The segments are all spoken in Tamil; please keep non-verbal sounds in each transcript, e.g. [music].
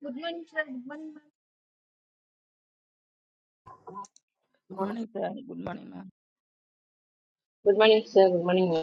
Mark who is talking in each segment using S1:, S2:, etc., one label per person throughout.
S1: Sir,
S2: good morning sir good morning ma'am
S3: Good morning, sir. Good morning, ma'am.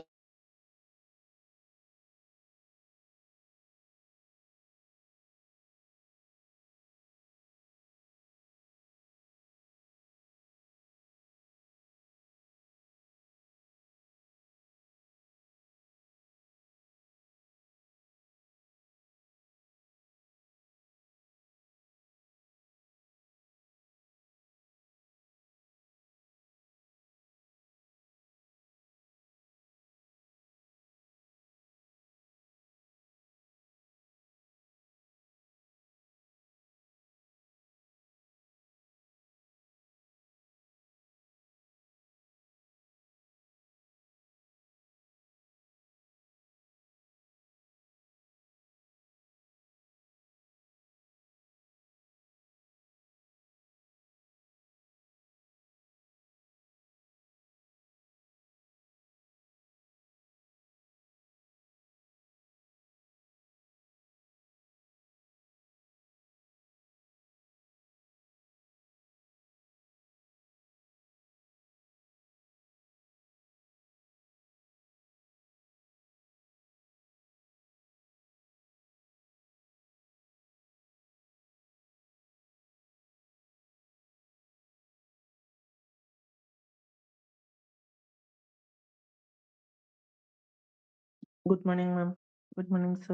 S4: Good morning, ma'am. Good morning, sir.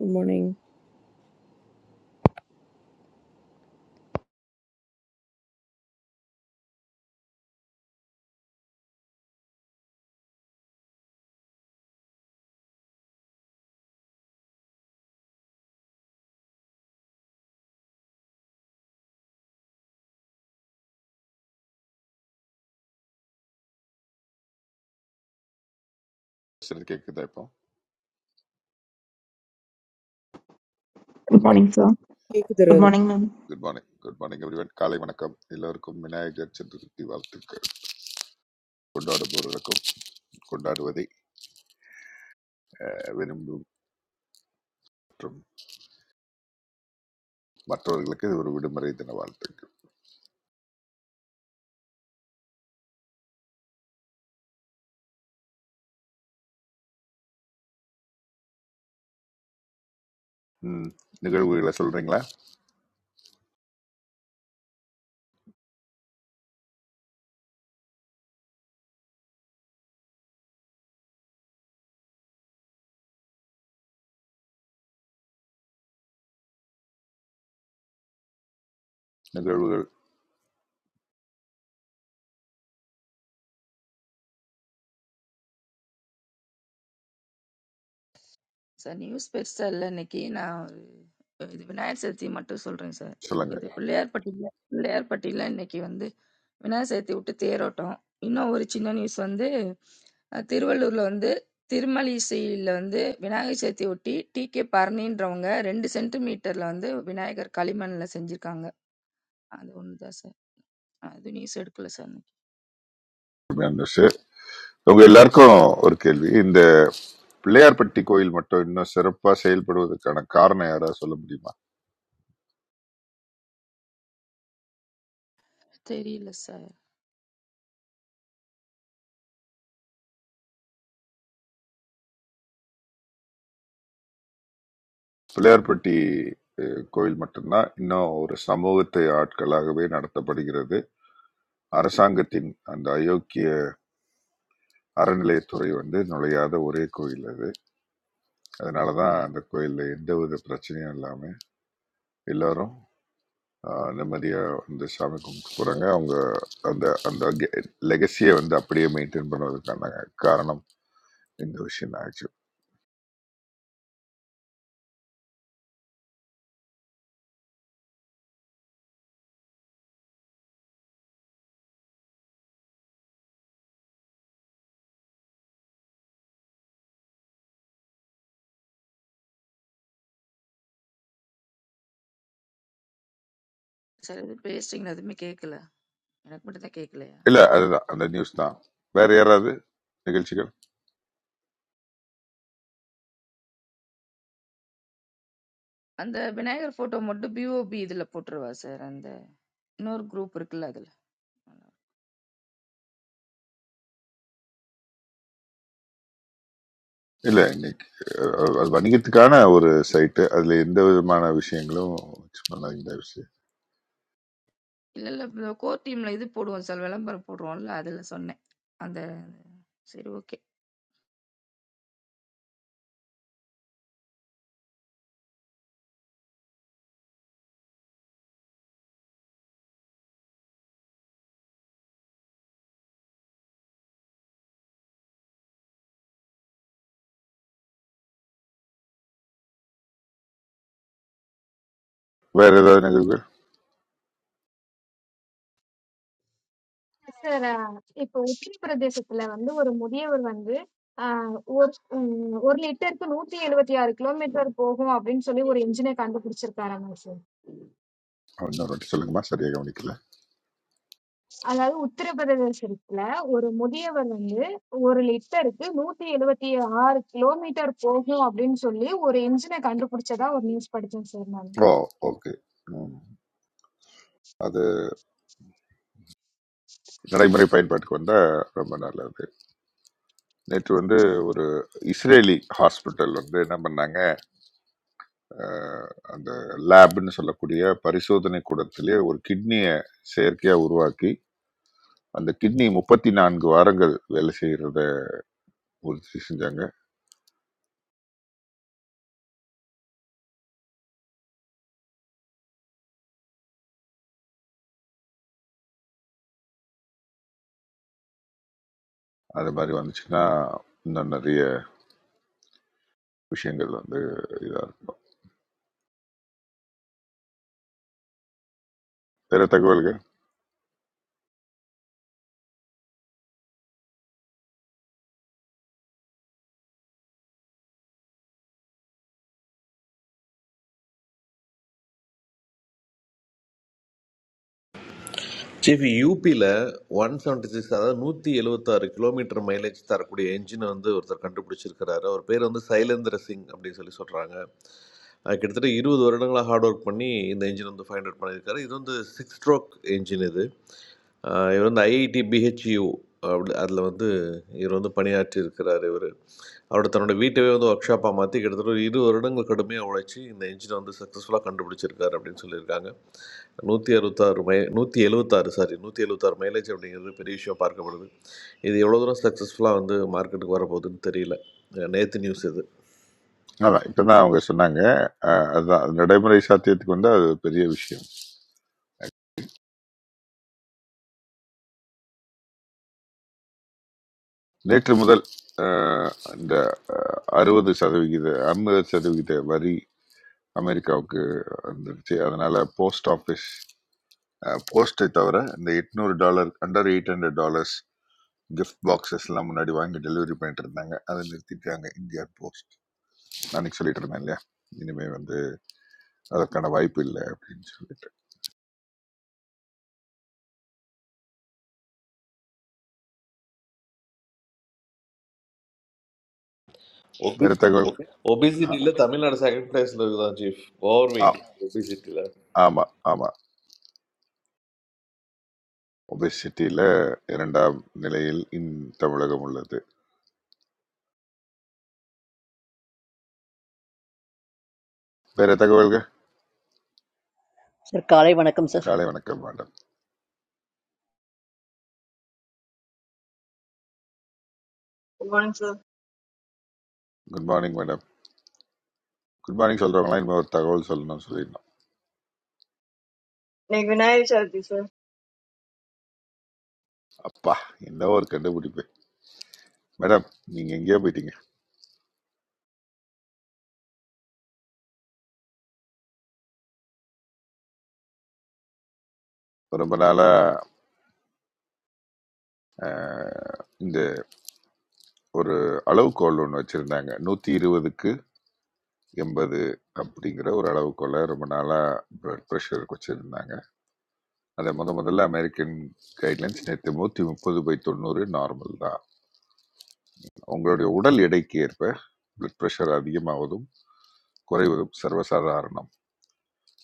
S5: Good morning.
S6: சரி கேட்குதா இப்போ
S7: Good morning, sir.
S5: Hey,
S7: Good
S5: Kudaravi.
S7: morning, ma'am.
S6: Good morning good morning everyone காலை வணக்கம் எல்லோருக்கும் விநாயகர் சதுர்த்தி வாழ்த்துக்கள் கொண்டாடுபவர்களுக்கும் கொண்டாடுவதை அஹ், விரும்பும் மற்றும் மற்றவர்களுக்கு இது ஒரு விடுமுறை தின வாழ்த்துக்கள் ம், நிகழ்வுகளை சொல்றீங்களா நிகழ்வுகள்
S2: சார் நியூஸ் ஸ்பெஷல்ல இன்னைக்கு நான் ஒரு இது விநாயகர் சதுர்த்தி மட்டும் சொல்றேன் சார்
S6: சொல்லுங்க
S2: இது பிள்ளையார்பட்டியில் பிள்ளையார்பட்டியில் இன்னைக்கு வந்து விநாயகர் சதுர்த்தி விட்டு தேரோட்டம் இன்னும் ஒரு சின்ன நியூஸ் வந்து அஹ், திருவள்ளூர்ல வந்து திருமலிசையில் வந்து விநாயகர் சதுர்த்தி ஒட்டி டி கே பரணின்றவங்க ரெண்டு சென்டிமீட்டர்ல வந்து விநாயகர் களிமண்ல செஞ்சிருக்காங்க அது ஒன்று தான் சார் அது நியூஸ் எடுக்கல சார் இன்னைக்கு.
S6: அருமையான விஷயம். உங்க எல்லாருக்கும் ஒரு கேள்வி இந்த பிள்ளையார்பட்டி கோயில் மட்டும் இன்னும் சிறப்பாக செயல்படுவதற்கான காரணம் யாராவது சொல்ல முடியுமா
S2: தெரியல சார்
S6: பிள்ளையார்பட்டி அஹ், கோயில் மட்டும்தான் இன்னும் ஒரு சமூகத்தை ஆட்களாகவே நடத்தப்படுகிறது அரசாங்கத்தின் அந்த அயோக்கிய அறநிலையத்துறை வந்து நுழையாத ஒரே கோயில் அது அதனாலதான் அந்த கோயில்ல எந்த வித பிரச்சனையும் இல்லாம எல்லாரும் ஆஹ், நிம்மதியா வந்து சாமி கும்பிட்டு போறாங்க அவங்க அந்த அந்த லெகசியை வந்து அப்படியே மெயின்டைன் பண்ணுவதற்கான காரணம் இந்த விஷயம் தான் ஆச்சு
S2: சார் எதுவும் பேசுறீங்களா எதுவுமே கேட்கல எனக்கு மட்டும் தான் கேட்கல.
S6: இல்ல அதுதான் அந்த நியூஸ் தான் வேற யாராவது நிகழ்ச்சிகள்
S2: அந்த விநாயகர் போட்டோ மட்டும் பிஓபி இதுல போட்டுருவா சார் அந்த இன்னொரு குரூப் இருக்குல்ல அதுல
S6: இல்ல இன்னைக்கு அஹ், அது அது வணிகத்துக்கான ஒரு சைட்டு அதுல எந்த விதமான விஷயங்களும் வச்சு பண்ணாதீங்க தயவு செய்து.
S2: இல்ல இல்ல கோர் டீம்ல இது போடுவோம் சார் விளம்பரம் போடுறோம்ல அதுல சொன்னேன் அந்த சரி ஓகே
S6: வேற ஏதாவது நிகழ்வுகள்
S1: if Uttar Pradesh itself, like, that's one more thing. That's one more thing. Ah, or, um, or later, if you note the level of kilometer, or go how often, so they will range in a can do for the car. That's all.
S6: இன்னொரு வாட்டி சொல்லுங்கம்மா சரியா கவனிக்கல
S1: Uttar Pradesh itself, like, that's one more thing. That's one more thing. Or later, if you note the level of kilometer, or go how often, so they will range in a can do for the car. That's one more thing.
S6: Oh okay அது நடைமுறை பயன்பாட்டுக்கு வந்தா ரொம்ப நல்லது நேற்று வந்து ஒரு இஸ்ரேலி ஹாஸ்பிட்டல் வந்து என்ன பண்ணாங்க அஹ், அந்த லேப்னு சொல்லக்கூடிய பரிசோதனை கூடத்திலே ஒரு கிட்னியை செயற்கையா உருவாக்கி அந்த கிட்னி முப்பத்தி நான்கு வாரங்கள் வேலை செய்யறத உறுதி செஞ்சாங்க அது மாதிரி வந்துச்சுன்னா இன்னும் நிறைய விஷயங்கள் வந்து இதாக இருக்கும் வேற தகவல்கள்
S8: சீஃப் யூபியில் ஒன் செவன்ட்டி சிக்ஸ் அதாவது நூற்றி எழுபத்தாறு கிலோமீட்டர் மைலேஜ் தரக்கூடிய என்ஜினை வந்து ஒருத்தர் கண்டுபிடிச்சிருக்கிறாரு அவர் பேர் வந்து சைலேந்திர சிங் அப்படின்னு சொல்லி சொல்கிறாங்க கிட்டத்தட்ட இருபது வருடங்களாக ஹார்ட் ஒர்க் பண்ணி இந்த என்ஜின் வந்து ஃபைண்ட் அவுட் பண்ணியிருக்காரு இது வந்து சிக்ஸ் ஸ்ட்ரோக் என்ஜின் இது அ இவர் வந்து ஐஐடி பிஹெச்யூ அப்படி அதில வந்து இவர் வந்து பணியாற்றியிருக்கிறார் இவரு. அவரோட தன்னோட வீட்டவே வந்து ஒர்க் ஷாப்பா மாத்தி கிட்டத்தட்ட ஒரு 20 வருடங்கள் கடுமையா உழைச்சு, இந்த என்ஜின வந்து சக்சஸ்ஃபுல்லா கண்டுபிடிச்சிருக்காரு அப்படின்னு சொல்லியிருக்காங்க. 166 மை 176 சாரி 176 மைலேஜ் அப்படிங்கிறது பெரிய விஷயமா பார்க்கப்படுது. இது எவ்வளோ தூரம் சக்சஸ்ஃபுல்லா வந்து மார்க்கெட்டுக்கு வரப்போகுதுன்னு தெரியல. அ நேத்து நியூஸ் இது.
S6: அதான் இப்போ தான் அவங்க சொன்னாங்க அஹ் அதுதான் அது நடைமுறை சாத்தியத்துக்கு வந்து அது பெரிய விஷயம் நேற்று முதல் அஹ், இந்த அறுபது சதவிகித ஐம்பது சதவிகித வரி அமெரிக்காவுக்கு வந்துருச்சு அதனால போஸ்ட் ஆஃபீஸ் போஸ்ட்டை தவிர இந்த எட்நூறு dollar under eight hundred dollars gift boxes எல்லாம் முன்னாடி வாங்கி டெலிவரி பண்ணிட்டு இருந்தாங்க அதை நிறுத்திட்டாங்க இந்தியா போஸ்ட் அன்னைக்கு சொல்லிட்டு இருந்தேன் இல்லையா இனிமே வந்து அதற்கான வாய்ப்பு இல்லை அப்படின்னு சொல்லிட்டு
S8: ஒபி
S6: வேறு தகவல் ஆ-
S8: ஒபிசிட்டில தமிழ்நாடு செகண்ட் பிளேஸ்ல இருக்குதாம் சீஃப். ஓவர் வெயிட்
S6: ஆ-
S8: ஒபிசிட்டில.
S6: ஆமா ஆமா ஒபெசிட்டியில இரண்டாம் நிலையில் இன் தமிழகம் உள்ளது வேற தகவல்கள்
S9: Sir, kalaivana kum sir.
S6: காலை வணக்கம் madam
S10: Good morning, sir.
S6: Good morning madam குட் மார்னிங் சொல்றவங்களாம் இனிமே ஒரு தகவல் சொல்லணும்னு சொல்லிடணும்
S10: No, good night, Sharti, sir.
S6: அப்பா என்ன ஒரு கண்டுபிடிப்பு மேடம் நீங்க எங்கேயோ போயிட்டீங்க ரொம்ப நாளா அஹ், இந்த ஒரு அளவுகோல் ஒன்று வச்சிருந்தாங்க நூத்தி இருபதுக்கு எண்பது அப்படிங்கிற ஒரு அளவுகோலை ரொம்ப நாளா பிளட் ப்ரெஷருக்கு வச்சிருந்தாங்க அதை முத முதல்ல அமெரிக்கன் கைட்லைன்ஸ் நேற்று நூற்றி முப்பது பை தொண்ணூறு நார்மல் தான் உங்களுடைய உடல் எடைக்கு ஏற்ப பிளட் ப்ரெஷர் அதிகமாவதும் குறைவதும் சர்வசாதாரணம்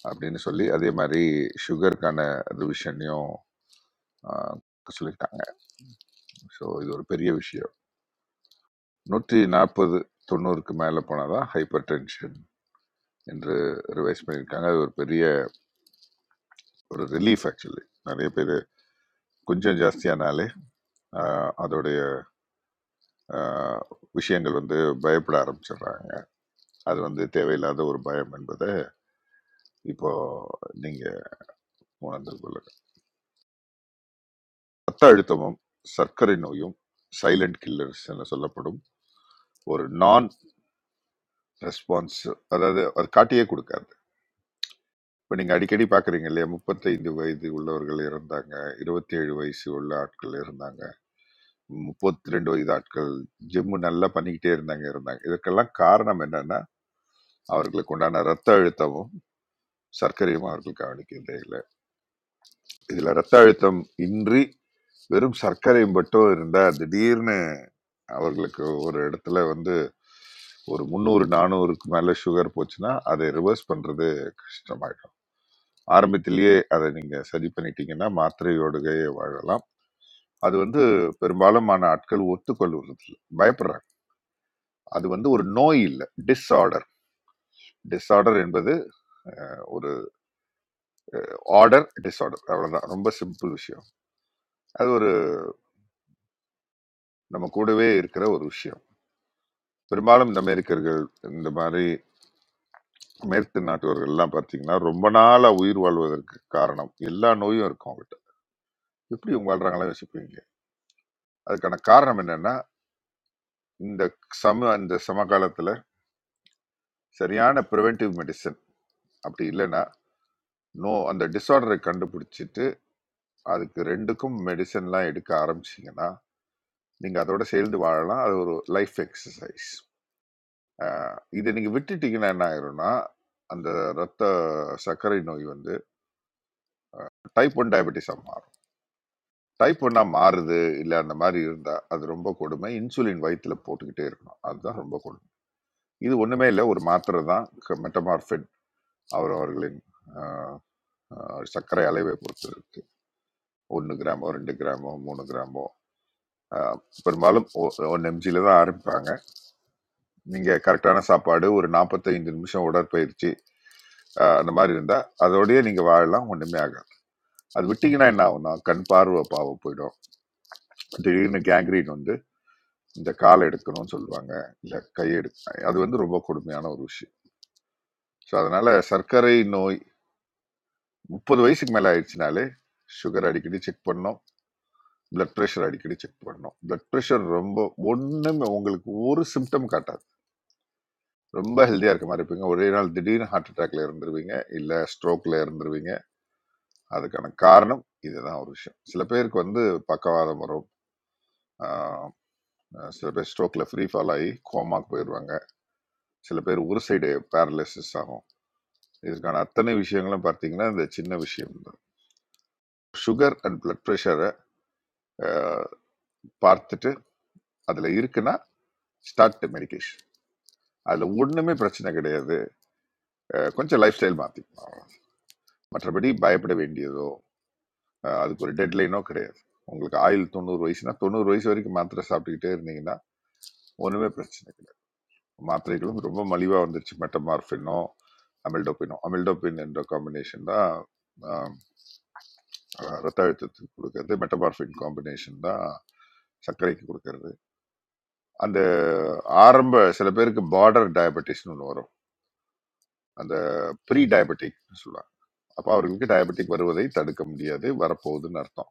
S6: அப்படின்னு சொல்லி அதே மாதிரி சுகருக்கான ரிவிஷனையும் ஆஹ், சொல்லிட்டாங்க ஸோ இது ஒரு பெரிய விஷயம் நூற்றி நாற்பது தொண்ணூறுக்கு மேலே போனால் தான் ஹைப்பர் டென்ஷன் என்று ரிவைஸ் பண்ணியிருக்காங்க அது ஒரு பெரிய ஒரு ரிலீஃப் ஆக்சுவலி நிறைய பேர் கொஞ்சம் ஜாஸ்தியானாலே ஆஹ், அதோடைய ஆஹ், விஷயங்கள் வந்து பயப்பட ஆரம்பிச்சிடுறாங்க அது வந்து தேவையில்லாத ஒரு பயம் என்பதை இப்போ நீங்க உணர்ந்து கொள்ளுங்க ரத்த அழுத்தமும் சர்க்கரை நோயும் சைலண்ட் கில்லர்ஸ் என சொல்லப்படும் ஒரு நான் ரெஸ்பான்ஸ் அதாவது அது காட்டியே கொடுக்காது இப்போ நீங்கள் அடிக்கடி பார்க்குறீங்க இல்லையா முப்பத்தைந்து வயது உள்ளவர்கள் இருந்தாங்க இருபத்தி ஏழு வயசு உள்ள ஆட்கள் இருந்தாங்க முப்பத்தி ரெண்டு வயது ஆட்கள் ஜிம்மு நல்லா பண்ணிக்கிட்டே இருந்தாங்க இருந்தாங்க இதற்கெல்லாம் காரணம் என்னன்னா அவர்களுக்கு உண்டான ரத்த அழுத்தமும் சர்க்கரையும் அவர்கள் கவனிக்கிறதே இல்லை இதுல ரத்த அழுத்தம் இன்றி வெறும் சர்க்கரை மட்டும் இருந்தா திடீர்னு அவர்களுக்கு ஒரு இடத்துல வந்து ஒரு முந்நூறு நானூறுக்கு மேல சுகர் போச்சுன்னா அதை ரிவர்ஸ் பண்றது கஷ்டமாயிடும் ஆரம்பத்திலேயே அதை நீங்க சரி பண்ணிட்டீங்கன்னா மாத்திரையோடுகையே வாழலாம் அது வந்து பெரும்பாலுமான ஆட்கள் ஒத்துக்கொள்வதில்லை பயப்படுறாங்க அது வந்து ஒரு நோய் இல்லை டிஸ்ஆர்டர் டிஸ்ஆர்டர் என்பது ஒரு ஆர்டர் டிஸ்ஆர்டர் அவ்வளவுதான் ரொம்ப சிம்பிள் விஷயம் அது ஒரு நம்ம கூடவே இருக்கிற ஒரு விஷயம் பெரும்பாலும் இந்த அமெரிக்கர்கள் இந்த மாதிரி மேற்கு நாட்டவர்கள் எல்லாம் பார்த்தீங்கன்னா ரொம்ப நாளா உயிர் வாழ்வதற்கு காரணம் எல்லா நோயும் இருக்கும் அவங்கள்ட்ட எப்படி இவங்க வாழ்றாங்களா யோசிப்பீங்க அதுக்கான காரணம் என்னன்னா இந்த சம இந்த சமகாலத்துல சரியான ப்ரிவென்டிவ் மெடிசன் அப்படி இல்லைன்னா நோ அந்த டிசார்டரை கண்டுபிடிச்சிட்டு அதுக்கு ரெண்டுக்கும் மெடிசன்லாம் எடுக்க ஆரம்பிச்சீங்கன்னா நீங்க அதோட சேர்ந்து வாழலாம் அது ஒரு லைஃப் எக்ஸசைஸ் இதை நீங்க விட்டுட்டீங்கன்னா என்ன ஆயிரும்னா அந்த ரத்த சர்க்கரை நோய் வந்து டைப் ஒன் டயபெட்டிஸ் ஆகும். டைப் ஒன்னா மாறுது இல்ல அந்த மாதிரி இருந்தா அது ரொம்ப கொடுமை. இன்சுலின் வயித்துல போட்டுக்கிட்டே இருக்கணும். அதுதான் ரொம்ப கொடுமை. இது ஒண்ணுமே இல்ல. ஒரு மாத்திரை தான் க மெட்டமார்ஃபின் அவர் அவர்களின் அ அ சர்க்கரை அளவை பொறுத்து இருக்கு. 1 கிராமோ, 2 கிராமோ, 3 கிராமோ அ பெரும்பாலும் ஒ 1 எம்ஜில தான் ஆரம்பிப்பாங்க. நீங்க கரெக்ட்டான சாப்பாடு, ஒரு 45 நிமிஷம் உடற்பயிற்சி அ அந்த மாதிரி இருந்தா, அதோடயே நீங்க வாழலாம். ஒண்ணுமே ஆகாது. அது விட்டீங்கன்னா என்ன ஆகும்னா, கண் பார்வை பாவம் போயிடும். திடீர்னு கேங்க்ரீன் வந்து இந்த கால் எடுக்கணும்னு சொல்லுவாங்க இல்லை கை எடுக்க அது வந்து ரொம்ப கொடுமையான ஒரு விஷயம் ஸோ அதனால சர்க்கரை நோய் முப்பது வயசுக்கு மேலே ஆயிடுச்சுனாலே சுகர் அடிக்கடி செக் பண்ணோம் பிளட் ப்ரெஷர் அடிக்கடி செக் பண்ணோம் பிளட் ப்ரெஷர் ரொம்ப ஒன்றும் உங்களுக்கு ஒரு சிம்டம் காட்டாது ரொம்ப ஹெல்த்தியாக இருக்க மாதிரி இருப்பீங்க ஒரே நாள் திடீர்னு ஹார்ட் அட்டாக்ல இருந்துருவீங்க இல்லை ஸ்ட்ரோக்ல இருந்துருவீங்க அதுக்கான காரணம் இதுதான் ஒரு விஷயம் சில பேருக்கு வந்து பக்கவாதம் வரும் ஆஹ் சில பேர் ஸ்ட்ரோக்ல ஃப்ரீ ஃபால் ஆகி கோமாக்கு போயிடுவாங்க சில பேர் ஒரு சைடு பேரலிசிஸ் ஆகும் இதுக்கான அத்தனை விஷயங்களும் பார்த்தீங்கன்னா இந்த சின்ன விஷயம் தான் சுகர் அண்ட் பிளட் ப்ரெஷரை பார்த்துட்டு அதில் இருக்குன்னா ஸ்டார்ட் மெடிகேஷன் அதில் ஒன்றுமே பிரச்சனை கிடையாது அஹ், கொஞ்சம் லைஃப் ஸ்டைல் மாற்றிக்கலாம் அவ்வளவுதான். மற்றபடி பயப்பட வேண்டியதோ அஹ், அதுக்கு ஒரு டெட்லைனோ கிடையாது உங்களுக்கு ஆயுள் தொண்ணூறு வயசுனா தொண்ணூறு வயசு வரைக்கும் மாத்திரை சாப்பிட்டுக்கிட்டே இருந்தீங்கன்னா ஒன்றுமே பிரச்சனை கிடையாது மாத்திரைகளும் ரொம்ப மலிவாக வந்துருச்சு மெட்டமார்ஃபினோ அமில்டோபினோ அமில்டோபின் என்ற காம்பினேஷன் தான் அஹ், ரத்த அழுத்தத்துக்கு கொடுக்கறது மெட்டபார்ஃபின் காம்பினேஷன் தான் சர்க்கரைக்கு கொடுக்கறது அந்த ஆரம்ப சில பேருக்கு பார்டர் டயபெட்டிஸ்னு ஒன்று வரும் அந்த ப்ரீ டயபெட்டிக் சொல்லுவாங்க அப்போ அவர்களுக்கு டயபெட்டிக் வருவதை தடுக்க முடியாது வரப்போகுதுன்னு அர்த்தம்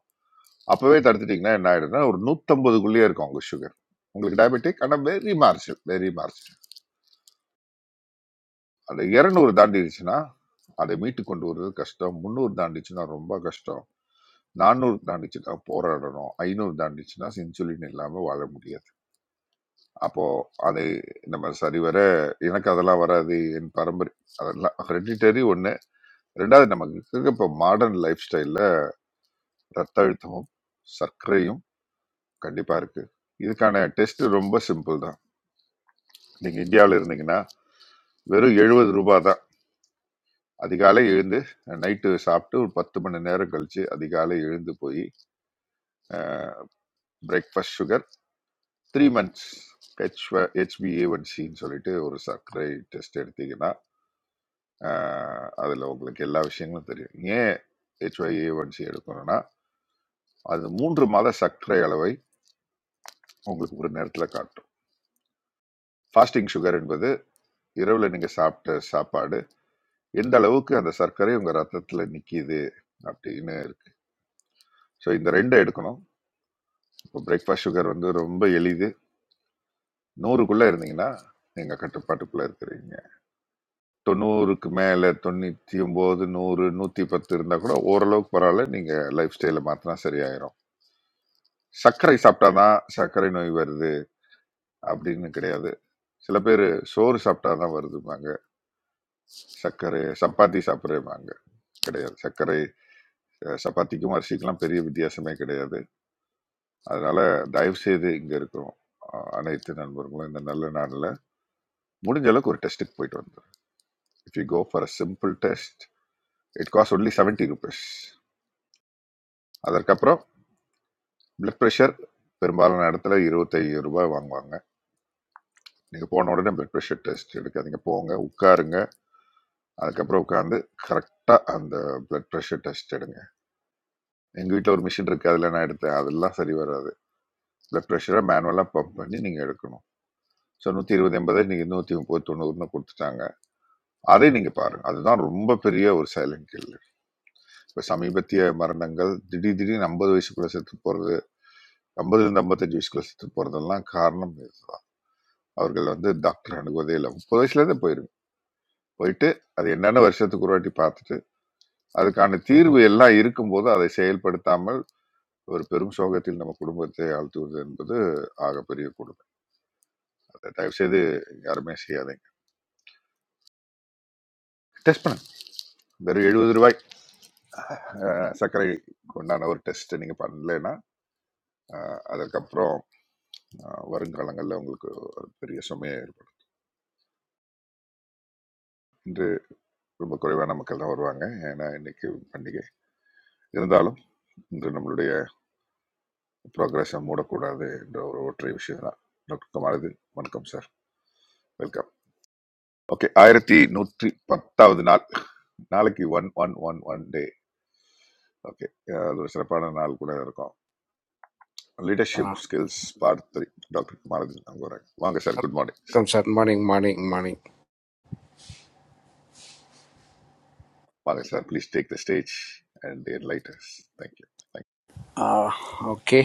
S6: அப்போவே தடுத்துட்டிங்கன்னா என்ன ஆகிடும்னா ஒரு நூற்றம்பதுக்குள்ளேயே இருக்கும் உங்கள் சுகர் உங்களுக்கு டயபெட்டிக் ஆனால் வெரி மார்ஜினல் வெரி மார்ஜினல் அந்த இரநூறு தாண்டிடுச்சுன்னா அதை மீட்டு கொண்டு வருவது கஷ்டம் முந்நூறு தாண்டிச்சுன்னா ரொம்ப கஷ்டம் நானூறு தாண்டிச்சுன்னா போராடணும் ஐநூறு தாண்டிச்சுன்னா இன்சுலின் இல்லாமல் வாழ முடியாது அப்போ அது நம்ம சரிவர எனக்கு அதெல்லாம் வராது என் பரம்பரை அதெல்லாம் ஹெரிடிட்டரி ஒன்று ரெண்டாவது நமக்கு இருக்க இப்போ மாடர்ன் லைஃப் ஸ்டைலில் ரத்த அழுத்தமும் சர்க்கரையும் கண்டிப்பாக இருக்கு இதுக்கான டெஸ்ட் ரொம்ப சிம்பிள் தான் நீங்கள் இந்தியாவில் இருந்தீங்கன்னா வெறும் எழுபது ரூபாய் தான் அதிகாலை எழுந்து நைட்டு சாப்பிட்டு ஒரு பத்து மணி நேரம் கழிச்சு அதிகாலை எழுந்து போய் breakfast sugar three months H HbA one சின்னு சொல்லிட்டு ஒரு சர்க்கரை டெஸ்ட் எடுத்தீங்கன்னா அதில் உங்களுக்கு எல்லா விஷயங்களும் தெரியும் ஏன் ஹெச்ஒய் ஏவன்சி எடுக்கணும்னா அது மூன்று மாத சர்க்கரை அளவை உங்களுக்கு ஒரு நேரத்தில் காட்டும் ஃபாஸ்டிங் சுகர் என்பது இரவில் நீங்கள் சாப்பிட்ட சாப்பாடு எந்த அளவுக்கு அந்த சர்க்கரை உங்கள் ரத்தத்தில் நிற்கிது அப்படின்னு இருக்கு ஸோ இந்த ரெண்டை எடுக்கணும் இப்போ பிரேக்ஃபாஸ்ட் சுகர் வந்து ரொம்ப எளிது நூறுக்குள்ளே இருந்தீங்கன்னா நீங்கள் கட்டுப்பாட்டுக்குள்ளே இருக்கிறீங்க தொண்ணூறுக்கு மேலே தொண்ணூற்றி ஒம்பது நூறு நூற்றி பத்து இருந்தால் கூட ஓரளவுக்கு பரவாயில்ல நீங்கள் லைஃப் ஸ்டைலை மாற்றினா சரியாயிரும் சர்க்கரை சாப்பிட்டாதான் சர்க்கரை நோய் வருது அப்படின்னு கிடையாது சில பேர் சோறு சாப்பிட்டாதான் வருதும்பாங்க சர்க்கரை சப்பாத்தி சாப்பிட்றேம்பாங்க கிடையாது சர்க்கரை அஹ், சப்பாத்திக்கும் அரிசிக்கெல்லாம் பெரிய வித்தியாசமே கிடையாது அதனால தயவு செய்து இங்க இருக்கிறோம் அஹ், அனைத்து நண்பர்களும் இந்த நல்ல நாளில் முடிஞ்ச அளவுக்கு ஒரு டெஸ்ட்டுக்கு போயிட்டு வந்துடும் if you go for a simple test it cost only seventy rupees அதற்கப்புறம் பிளட் ப்ரெஷர் பெரும்பாலான இடத்துல இருபத்தைந்து ரூபாய் வாங்குவாங்க நீங்கள் போன உடனே பிளட் ப்ரெஷர் டெஸ்ட் எடுக்காதீங்க போங்க உட்காருங்க அதுக்கப்புறம் உட்காந்து கரெக்டாக அந்த பிளட் ப்ரெஷர் டெஸ்ட் எடுங்க எங்கள் வீட்டில் ஒரு மிஷின் இருக்குது அதில் நான் எடுத்தேன் அதெல்லாம் சரி வராது பிளட் ப்ரெஷரை மேனுவலாக பம்ப் பண்ணி நீங்கள் எடுக்கணும் ஸோ நூற்றி இருபது எண்பதை நீங்கள் நூற்றி முப்பது தொண்ணூறுன்னு கொடுத்துட்டாங்க அதை நீங்கள் பாருங்கள் அதுதான் ரொம்ப பெரிய ஒரு சைலண்ட் கில்லர் இப்போ சமீபத்திய மரணங்கள் திடீர் திடீர்னு ஐம்பது வயசுக்குள்ளே செத்து போகிறது ஐம்பதுலேருந்து ஐம்பத்தஞ்சு வயசுக்குள்ளே செத்து போகிறதெல்லாம் காரணம் இதுதான் அவர்கள் வந்து டாக்டர் அணுகுவதே இல்லை முப்பது வயசுலேருந்தே போயிருங்க போயிட்டு அது என்னென்ன வருஷத்துக்கு ஒரு வாட்டி பார்த்துட்டு அதுக்கான தீர்வு எல்லாம் இருக்கும்போது அதை செயல்படுத்தாமல் ஒரு பெரும் சோகத்தில் நம்ம குடும்பத்தை ஆழ்த்துவது என்பது ஆகப்பெரிய கொடுமை அதை தயவு செய்து யாருமே செய்யாதீங்க டெஸ்ட் பண்ணுங்க வெறும் எழுபது ரூபாய் அஹ், சர்க்கரை உண்டான ஒரு டெஸ்ட் நீங்க பண்ணலைன்னா அஹ், அதற்கப்புறம் அஹ், வருங்காலங்களில் உங்களுக்கு ஒரு பெரிய சுமையை ஏற்படும் இன்று ரொம்ப குறைவான மக்கள் தான் வருவாங்க ஏன்னா இன்னைக்கு பண்டிகை இருந்தாலும் இன்று நம்மளுடைய ப்ரோக்ரஸை மூடக்கூடாது என்ற ஒரு ஒற்றை விஷயம் தான் டாக்டர் குமாரது வணக்கம் சார் வெல்கம் ஓகே ஆயிரத்தி நூற்றி பத்தாவது நாள் நாளைக்கு one one one one day okay அது ஒரு சிறப்பான நாள் கூட இருக்கும் leadership
S11: Uh,
S6: skills part three doctor Kumarajan அங்கே வராங்க வாங்க சார் குட் மார்னிங்
S11: வணக்கம்
S6: sir
S11: sir morning morning morning
S6: வாங்க sir please take the stage and enlighters thank you thank
S11: okay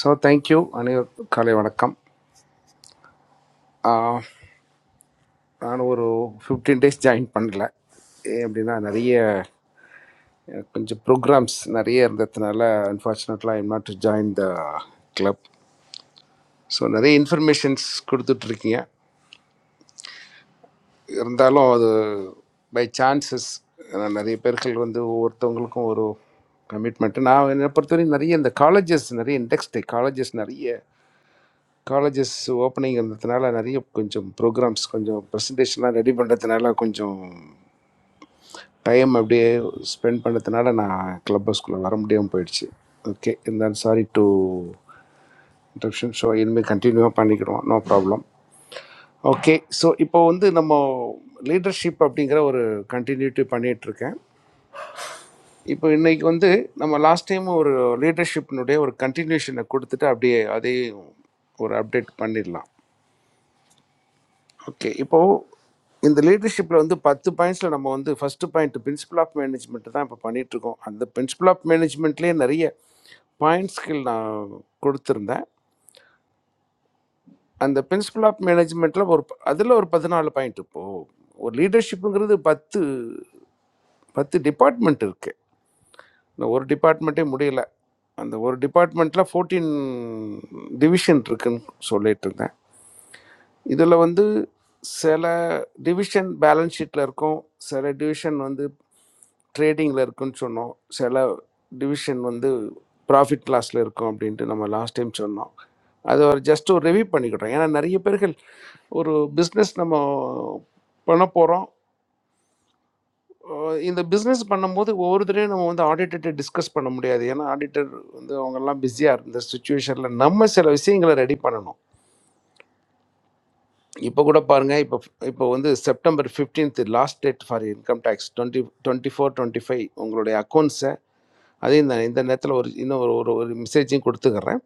S11: so thank you அனைவருக்கும் காலை வணக்கம் Uh, நான் ஒரு ஃபிஃப்டீன் டேஸ் ஜாயின் பண்ணல ஏன் அப்படின்னா நிறைய அஹ், கொஞ்சம் ப்ரோக்ராம்ஸ் நிறைய இருந்ததுனால அன்ஃபார்ச்சுனேட்லாம் I'm not to join the club so நிறைய இன்ஃபர்மேஷன்ஸ் கொடுத்துட்ருக்கீங்க இருந்தாலும் அது பை சான்சஸ் நிறைய பேர்கள் வந்து ஒவ்வொருத்தவங்களுக்கும் ஒரு கமிட்மெண்ட்டு நான் என்னை பொறுத்தவரைக்கும் நிறைய இந்த காலேஜஸ் நிறைய இண்டெக்ஸ்டு காலேஜஸ் நிறைய காலேஜஸ் ஓப்பனிங்கிறதுனால நிறைய கொஞ்சம் ப்ரோக்ராம்ஸ் கொஞ்சம் ப்ரெசன்டேஷன்லாம் ரெடி பண்ணுறதுனால கொஞ்சம் டைம் அப்படியே ஸ்பெண்ட் பண்ணதுனால நான் கிளப் ஹவுஸ்குள்ளே வர முடியாமல் போயிடுச்சு ஓகே இருந்தாலும் சாரி டு இன்ட்ரப்ஷன் ஷோ இனிமேல் கண்டினியூவாக பண்ணிக்கிடுவோம் நோ ப்ராப்ளம் ஓகே ஸோ இப்போ வந்து நம்ம லீடர்ஷிப் அப்படிங்கிற ஒரு கண்டினியூட்டி பண்ணிகிட்ருக்கேன் இப்போ இன்னைக்கு வந்து நம்ம லாஸ்ட் டைம் ஒரு லீடர்ஷிப்னுடைய ஒரு கண்டினியூஷனை கொடுத்துட்டு அப்படியே அதையும் ஒரு அப்டேட் பண்ணிடலாம் ஓகே இப்போ இந்த லீடர்ஷிப்பில் வந்து பத்து பாயிண்ட்ஸில் நம்ம வந்து first point principle of management தான் இப்போ பண்ணிட்டு இருக்கோம் அந்த பிரின்சிபல் ஆஃப் மேனேஜ்மெண்ட்லேயே நிறைய பாயிண்ட்ஸ்கள் நான் கொடுத்துருந்தேன் அந்த பிரின்சிபல் ஆஃப் மேனேஜ்மெண்ட்டில் ஒரு அதில் ஒரு பதினாலு பாயிண்ட் இப்போது ஒரு லீடர்ஷிப்புங்கிறது பத்து பத்து டிபார்ட்மெண்ட் இருக்குது இந்த ஒரு டிபார்ட்மெண்ட்டே முடியல அந்த ஒரு டிபார்ட்மெண்ட்டில் ஃபோர்டீன் டிவிஷன் இருக்குன்னு சொல்லிட்டு இருந்தேன் இதில் வந்து சில டிவிஷன் பேலன்ஸ் ஷீட்டில் இருக்கும் சில டிவிஷன் வந்து ட்ரேடிங்கில் இருக்குன்னு சொன்னோம் சில டிவிஷன் வந்து ப்ராஃபிட் லாஸில் இருக்கும் அப்படின்ட்டு நம்ம லாஸ்ட் டைம் சொன்னோம் அது ஒரு ஜஸ்ட் ஒரு ரிவ்யூ பண்ணிக்கிட்டோம் ஏன்னா நிறைய பேர்கள் ஒரு பிஸ்னஸ் நம்ம பண்ண போகிறோம் இந்த பிஸ்னஸ் பண்ணும்போது ஒவ்வொரு தடவையும் நம்ம வந்து ஆடிட்டர்கிட்ட டிஸ்கஸ் பண்ண முடியாது ஏன்னா ஆடிட்டர் வந்து அவங்கெல்லாம் பிஸியாக இருந்த சுச்சுவேஷனில் நம்ம சில விஷயங்களை ரெடி பண்ணணும் இப்போ கூட பாருங்க இப்போ இப்போ வந்து September 15th last date for income tax twenty twenty four twenty five உங்களுடைய அக்கௌண்ட்ஸை அதையும் இந்த இந்த நேரத்தில் ஒரு இன்னும் ஒரு ஒரு ஒரு மெசேஜையும் கொடுத்துக்கிறேன்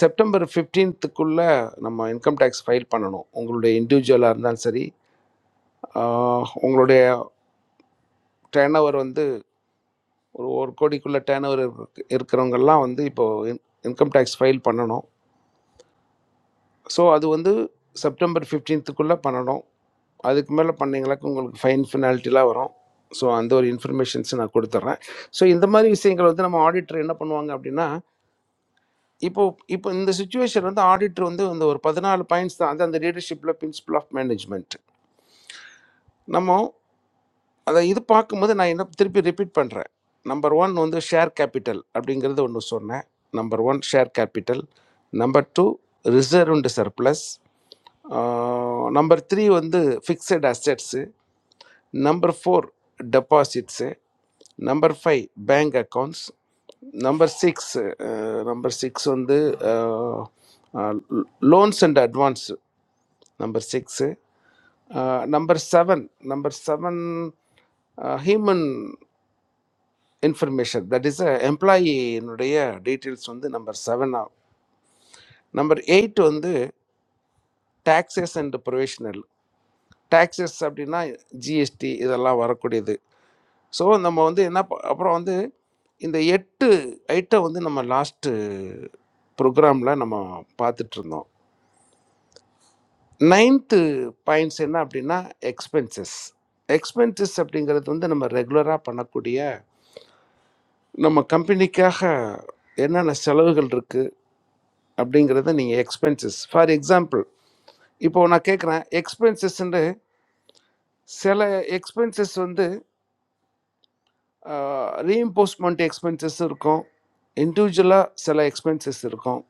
S11: செப்டம்பர் 15th க்குள்ள நம்ம இன்கம் டேக்ஸ் ஃபைல் பண்ணணும் உங்களுடைய இண்டிவிஜுவலாக இருந்தாலும் சரி ஆஹ் உங்களுடைய டேர்ன் ஓவர் வந்து ஒரு ஒரு கோடிக்குள்ள டேர்ன் ஓவர் இருக்கிறவங்கெல்லாம் வந்து இப்போ இன்கம் டேக்ஸ் ஃபைல் பண்ணணும் ஸோ அது வந்து செப்டம்பர் 15th க்குள்ள பண்ணணும் அதுக்கு மேலே பண்ணீங்களாக்க உங்களுக்கு ஃபைன் ஃபினால்ட்டிலாம் வரும் ஸோ அந்த ஒரு இன்ஃபர்மேஷன்ஸ் நான் கொடுத்துட்றேன் ஸோ இந்த மாதிரி விஷயங்கள் வந்து நம்ம ஆடிட்டர் என்ன பண்ணுவாங்க அப்படின்னா இப்போ இப்போ இந்த சுச்சுவேஷன் வந்து ஆடிட்டர் வந்து இந்த ஒரு பதினாலு பாயிண்ட்ஸ் தான் அது அந்த லீடர்ஷிப்பில் பிரின்சிபல் ஆஃப் மேனேஜ்மெண்ட் நம்ம அதை இது பார்க்கும்போது நான் என்ன திருப்பி ரிப்பீட் பண்ணுறேன் நம்பர் ஒன் வந்து ஷேர் கேபிட்டல் அப்படிங்கிறது ஒன்று சொன்னேன் number one share capital number two reserved surplus number three வந்து fixed assets Number four, deposits. eh. Number five, bank accounts. Number six, eh, uh, number six on the uh, uh, loans and advance. Number six. eh. Uh, number seven, number seven, uh, human information. That is uh, employee னுடைய details on the number seven. ஆகும். Number eight on the taxes and provisional. Taxes அப்படின்னா ஜிஎஸ்டி இதெல்லாம் வரக்கூடியது ஸோ நம்ம வந்து என்ன ப- அப்புறம் வந்து இந்த எட்டு ஐட்டம் வந்து நம்ம லாஸ்ட்டு ப்ரோக்ராமில் நம்ம பார்த்துட்டு இருந்தோம் நைன்த்து பாயிண்ட்ஸ் என்ன அப்படின்னா எக்ஸ்பென்சஸ் எக்ஸ்பென்சஸ் அப்படிங்கிறது வந்து நம்ம ரெகுலராக பண்ணக்கூடிய நம்ம கம்பெனிக்காக என்னென்ன செலவுகள் இருக்குது அப்படிங்கிறத நீங்கள் எக்ஸ்பென்சஸ் ஃபார் எக்ஸாம்பிள் இப்போ நான் கேட்குறேன் எக்ஸ்பென்சஸ்ன்னு சில எக்ஸ்பென்சஸ் வந்து ரீஇம்போஸ்ட்மெண்ட் எக்ஸ்பென்சஸ் இருக்கும் இண்டிவிஜுவலாக சில எக்ஸ்பென்சஸ் இருக்கும்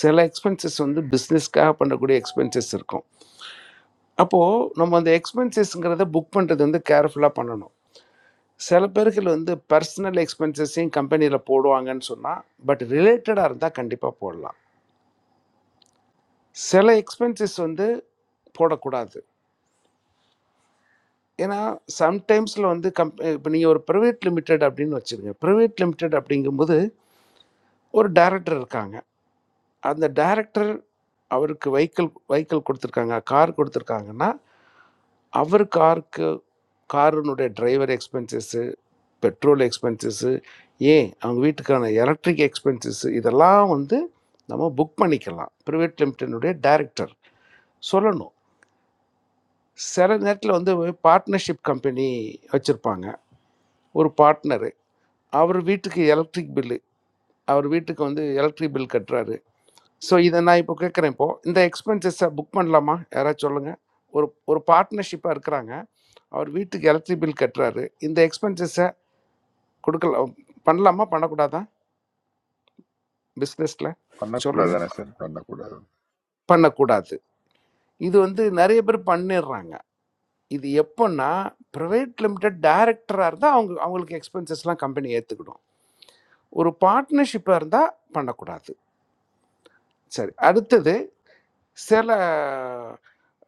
S11: சில எக்ஸ்பென்சஸ் வந்து பிஸ்னஸ்க்காக பண்ணக்கூடிய எக்ஸ்பென்சஸ் இருக்கும் அப்போது நம்ம அந்த எக்ஸ்பென்சஸ்ங்கிறத புக் பண்ணுறது வந்து கேர்ஃபுல்லாக பண்ணணும் சில பேர்கள் வந்து பர்சனல் எக்ஸ்பென்சஸையும் கம்பெனியில் போடுவாங்கன்னு சொன்னால் பட் ரிலேட்டடாக இருந்தால் கண்டிப்பாக போடலாம் சில எக்ஸ்பென்சஸ் வந்து போடக்கூடாது ஏன்னா சம்டைம்ஸில் வந்து கம் இப்போ நீங்கள் ஒரு ப்ரைவேட் லிமிடெட் அப்படின்னு வச்சுருங்க ப்ரைவேட் லிமிடெட் அப்படிங்கும்போது ஒரு டைரக்டர் இருக்காங்க அந்த டைரக்டர் அவருக்கு வெஹிக்கிள் வெஹிக்கிள் கொடுத்துருக்காங்க கார் கொடுத்துருக்காங்கன்னா அவர் காருக்கு காரினுடைய டிரைவர் எக்ஸ்பென்சஸ்ஸு பெட்ரோல் எக்ஸ்பென்சஸ்ஸு ஏன் அவங்க வீட்டுக்கான எலக்ட்ரிக் எக்ஸ்பென்சஸ்ஸு இதெல்லாம் வந்து நம்ம புக் பண்ணிக்கலாம் ப்ரைவேட் லிமிட்டனுடைய டைரக்டர் சொல்லணும் சில நேரத்தில் வந்து பார்ட்னர்ஷிப் கம்பெனி வச்சுருப்பாங்க ஒரு பார்ட்னரு அவர் வீட்டுக்கு எலக்ட்ரிக் பில்லு அவர் வீட்டுக்கு வந்து எலக்ட்ரிக் பில் கட்டுறாரு ஸோ இதை நான் இப்போ கேட்குறேன் இப்போ இந்த எக்ஸ்பென்சஸை புக் பண்ணலாமா யாராவது சொல்லுங்க ஒரு ஒரு பார்ட்னர்ஷிப்பாக இருக்கிறாங்க அவர் வீட்டுக்கு எலக்ட்ரிக் பில் கட்டுறாரு இந்த எக்ஸ்பென்சஸை கொடுக்கல பண்ணலாமா பண்ணக்கூடாதா பிஸ்னஸில்
S6: பண்ணக்கூடாது
S11: சொல்லுங்க
S6: தானே சார் பண்ணக்கூடாது
S11: பண்ணக்கூடாது இது வந்து நிறைய பேர் பண்ணிடுறாங்க இது எப்போன்னா ப்ரைவேட் லிமிடெட் டைரக்டராக இருந்தால் அவங்க அவங்களுக்கு எக்ஸ்பென்சஸ்லாம் கம்பெனி ஏற்றுக்கிடும் ஒரு பார்ட்னர்ஷிப்பாக இருந்தால் பண்ணக்கூடாது சரி அடுத்தது சில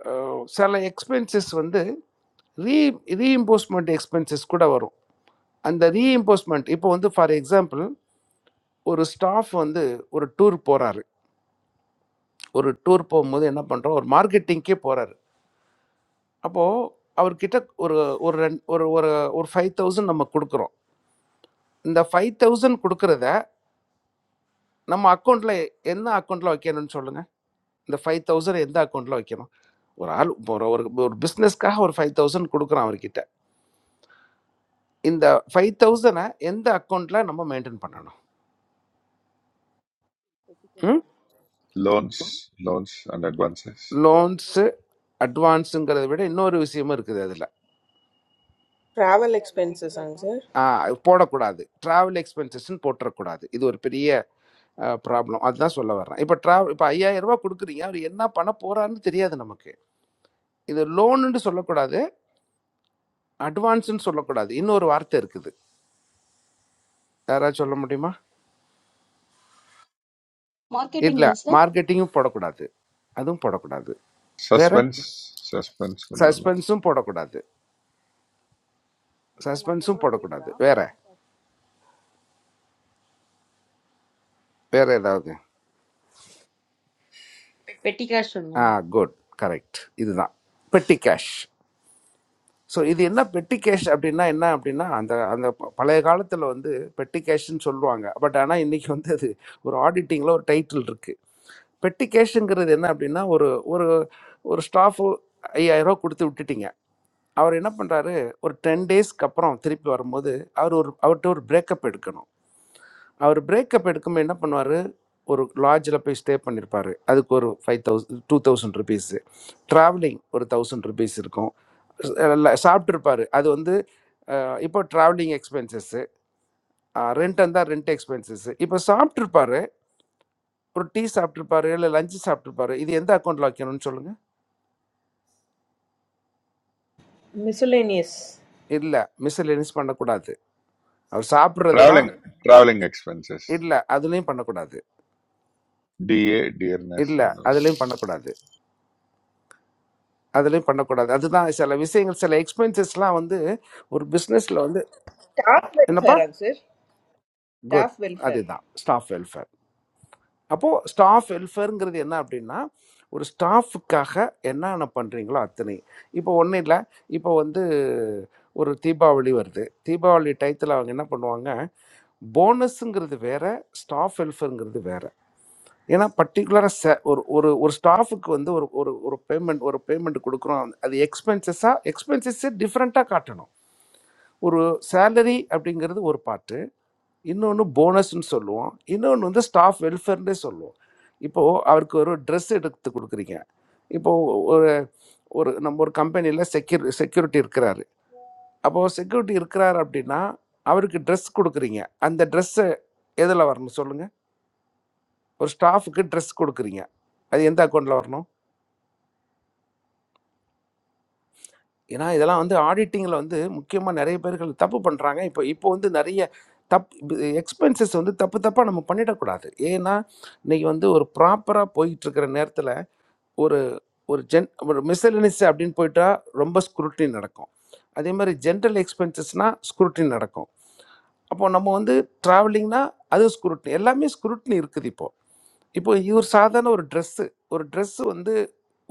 S11: அஹ், சில எக்ஸ்பென்சஸ் வந்து ரீ ரீஇம்போஸ்மெண்ட் எக்ஸ்பென்சஸ் கூட வரும் அந்த ரீஇம்போஸ்மெண்ட் இப்போ வந்து ஃபார் எக்ஸாம்பிள் ஒரு ஸ்டாஃப் வந்து ஒரு டூர் போகிறாரு ஒரு டூர் போகும்போது என்ன பண்ணுறோம் ஒரு மார்க்கெட்டிங்க்கே போகிறாரு அப்போது அவர்கிட்ட ஒரு ஒரு ரெண்டு ஒரு ஒரு ஒரு ஃபைவ் தௌசண்ட் நம்ம கொடுக்குறோம் இந்த ஃபைவ் தௌசண்ட் கொடுக்குறத நம்ம அக்கௌண்ட்டில் என்ன அக்கௌண்ட்டில் வைக்கணும்னு சொல்லுங்கள் இந்த ஃபைவ் தௌசண்ட் எந்த அக்கௌண்ட்டில் வைக்கணும் ஒரு ஆள் இப்போ ஒரு ஒரு பிஸ்னஸ்க்காக ஒரு ஃபைவ் தௌசண்ட் கொடுக்குறான் அவர்கிட்ட இந்த ஃபைவ் தௌசண்டை எந்த அக்கௌண்ட்டில் நம்ம மெயின்டைன் பண்ணணும்
S12: Petty cash,
S11: ம்
S6: loans loans and advances
S12: petty
S11: loans
S12: cash,
S11: அட்வான்ஸுங்கிறத விட இன்னொரு விஷயமும்
S12: petty
S11: இருக்குது
S12: cash,
S5: Travel
S12: petty
S5: expenses, ang
S12: cash.
S5: sir.
S11: அதில் போடக்கூடாது ட்ராவல் எக்ஸ்பென்சஸ்ன்னு போட்டுறக்கூடாது இது ஒரு பெரிய ப்ராப்ளம் அதுதான் சொல்ல வர்றேன் இப்போ ட்ராவல் இப்போ ஐயாயிரம் ரூபாய் கொடுக்குறீங்க அவர் என்ன பண்ண போறாருன்னு தெரியாது நமக்கு இது லோனுன்னு சொல்லக்கூடாது அட்வான்ஸ்ன்னு சொல்லக்கூடாது இன்னொரு வார்த்தை இருக்குது யாராவது சொல்ல முடியுமா
S13: marketing
S11: இல்லை
S13: less.
S11: மார்க்கெட்டிங்கும் போடக்கூடாது அதுவும் போடக்கூடாது வேற
S6: சஸ்பென்ஸ் சஸ்பென்ஸ் கொண்டு வரலாம்
S11: சஸ்பென்ஸும் போடக்கூடாது
S12: That not
S11: சஸ்பென்ஸும்
S12: older than a year.
S11: போடக்கூடாது வேற வேறு ஏதாவது
S12: Petty cash, sir.
S11: ஆ குட் கரெக்ட் இதுதான் பெட்டி கேஷ் ஸோ இது என்ன பெட்டி கேஷ் அப்படின்னா என்ன அப்படின்னா அந்த அந்த ப- பழைய காலத்தில் வந்து பெட்டி கேஷ்ன்னு சொல்லுவாங்க பட் ஆனால் இன்றைக்கி வந்து அது ஒரு ஆடிட்டிங்கில் ஒரு டைட்டில் இருக்குது பெட்டி கேஷுங்கிறது என்ன அப்படின்னா ஒரு ஒரு ஒரு ஸ்டாஃபு ஐயாயிரம் ரூபா கொடுத்து விட்டுட்டீங்க அவர் என்ன பண்ணுறாரு ஒரு டென் டேஸ்க்கு அப்புறம் திருப்பி வரும்போது அவர் ஒரு அவர்கிட்ட ஒரு பிரேக்கப் எடுக்கணும் அவர் பிரேக்கப் எடுக்கும்போது என்ன பண்ணுவார் ஒரு லாட்ஜில் போய் ஸ்டே பண்ணியிருப்பார் அதுக்கு ஒரு five thousand two thousand rupees travelling ஒரு தௌசண்ட் ருபீஸ் இருக்கும் சாப்பிட்ருப்பார் அது வந்து அஹ், இப்போ ட்ராவலிங் எக்ஸ்பென்சஸ்ஸு ரெண்ட் இருந்தால் ரெண்ட் எக்ஸ்பென்சஸ்ஸு இப்போ சாப்பிட்ருப்பாரு ஒரு டீ சாப்பிட்ருப்பாரு இல்லை லஞ்சு சாப்பிட்ருப்பாரு இது எந்த அக்கௌண்ட்டில் வைக்கணும்னு சொல்லுங்கள்
S5: Miscellaneous.
S11: இல்லை மிஸ்லினிஸ் பண்ணக்கூடாது அவர் சாப்பிட்றதெல்லாம்
S6: ட்ராவலிங் ட்ராவலிங் எக்ஸ்பென்சஸ்
S11: இல்லை அதுலேயும் பண்ணக்கூடாது
S6: டிஏ டியர்னஸ்
S11: இல்லை அதுலேயும் பண்ணக்கூடாது அதுலேயும் பண்ணக்கூடாது அதுதான் சில விஷயங்கள் சில எக்ஸ்பென்சஸ்லாம் வந்து ஒரு பிஸ்னஸில் வந்து
S5: Staff
S11: என்னப்பா
S5: welfare, ang sir.
S11: Good
S5: Staff welfare.
S11: அதுதான் ஸ்டாஃப் வெல்ஃபேர் அப்போது ஸ்டாஃப் வெல்ஃபேருங்கிறது என்ன அப்படின்னா ஒரு ஸ்டாஃபுக்காக என்னென்ன பண்ணுறீங்களோ அத்தனை இப்போ ஒன்றும் இல்லை இப்போ வந்து ஒரு தீபாவளி வருது தீபாவளி டயத்தில் அவங்க என்ன பண்ணுவாங்க போனஸுங்கிறது வேற ஸ்டாஃப் வெல்ஃபேருங்கிறது வேற ஏன்னா பர்டிகுலராக ச ஒரு ஒரு ஒரு ஸ்டாஃபுக்கு வந்து ஒரு ஒரு ஒரு பேமெண்ட் ஒரு பேமெண்ட் கொடுக்குறோம் அது எக்ஸ்பென்சஸாக எக்ஸ்பென்சஸ்ஸே டிஃப்ரெண்ட்டாக காட்டணும் ஒரு சேலரி அப்படிங்கிறது ஒரு பாட்டு இன்னொன்று போனஸ்ன்னு சொல்லுவோம் இன்னொன்று வந்து ஸ்டாஃப் வெல்ஃபேர்னே சொல்லுவோம் இப்போது அவருக்கு ஒரு ட்ரெஸ் எடுத்து கொடுக்குறீங்க இப்போது ஒரு ஒரு நம்ம ஒரு கம்பெனியில் செக்யூரி செக்யூரிட்டி இருக்கிறாரு அப்போது செக்யூரிட்டி இருக்கிறார் அப்படின்னா அவருக்கு ட்ரெஸ் கொடுக்குறீங்க அந்த ட்ரெஸ்ஸு எதில் வரணும் சொல்லுங்கள் ஒரு ஸ்டாஃபுக்கு ட்ரெஸ் கொடுக்குறீங்க அது எந்த அக்கௌண்ட்டில் வரணும் ஏன்னா இதெல்லாம் வந்து ஆடிட்டிங்கில் வந்து முக்கியமாக நிறைய பேர்கள் தப்பு பண்ணுறாங்க இப்போ இப்போ வந்து நிறைய தப் எக்ஸ்பென்சஸ் வந்து தப்பு தப்பாக நம்ம பண்ணிடக்கூடாது ஏன்னா இன்னைக்கு வந்து ஒரு ப்ராப்பராக போயிட்டுருக்கிற நேரத்தில் ஒரு ஒரு ஜென் ஒரு மிஸ்லினிஸ் அப்படின்னு போயிட்டா ரொம்ப ஸ்க்ரூட்னி நடக்கும் அதே மாதிரி ஜென்ரல் எக்ஸ்பென்சஸ்னால் ஸ்க்ரூட்னி நடக்கும் அப்போ நம்ம வந்து ட்ராவலிங்னா அது ஸ்க்ரூட்னி எல்லாமே ஸ்க்ரூட்னி இருக்குது இப்போ இப்போ இவர் சாதாரண ஒரு ட்ரெஸ்ஸு ஒரு ட்ரெஸ்ஸு வந்து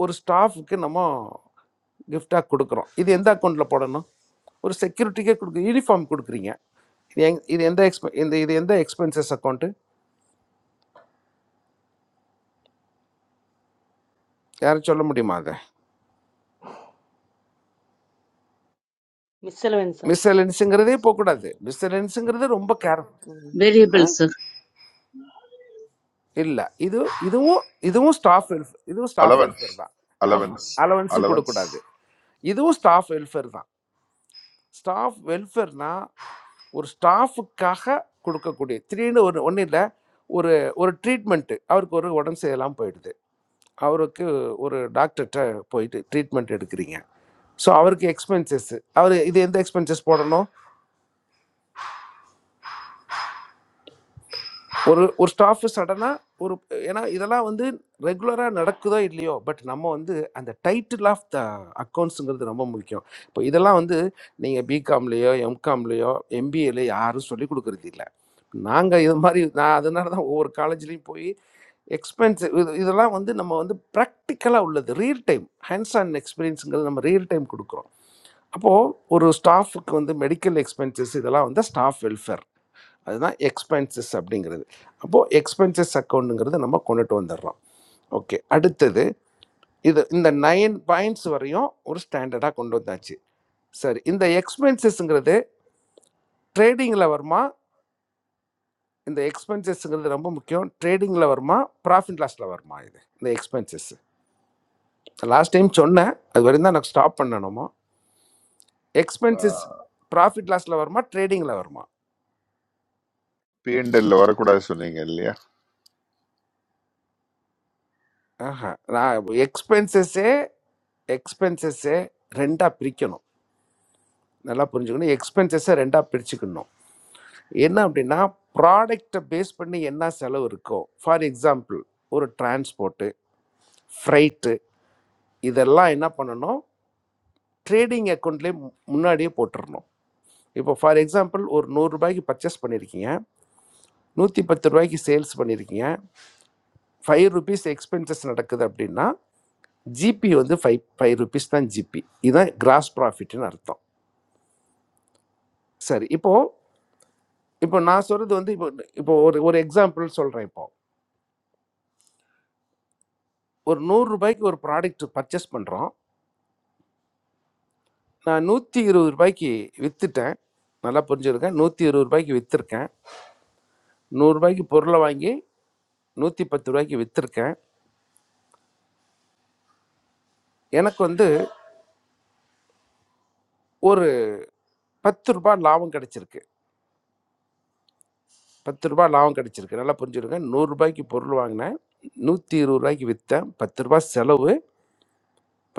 S11: ஒரு ஸ்டாஃப்க்கு நம்ம கிஃப்டாக கொடுக்குறோம் இது எந்த அக்கௌண்ட்டில் போடணும் ஒரு செக்யூரிட்டிக்கே கொடுக்கு யூனிஃபார்ம் கொடுக்குறீங்க இது எங் இது எந்த எக்ஸ்பெ இந்த இது எந்த எக்ஸ்பென்சஸ் அக்கௌண்ட்டு யாரும் சொல்ல முடியுமா அதை
S12: Missile answer.
S11: மிஸ்எலன்ஸுங்கிறதே போகக்கூடாது மிஸ்எலன்ஸுங்கிறது ரொம்ப கேர் ஆ
S14: variables
S11: இல்லை இது இதுவும் இதுவும் ஸ்டாஃப் வெல்ஃபேர் இதுவும் ஸ்டாஃப்
S6: அலவன்ஸ்
S11: வெல்ஃபேர் தான் ஆஹா
S6: அலவன்ஸ்
S11: அலவன்ஸும்
S6: அலவன்ஸ்
S11: கொடுக்கக்கூடாது இதுவும் ஸ்டாஃப் வெல்ஃபேர் தான் ஸ்டாஃப் வெல்ஃபேர்னா ஒரு ஸ்டாஃபுக்காக கொடுக்கக்கூடிய திடீர்னு ஒரு ஒன்றும் இல்லை ஒரு ஒரு ட்ரீட்மெண்ட்டு அவருக்கு ஒரு உடம்பு சரியில்லாமல் போயிடுது அவருக்கு ஒரு டாக்டர்கிட்ட போயிட்டு ட்ரீட்மெண்ட் எடுக்கிறீங்க ஸோ அவருக்கு எக்ஸ்பென்சஸ் அவர் இது எந்த எக்ஸ்பென்சஸ் போடணும் ஒரு ஒரு ஸ்டாஃப் சடனாக ஒரு ஏன்னா இதெல்லாம் வந்து ரெகுலராக நடக்குதோ இல்லையோ பட் நம்ம வந்து அந்த டைட்டில் ஆஃப் த அக்கௌண்ட்ஸுங்கிறது ரொம்ப முக்கியம் இப்போ இதெல்லாம் வந்து நீங்கள் பிகாம்லேயோ எம்காம்லேயோ எம்பிஏலையோ யாரும் சொல்லி கொடுக்கறது இல்லை நாங்கள் இது மாதிரி நான் அதனால தான் ஒவ்வொரு காலேஜ்லேயும் போய் எக்ஸ்பென்ஸ் இது இதெல்லாம் வந்து நம்ம வந்து ப்ராக்டிக்கலாக உள்ளது ரியல் டைம் ஹேண்ட்ஸ் ஆன் எக்ஸ்பீரியன்ஸுங்கிறது நம்ம ரியல் டைம் கொடுக்குறோம் அப்போது ஒரு ஸ்டாஃபுக்கு வந்து மெடிக்கல் எக்ஸ்பென்சஸ் இதெல்லாம் வந்து ஸ்டாஃப் வெல்ஃபேர் அதுதான் எக்ஸ்பென்சஸ் அப்படிங்கிறது அப்போது எக்ஸ்பென்சஸ் அக்கௌண்ட்டுங்கிறது நம்ம கொண்டுட்டு வந்துடுறோம் ஓகே அடுத்தது இது இந்த நைன் பாயிண்ட்ஸ் வரையும் ஒரு ஸ்டாண்டர்டாக கொண்டு வந்தாச்சு சரி இந்த எக்ஸ்பென்சஸ்ங்கிறது ட்ரேடிங்கில் வருமா இந்த எக்ஸ்பென்சஸ்ங்கிறது ரொம்ப முக்கியம் ட்ரேடிங்கில் வருமா ப்ராஃபிட் லாஸில் வருமா இது இந்த எக்ஸ்பென்சஸ் லாஸ்ட் டைம் சொன்னேன் அது வரையும் தான் நான் ஸ்டாப் பண்ணணுமோ எக்ஸ்பென்சஸ் ப்ராஃபிட் லாஸில் வருமா ட்ரேடிங்கில் வருமா
S6: பிஎன்எல்ல வரக்கூடாது சொன்னீங்க இல்லையா
S11: ஆஹா நான் எக்ஸ்பென்சஸ்ஸே எக்ஸ்பென்சஸ்ஸே ரெண்டாக பிரிக்கணும் நல்லா புரிஞ்சுக்கணும் எக்ஸ்பென்சஸை ரெண்டாக பிரிச்சுக்கணும் என்ன அப்படின்னா ப்ராடக்டை பேஸ் பண்ணி என்ன செலவு இருக்கோ ஃபார் எக்ஸாம்பிள் ஒரு டிரான்ஸ்போர்ட்டு ஃப்ரைட்டு இதெல்லாம் என்ன பண்ணணும் ட்ரேடிங் அக்கௌண்ட்லேயே முன்னாடியே போட்டுடணும் இப்போ ஃபார் எக்ஸாம்பிள் ஒரு நூறுரூபாய்க்கு பர்ச்சேஸ் பண்ணியிருக்கீங்க நூற்றி பத்து ரூபாய்க்கு சேல்ஸ் பண்ணியிருக்கீங்க ஃபைவ் ருபீஸ் எக்ஸ்பென்சஸ் நடக்குது அப்படின்னா ஜிபி வந்து ஃபைவ் ஃபைவ் ருபீஸ் தான் ஜிபி இதுதான் கிராஸ் ப்ராஃபிட்னு அர்த்தம் சரி இப்போது இப்போ நான் சொல்கிறது வந்து இப்போ இப்போ ஒரு ஒரு எக்ஸாம்பிள் சொல்கிறேன் இப்போ ஒரு நூறு ரூபாய்க்கு ஒரு ப்ராடக்ட் பர்ச்சேஸ் பண்ணுறோம் நான் நூற்றி இருபது ரூபாய்க்கு விற்றுட்டேன் நல்லா புரிஞ்சுருக்கேன் நூற்றி இருபது ரூபாய்க்கு விற்றுருக்கேன் நூறுரூபாய்க்கு பொருளை வாங்கி நூற்றி பத்து ரூபாய்க்கு விற்றுருக்கேன் எனக்கு வந்து ஒரு பத்து ரூபாய் லாபம் கிடச்சிருக்கு பத்து ரூபாய் லாபம் கிடச்சிருக்கு நல்லா புரிஞ்சுருங்க நூறுரூபாய்க்கு பொருள் வாங்கினேன் நூற்றி இருபது ரூபாய்க்கு விற்றேன் பத்து ரூபாய் செலவு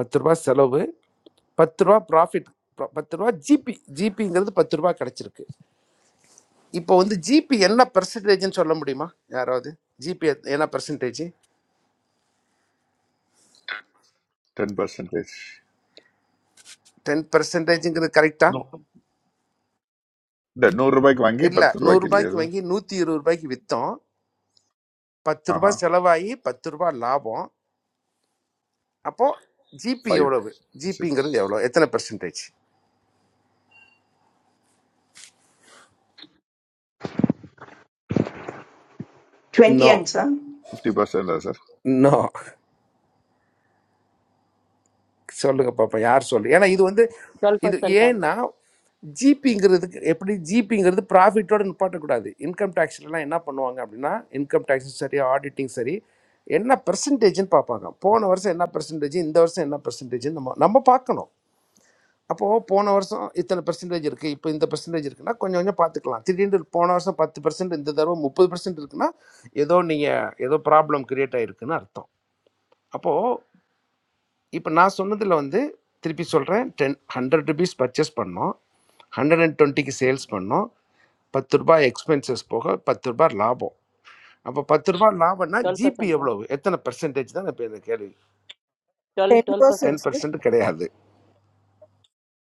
S11: பத்து ரூபாய் செலவு பத்து ரூபா ப்ராஃபிட் பத்து ரூபா ஜிபி ஜிபிங்கிறது பத்து ரூபா கிடச்சிருக்கு இப்போ வந்து ஜிபி என்ன பெர்சன்டேஜ்னு சொல்ல முடியுமா யாராவது ஜிபி என்ன பெர்சன்டேஜ்
S6: டென் பர்சன்டேஜ்
S11: டென் பெர்சன்டேஜுங்கிறது கரெக்டா
S6: No, இந்த நூறு ரூபாய்க்கு வாங்கி
S11: இல்லை
S6: பத்து ரூபாய்க்கு இல்லையா
S11: நூறுரூபாய்க்கு
S6: சார்
S11: வாங்கி நூற்றி இருபது ரூபாய்க்கு விற்றோம் பத்து
S6: ஆஹா
S11: ரூபாய் செலவாகி பத்து ரூபாய் லாபம் அப்போது ஜிபி
S6: ஃபைவ்
S11: எவ்வளவு
S6: சிக்ஸ்
S11: ஜிபிங்கிறது எவ்வளோ எத்தனை percentage
S7: 20
S11: no
S7: young, sir.
S6: Fifty பர்சன்டா சார்
S11: நோ சொல்லுங்க பாப்பா யார் சொல்லு ஏன்னா இது வந்து
S12: Twelve
S11: இது
S12: percent, ah,
S11: ஏன்னா ஜிபிங்கிறதுக்கு எப்படி ஜிபிங்கிறது ப்ராஃபிட்டோட நிப்பாட்டக்கூடாது இன்கம் டேக்ஸ்லாம் என்ன பண்ணுவாங்க அப்படின்னா இன்கம் டேக்ஸும் சரி ஆடிட்டிங் சரி என்ன பெர்சன்டேஜ்னு பார்ப்பாங்க போன வருஷம் என்ன பெர்சன்டேஜ் இந்த வருஷம் என்ன பெர்சன்டேஜ்னு நம்ம நம்ம பார்க்கணும் அப்போது போன வருஷம் இத்தனை பெர்சன்டேஜ் இருக்குது இப்போ இந்த பெர்சன்டேஜ் இருக்குன்னா கொஞ்சம் கொஞ்சம் பார்த்துக்கலாம் திடீர்னு போன வருஷம் பத்து பெர்சன்ட் இந்த தடவை முப்பது பெர்சன்ட் இருக்குன்னா ஏதோ நீங்கள் ஏதோ ப்ராப்ளம் கிரியேட் ஆகிருக்குன்னு அர்த்தம் அப்போது இப்போ நான் சொன்னதில் வந்து திருப்பி சொல்கிறேன் டென் ஹண்ட்ரட் ருபீஸ் பர்ச்சேஸ் பண்ணோம் ஹண்ட்ரட் அண்ட் டுவெண்ட்டிக்கு சேல்ஸ் பண்ணோம் பத்து ரூபாய் எக்ஸ்பென்சஸ் போக பத்து ரூபாய் லாபம் அப்போ பத்து ரூபாய் லாபம்னா
S12: twelve
S11: ஜிபி
S12: percent, ah,
S11: எவ்வளவு எத்தனை பெர்சன்டேஜ் தான் இப்போ இந்த கேள்வி
S12: twelve,
S5: Ten
S12: twelve
S11: ten
S5: percent,
S12: percent, ah,
S5: sir.
S11: Percent கிடையாது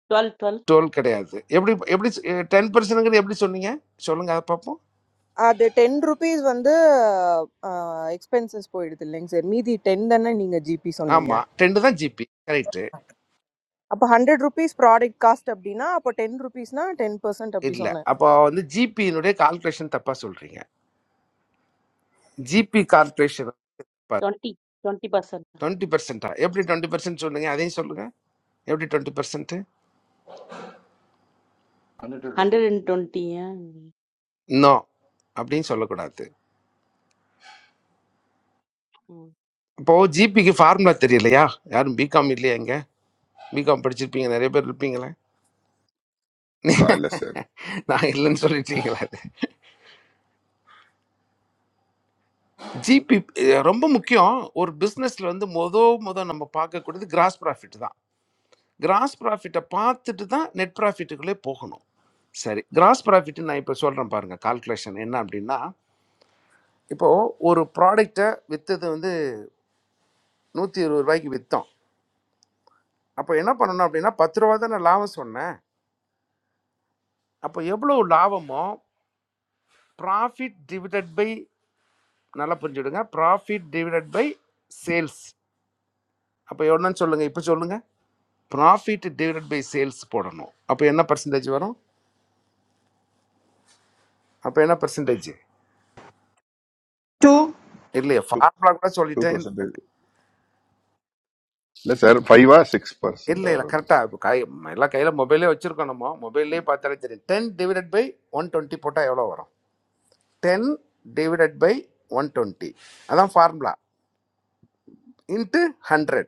S12: twelve, twelve,
S11: டுவெல் கிடையாது எப்படி எப்படி டென் பர்சன்ட்ங்கிறது எப்படி சொன்னீங்க சொல்லுங்க அதை பார்ப்போம்
S5: அது டென் ருபீஸ் வந்து எக்ஸ்பென்சஸ் போயிடுது இல்லைங்க சார் மீதி டென் தானே நீங்கள் ஜிபி சொன்னீங்க
S11: ஆமாம் டென் தான் ஜிபி கரெக்டு
S5: அப்போ ஹண்ட்ரட் ருபீஸ் ப்ராடக்ட் காஸ்ட் அப்படின்னா அப்போ டென் ருபீஸ்னா டென் பர்சன்ட் அப்படி
S11: இல்லை
S5: சொன்னேன்
S11: அப்போ வந்து ஜிபியினுடைய கால்குலேஷன் தப்பாக சொல்கிறீங்க GP calculation
S12: twenty, twenty percent,
S11: twenty பெர்சென்ட்டா எப்படி டுவெண்ட்டி பெர்சன்ட் சொல்லுங்க அதையும் சொல்லுங்க எப்படி twenty percent
S12: hundred and twenty, ah,
S11: no அப்படின்னு சொல்லக்கூடாது இப்போ ஜிபிக்கு ஃபார்முலா தெரியலையா யாரும் பிகாம் இல்லையா இங்க பிகாம் படிச்சிருப்பீங்க நிறைய பேர் இருப்பீங்களே [laughs]
S6: நான் இல்லை சார்
S11: நான் இல்லைன்னு சொல்லிட்டீங்களா ஜிபி ரொம்ப முக்கியம் ஒரு பிஸ்னஸ்ல வந்து மொத மொத நம்ம பார்க்கக்கூடியது கிராஸ் ப்ராஃபிட் தான் கிராஸ் ப்ராஃபிட்டை பார்த்துட்டு தான் நெட் ப்ராஃபிட்டுக்குள்ளே போகணும் சரி கிராஸ் ப்ராஃபிட் நான் இப்போ சொல்கிறேன் பாருங்க கால்குலேஷன் என்ன அப்படின்னா இப்போ ஒரு ப்ராடக்டை விற்றது வந்து நூற்றி இருபது ரூபாய்க்கு விற்றோம் அப்போ என்ன பண்ணணும் அப்படின்னா பத்து ரூபா தான் நான் லாபம் சொன்னேன் அப்போ எவ்வளோ லாபமோ ப்ராஃபிட் டிவிடட் பை நல்லா புரிஞ்சுடுங்க ப்ராஃபிட் டிவிடட் பை சேல்ஸ் அப்போ என்னன்னு சொல்லுங்கள் இப்போ சொல்லுங்கள் ப்ராஃபிட் டிவிடட் பை சேல்ஸ் போடணும் அப்போ என்ன பர்சன்டேஜ் வரும் அப்போ என்ன பர்சன்டேஜ்
S7: Two.
S11: இல்லையே
S6: டூ
S11: ஃபார்முலா கூட
S6: டூ
S11: சொல்லிட்டேன்
S6: பர்சன்டேஜ் இல்லை சார் ஃபைவா சிக்ஸ்
S11: இல்லை
S6: பர்சன்டா
S11: இல்லை
S6: வருமா
S11: கரெக்டாக
S6: சார்
S11: இப்போ கை எல்லாம் கையில் மொபைலே வச்சுருக்கோம் நம்ம மொபைல்லே பார்த்தாலே தெரியும் ten divided by one twenty போட்டால் எவ்வளோ வரும் ten divided by one twenty அதான் ஃபார்முலா இன்ட்டு ஹண்ட்ரட்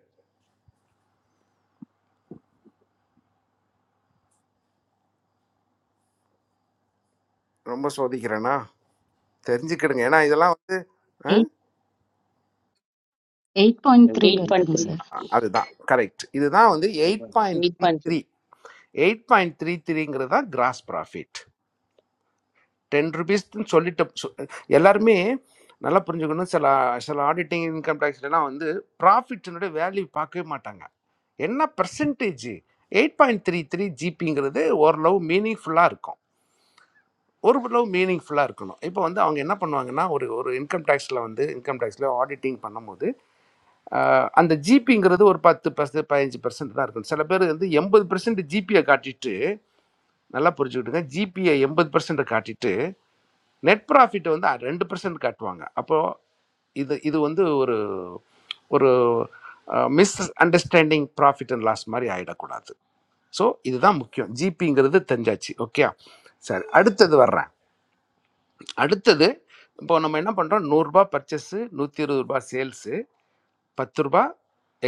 S11: ரொம்ப சோதிக்கிறேனா தெரிஞ்சுக்கிடுங்க ஏன்னா இதெல்லாம் வந்து அஹ்,
S15: Eight eight point three
S12: eight
S15: अर्थ
S12: point
S15: है
S12: three,
S15: sir,
S11: அ- அதுதான் கரெக்ட் இதுதான் வந்து eight point
S12: eight
S11: three
S12: point three.
S11: Three eight point three த்ரீங்கிறது தான் கிராஸ் ப்ராஃபிட் டென் ருபீஸ்ன்னு சொல்லிட்டு சொ- எல்லாருமே நல்லா புரிஞ்சுக்கணும் சில சில ஆடிட்டிங் இன்கம் டேக்ஸ்லாம் வந்து ப்ராஃபிட்னுடைய வேல்யூ பார்க்கவே மாட்டாங்க என்ன percentage eight point three three ஜிபிங்கிறது ஓரளவு மீனிங்ஃபுல்லாக இருக்கும் ஓரளவு மீனிங்ஃபுல்லாக இருக்கணும் இப்போ வந்து அவங்க என்ன பண்ணுவாங்கன்னா ஒரு ஒரு இன்கம் டேக்ஸில் வந்து இன்கம் டேக்ஸில் ஆடிட்டிங் பண்ணும்போது ஆஹ் அந்த ஜிபிங்கிறது ஒரு பத்து பர்சன்ட் பதினஞ்சு பர்சன்ட் தான் இருக்கும் சில பேர் வந்து எண்பது பர்சன்ட் ஜிபியை காட்டிட்டு நல்லா புரிஞ்சுக்கிட்டுங்க ஜிபியை எண்பது பர்சன்ட் காட்டிட்டு நெட் ப்ராஃபிட் வந்து ரெண்டு பர்சன்ட் காட்டுவாங்க அப்போது இது இது வந்து ஒரு ஒரு misunderstanding profit and loss மாதிரி ஆகிடக்கூடாது ஸோ இதுதான் முக்கியம் ஜிபிங்கிறது தெரிஞ்சாச்சு ஓகே சரி அடுத்தது வர்றேன் அடுத்தது இப்போ நம்ம என்ன பண்ணுறோம் நூறுரூபா பர்ச்சேஸு நூற்றி இருபது ரூபாய் சேல்ஸு பத்து ரூபா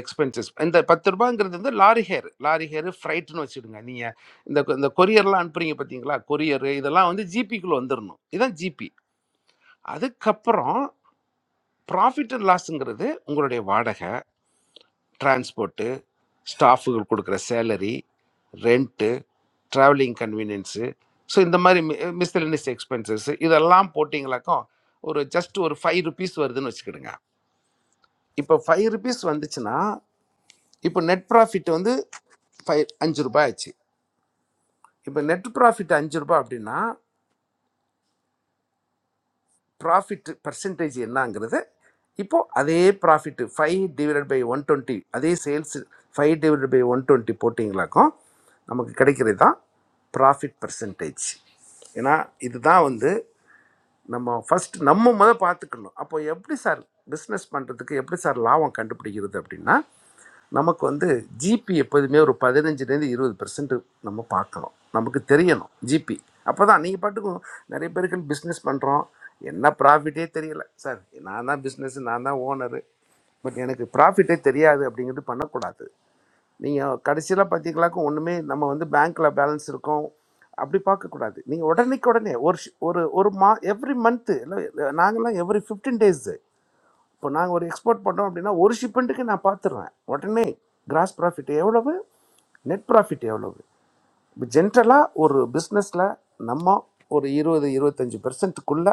S11: எக்ஸ்பென்சஸ் இந்த பத்து ரூபாங்கிறது வந்து லாரி ஹேர் லாரி ஹேர் ஃப்ரைட்னு வச்சுடுங்க நீங்கள் இந்த இந்த கொரியர்லாம் அனுப்புறீங்க பார்த்தீங்களா கொரியர் இதெல்லாம் வந்து ஜிபிக்குள்ளே வந்துடணும் இதான் ஜிபி அதுக்கப்புறம் ப்ராஃபிட் அண்ட் லாஸுங்கிறது உங்களுடைய வாடகை டிரான்ஸ்போர்ட்டு ஸ்டாஃபுகள் கொடுக்குற salary rent travelling convenience so இந்த மாதிரி மி மிஸ்லினியஸ் எக்ஸ்பென்சஸ் இதெல்லாம் போட்டிங்களாக்கும் ஒரு ஜஸ்ட் ஒரு ஃபைவ் ருபீஸ் வருதுன்னு வச்சுக்கிடுங்க இப்போ ஃபைவ் ருபீஸ் வந்துச்சுன்னா இப்போ நெட் ப்ராஃபிட் வந்து ஃபைவ் அஞ்சு ரூபாய் ஆச்சு இப்போ நெட் ப்ராஃபிட் அஞ்சு ரூபாய் அப்படின்னா ப்ராஃபிட் பர்சன்டேஜ் என்னங்கிறது இப்போ அதே profit five divided by one twenty அதே sales five divided by one twenty போட்டிங்களாக்கும் நமக்கு கிடைக்கிறது தான் ப்ராஃபிட் பர்சன்டேஜ் ஏன்னா இதுதான் வந்து நம்ம ஃபர்ஸ்ட் நம்ம முத பார்த்துக்கணும் அப்போ எப்படி சார் பிஸ்னஸ் பண்ணுறதுக்கு எப்படி சார் லாபம் கண்டுபிடிக்கிறது அப்படின்னா நமக்கு வந்து ஜிபி எப்போதுமே ஒரு பதினஞ்சுலேருந்து இருபது பெர்சன்ட் நம்ம பார்க்கணும் நமக்கு தெரியணும் ஜிபி அப்போ தான் நீங்கள் பாட்டுக்கும் நிறைய பேருக்கு பிஸ்னஸ் பண்ணுறோம் என்ன ப்ராஃபிட்டே தெரியல சார் நான் தான் பிஸ்னஸ் நான் தான் ஓனரு பட் எனக்கு ப்ராஃபிட்டே தெரியாது அப்படிங்கிறது பண்ணக்கூடாது நீங்கள் கடைசியில் பார்த்தீங்களாக்கும் ஒன்றுமே நம்ம வந்து பேங்க்கில் பேலன்ஸ் இருக்கும் அப்படி பார்க்கக்கூடாது நீங்கள் உடனேக்கு உடனே ஒரு ஷ்- ஒரு ஒரு மா எவ்ரி மந்த்து இல்லை நாங்கள்லாம் எவ்ரி ஃபிஃப்டீன் டேஸு இப்போ நாங்கள் ஒரு எக்ஸ்போர்ட் பண்ணுறோம் அப்படின்னா ஒரு ஷிப்மெண்ட்டுக்கு நான் பார்த்துருவேன் உடனே கிராஸ் ப்ராஃபிட் எவ்வளவு நெட் ப்ராஃபிட் எவ்வளவு இப்போ ஜென்ரலாக ஒரு பிஸ்னஸில் நம்ம ஒரு இருபது இருபத்தஞ்சி பெர்சன்ட்டுக்குள்ளே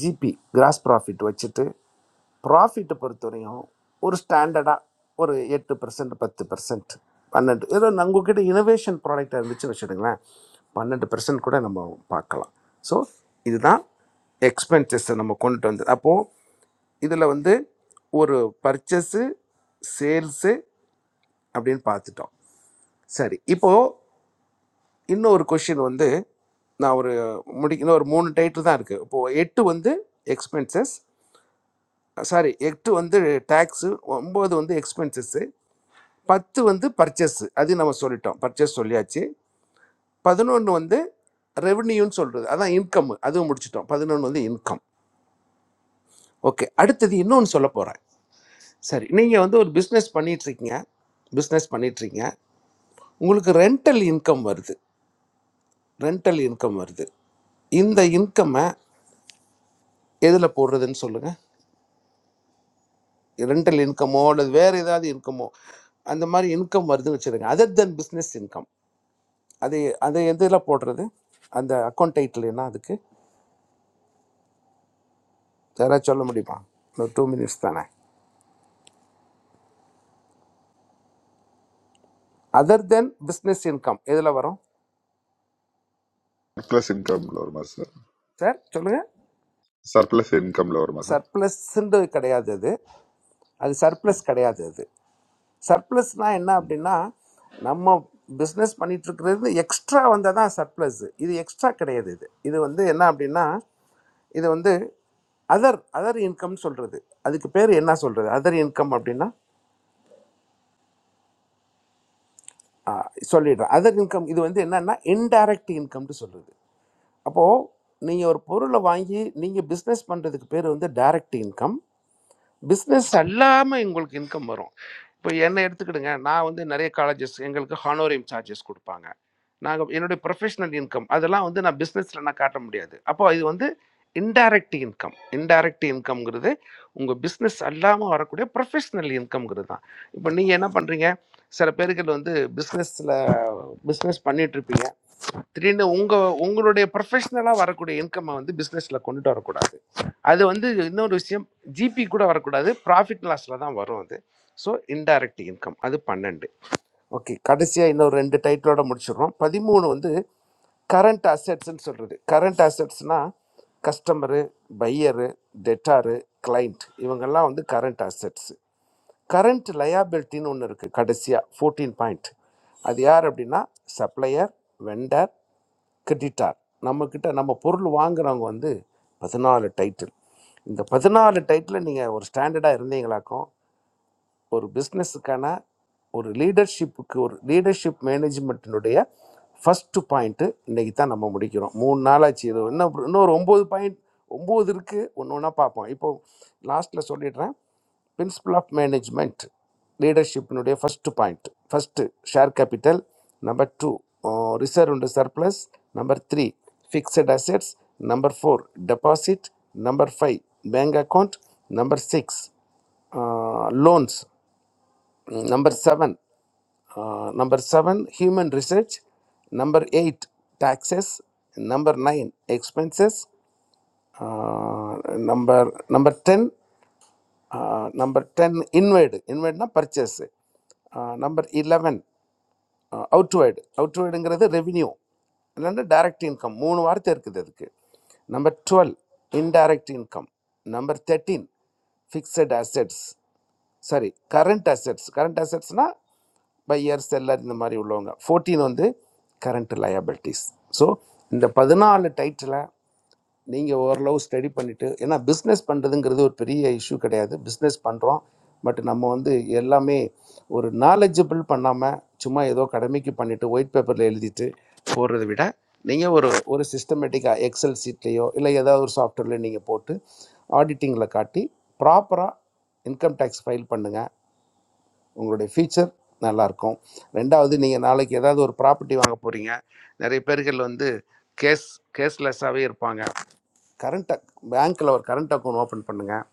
S11: ஜிபி கிராஸ் ப்ராஃபிட் வச்சுட்டு ப்ராஃபிட்டை பொறுத்தவரையும் ஒரு ஸ்டாண்டர்டாக ஒரு எட்டு பர்சன்ட் பத்து பர்சன்ட் பன்னெண்டு ஏதோ நான் உங்ககிட்ட இனோவேஷன் ப்ராடக்டாக இருந்துச்சு வச்சுடுங்களேன் பன்னெண்டு பர்சன்ட் கூட நம்ம பார்க்கலாம் ஸோ இதுதான் எக்ஸ்பென்சஸை நம்ம கொண்டுட்டு வந்தது அப்போது இதில் வந்து ஒரு பர்ச்சஸு சேல்ஸு அப்படின்னு பார்த்துட்டோம் சரி இப்போது இன்னும் ஒரு கொஷின் வந்து நான் ஒரு முடி இன்னும் ஒரு மூணு டைட்டில் தான் இருக்குது இப்போது எட்டு வந்து எக்ஸ்பென்சஸ் சாரி எட்டு வந்து டேக்ஸு ஒம்பது வந்து எக்ஸ்பென்சஸ்ஸு பத்து வந்து பர்ச்சேஸு அது நம்ம சொல்லிட்டோம் பர்ச்சேஸ் சொல்லியாச்சு பதினொன்று வந்து ரெவன்யூன்னு சொல்கிறது அதான் இன்கம் அதுவும் முடிச்சிட்டோம் பதினொன்று வந்து இன்கம் ஓகே அடுத்தது இன்னொன்று சொல்ல போகிறேன் சரி நீங்கள் வந்து ஒரு பிஸ்னஸ் பண்ணிகிட்ருக்கீங்க பிஸ்னஸ் பண்ணிகிட்ருக்கீங்க உங்களுக்கு ரெண்டல் இன்கம் வருது ரெண்டல் இன்கம் வருது இந்த இன்கம்மை எதில் போடுறதுன்னு சொல்லுங்கள் ரெண்டல் இன்கமோ அல்லது வேறு ஏதாவது இன்கமோ அந்த மாதிரி இன்கம் வருதுன்னு வச்சுருங்க அதர் தென் பிஸ்னஸ் இன்கம் அது அது எதில் போடுறது அந்த அக்கௌண்ட் டைட்டில் என்ன அதுக்கு யாராவது சொல்ல முடியுமா இன்னும் டூ மினிட்ஸ் தானே அதர் தென் பிஸ்னஸ் இன்கம் எதில் வரும்
S6: சர்ப்ளஸ் இன்கம்ல வருமா சார்
S11: சார் சொல்லுங்கள்
S6: சர்ப்ளஸ் இன்கம்ல வருமா சார்
S11: சர்ப்ளஸ்ன்றது கிடையாது அது அது சர்ப்ளஸ் கிடையாது அது சர்ப்ளஸ்னால் என்ன அப்படின்னா நம்ம பிஸ்னஸ் பண்ணிட்டு இருக்கிறது எக்ஸ்ட்ரா வந்தால் தான் சர்ப்ளஸ் இது எக்ஸ்ட்ரா கிடையாது இது இது வந்து என்ன அப்படின்னா இது வந்து அதர் அதர் இன்கம் சொல்கிறது அதுக்கு பேர் என்ன சொல்கிறது அதர் இன்கம் அப்படின்னா சொல்லிடுறேன் அதர் இன்கம் இது வந்து என்னன்னா இன்டைரக்ட் இன்கம்னு சொல்லுது அப்போது நீங்கள் ஒரு பொருளை வாங்கி நீங்கள் பிஸ்னஸ் பண்ணுறதுக்கு பேர் வந்து டைரக்ட் இன்கம் பிஸ்னஸ் அல்லாமல் உங்களுக்கு இன்கம் வரும் இப்போ என்னை எடுத்துக்கிடுங்க நான் வந்து நிறைய காலேஜஸ் எங்களுக்கு ஹானோரியம் சார்ஜஸ் கொடுப்பாங்க நாங்கள் என்னுடைய ப்ரொஃபஷனல் இன்கம் அதெல்லாம் வந்து நான் பிஸ்னஸில் நான் காட்ட முடியாது அப்போ இது வந்து இன்டைரக்ட் இன்கம் இன்டைரக்ட் இன்கம்ங்கிறது உங்கள் பிஸ்னஸ் அல்லாமல் வரக்கூடிய ப்ரொஃபஷனல் இன்கம்ங்கிறது தான் இப்போ நீங்கள் என்ன பண்ணுறீங்க சில பேர்கள் வந்து பிஸ்னஸில் பிஸ்னஸ் பண்ணிகிட்ருப்பீங்க திடீர்னு உங்க உங்களுடைய ப்ரொஃபஷனலா வரக்கூடிய இன்கம்மை வந்து பிசினஸ்ல கொண்டுட்டு வரக்கூடாது அது வந்து இன்னொரு விஷயம் ஜிபி கூட வரக்கூடாது ப்ராஃபிட் லாஸ்ல தான் வரும் அது ஸோ இன்டைரக்ட் இன்கம் அது பன்னெண்டு ஓகே கடைசியா இன்னொரு ரெண்டு டைட்டிலோட முடிச்சிடுறோம் பதிமூணு வந்து கரண்ட் அசெட்ஸ்ன்னு சொல்றது கரண்ட் அசெட்ஸ்னா கஸ்டமரு பையரு டெட்டாரு கிளைண்ட் இவங்கெல்லாம் வந்து கரண்ட் அசெட்ஸ் கரண்ட் லயாபிலிட்டின்னு ஒன்று இருக்குது கடைசியாக ஃபோர்டீன் பாயிண்ட் அது யார் அப்படின்னா சப்ளையர் வெண்டர் கட்டிட்டார் நம்மக்கிட்ட நம்ம பொருள் வாங்குறவங்க வந்து பதினாலு டைட்டில் இந்த பதினாலு டைட்டில் நீங்கள் ஒரு ஸ்டாண்டர்டாக இருந்தீங்களாக்கும் ஒரு பிஸ்னஸுக்கான ஒரு லீடர்ஷிப்புக்கு ஒரு லீடர்ஷிப் மேனேஜ்மெண்ட்டினுடைய ஃபஸ்ட்டு பாயிண்ட்டு இன்றைக்கி தான் நம்ம முடிக்கிறோம் மூணு நாளாச்சு இது இன்னும் ஒரு- இன்னும் ஒரு ஒம்பது பாயிண்ட் ஒம்பது இருக்குது ஒன்று ஒன்றா பார்ப்போம் இப்போ லாஸ்ட்டில் சொல்லிடுறேன் பிரின்சிபல் ஆஃப் மேனேஜ்மெண்ட் லீடர்ஷிப்பினுடைய first point first share capital number two reserve and surplus number three fixed assets number four deposit number five bank account number six loans Number seven, uh, number seven, human research. Number eight, taxes. Number nine, expenses. Uh, number number ten, uh, number ten, inward. Inward na purchase. Uh, number eleven, uh, outward. Outward engra revenue. இல்லைன்னா டைரக்ட் இன்கம் மூணு வார்த்தை இருக்குது அதுக்கு number twelve indirect income number thirteen fixed assets sorry current assets current அசெட்ஸ்னால் பை இயர் செல்லர் இந்த மாதிரி உள்ளவங்க ஃபோர்டீன் வந்து கரண்ட் லயபிலிட்டிஸ் ஸோ இந்த பதினாலு டைட்டில் நீங்கள் ஓரளவு ஸ்டடி பண்ணிவிட்டு ஏன்னா பிஸ்னஸ் பண்ணுறதுங்கிறது ஒரு பெரிய இஷ்யூ கிடையாது பிஸ்னஸ் பண்ணுறோம் பட் நம்ம வந்து எல்லாமே ஒரு நாலேஜபிள் பண்ணாமல் சும்மா ஏதோ கடமைக்கு பண்ணிவிட்டு ஒயிட் பேப்பரில் எழுதிட்டு போடுறதை விட நீங்கள் ஒரு ஒரு சிஸ்டமேட்டிக்காக எக்ஸல் சீட்லேயோ இல்லை ஏதாவது ஒரு சாஃப்ட்வேர்லையோ நீங்கள் போட்டு ஆடிட்டிங்கில் காட்டி ப்ராப்பராக இன்கம் டேக்ஸ் ஃபைல் பண்ணுங்கள் உங்களுடைய ஃபியூச்சர் நல்லாயிருக்கும் ரெண்டாவது நீங்கள் நாளைக்கு ஏதாவது ஒரு ப்ராப்பர்ட்டி வாங்க போகிறீங்க நிறைய பேர்கள் வந்து கேஸ் கேஸ்லெஸ்ஸாகவே இருப்பாங்க கரண்ட் அக் பேங்க்கில் ஒரு கரண்ட் அக்கௌண்ட் ஓப்பன் பண்ணுங்கள்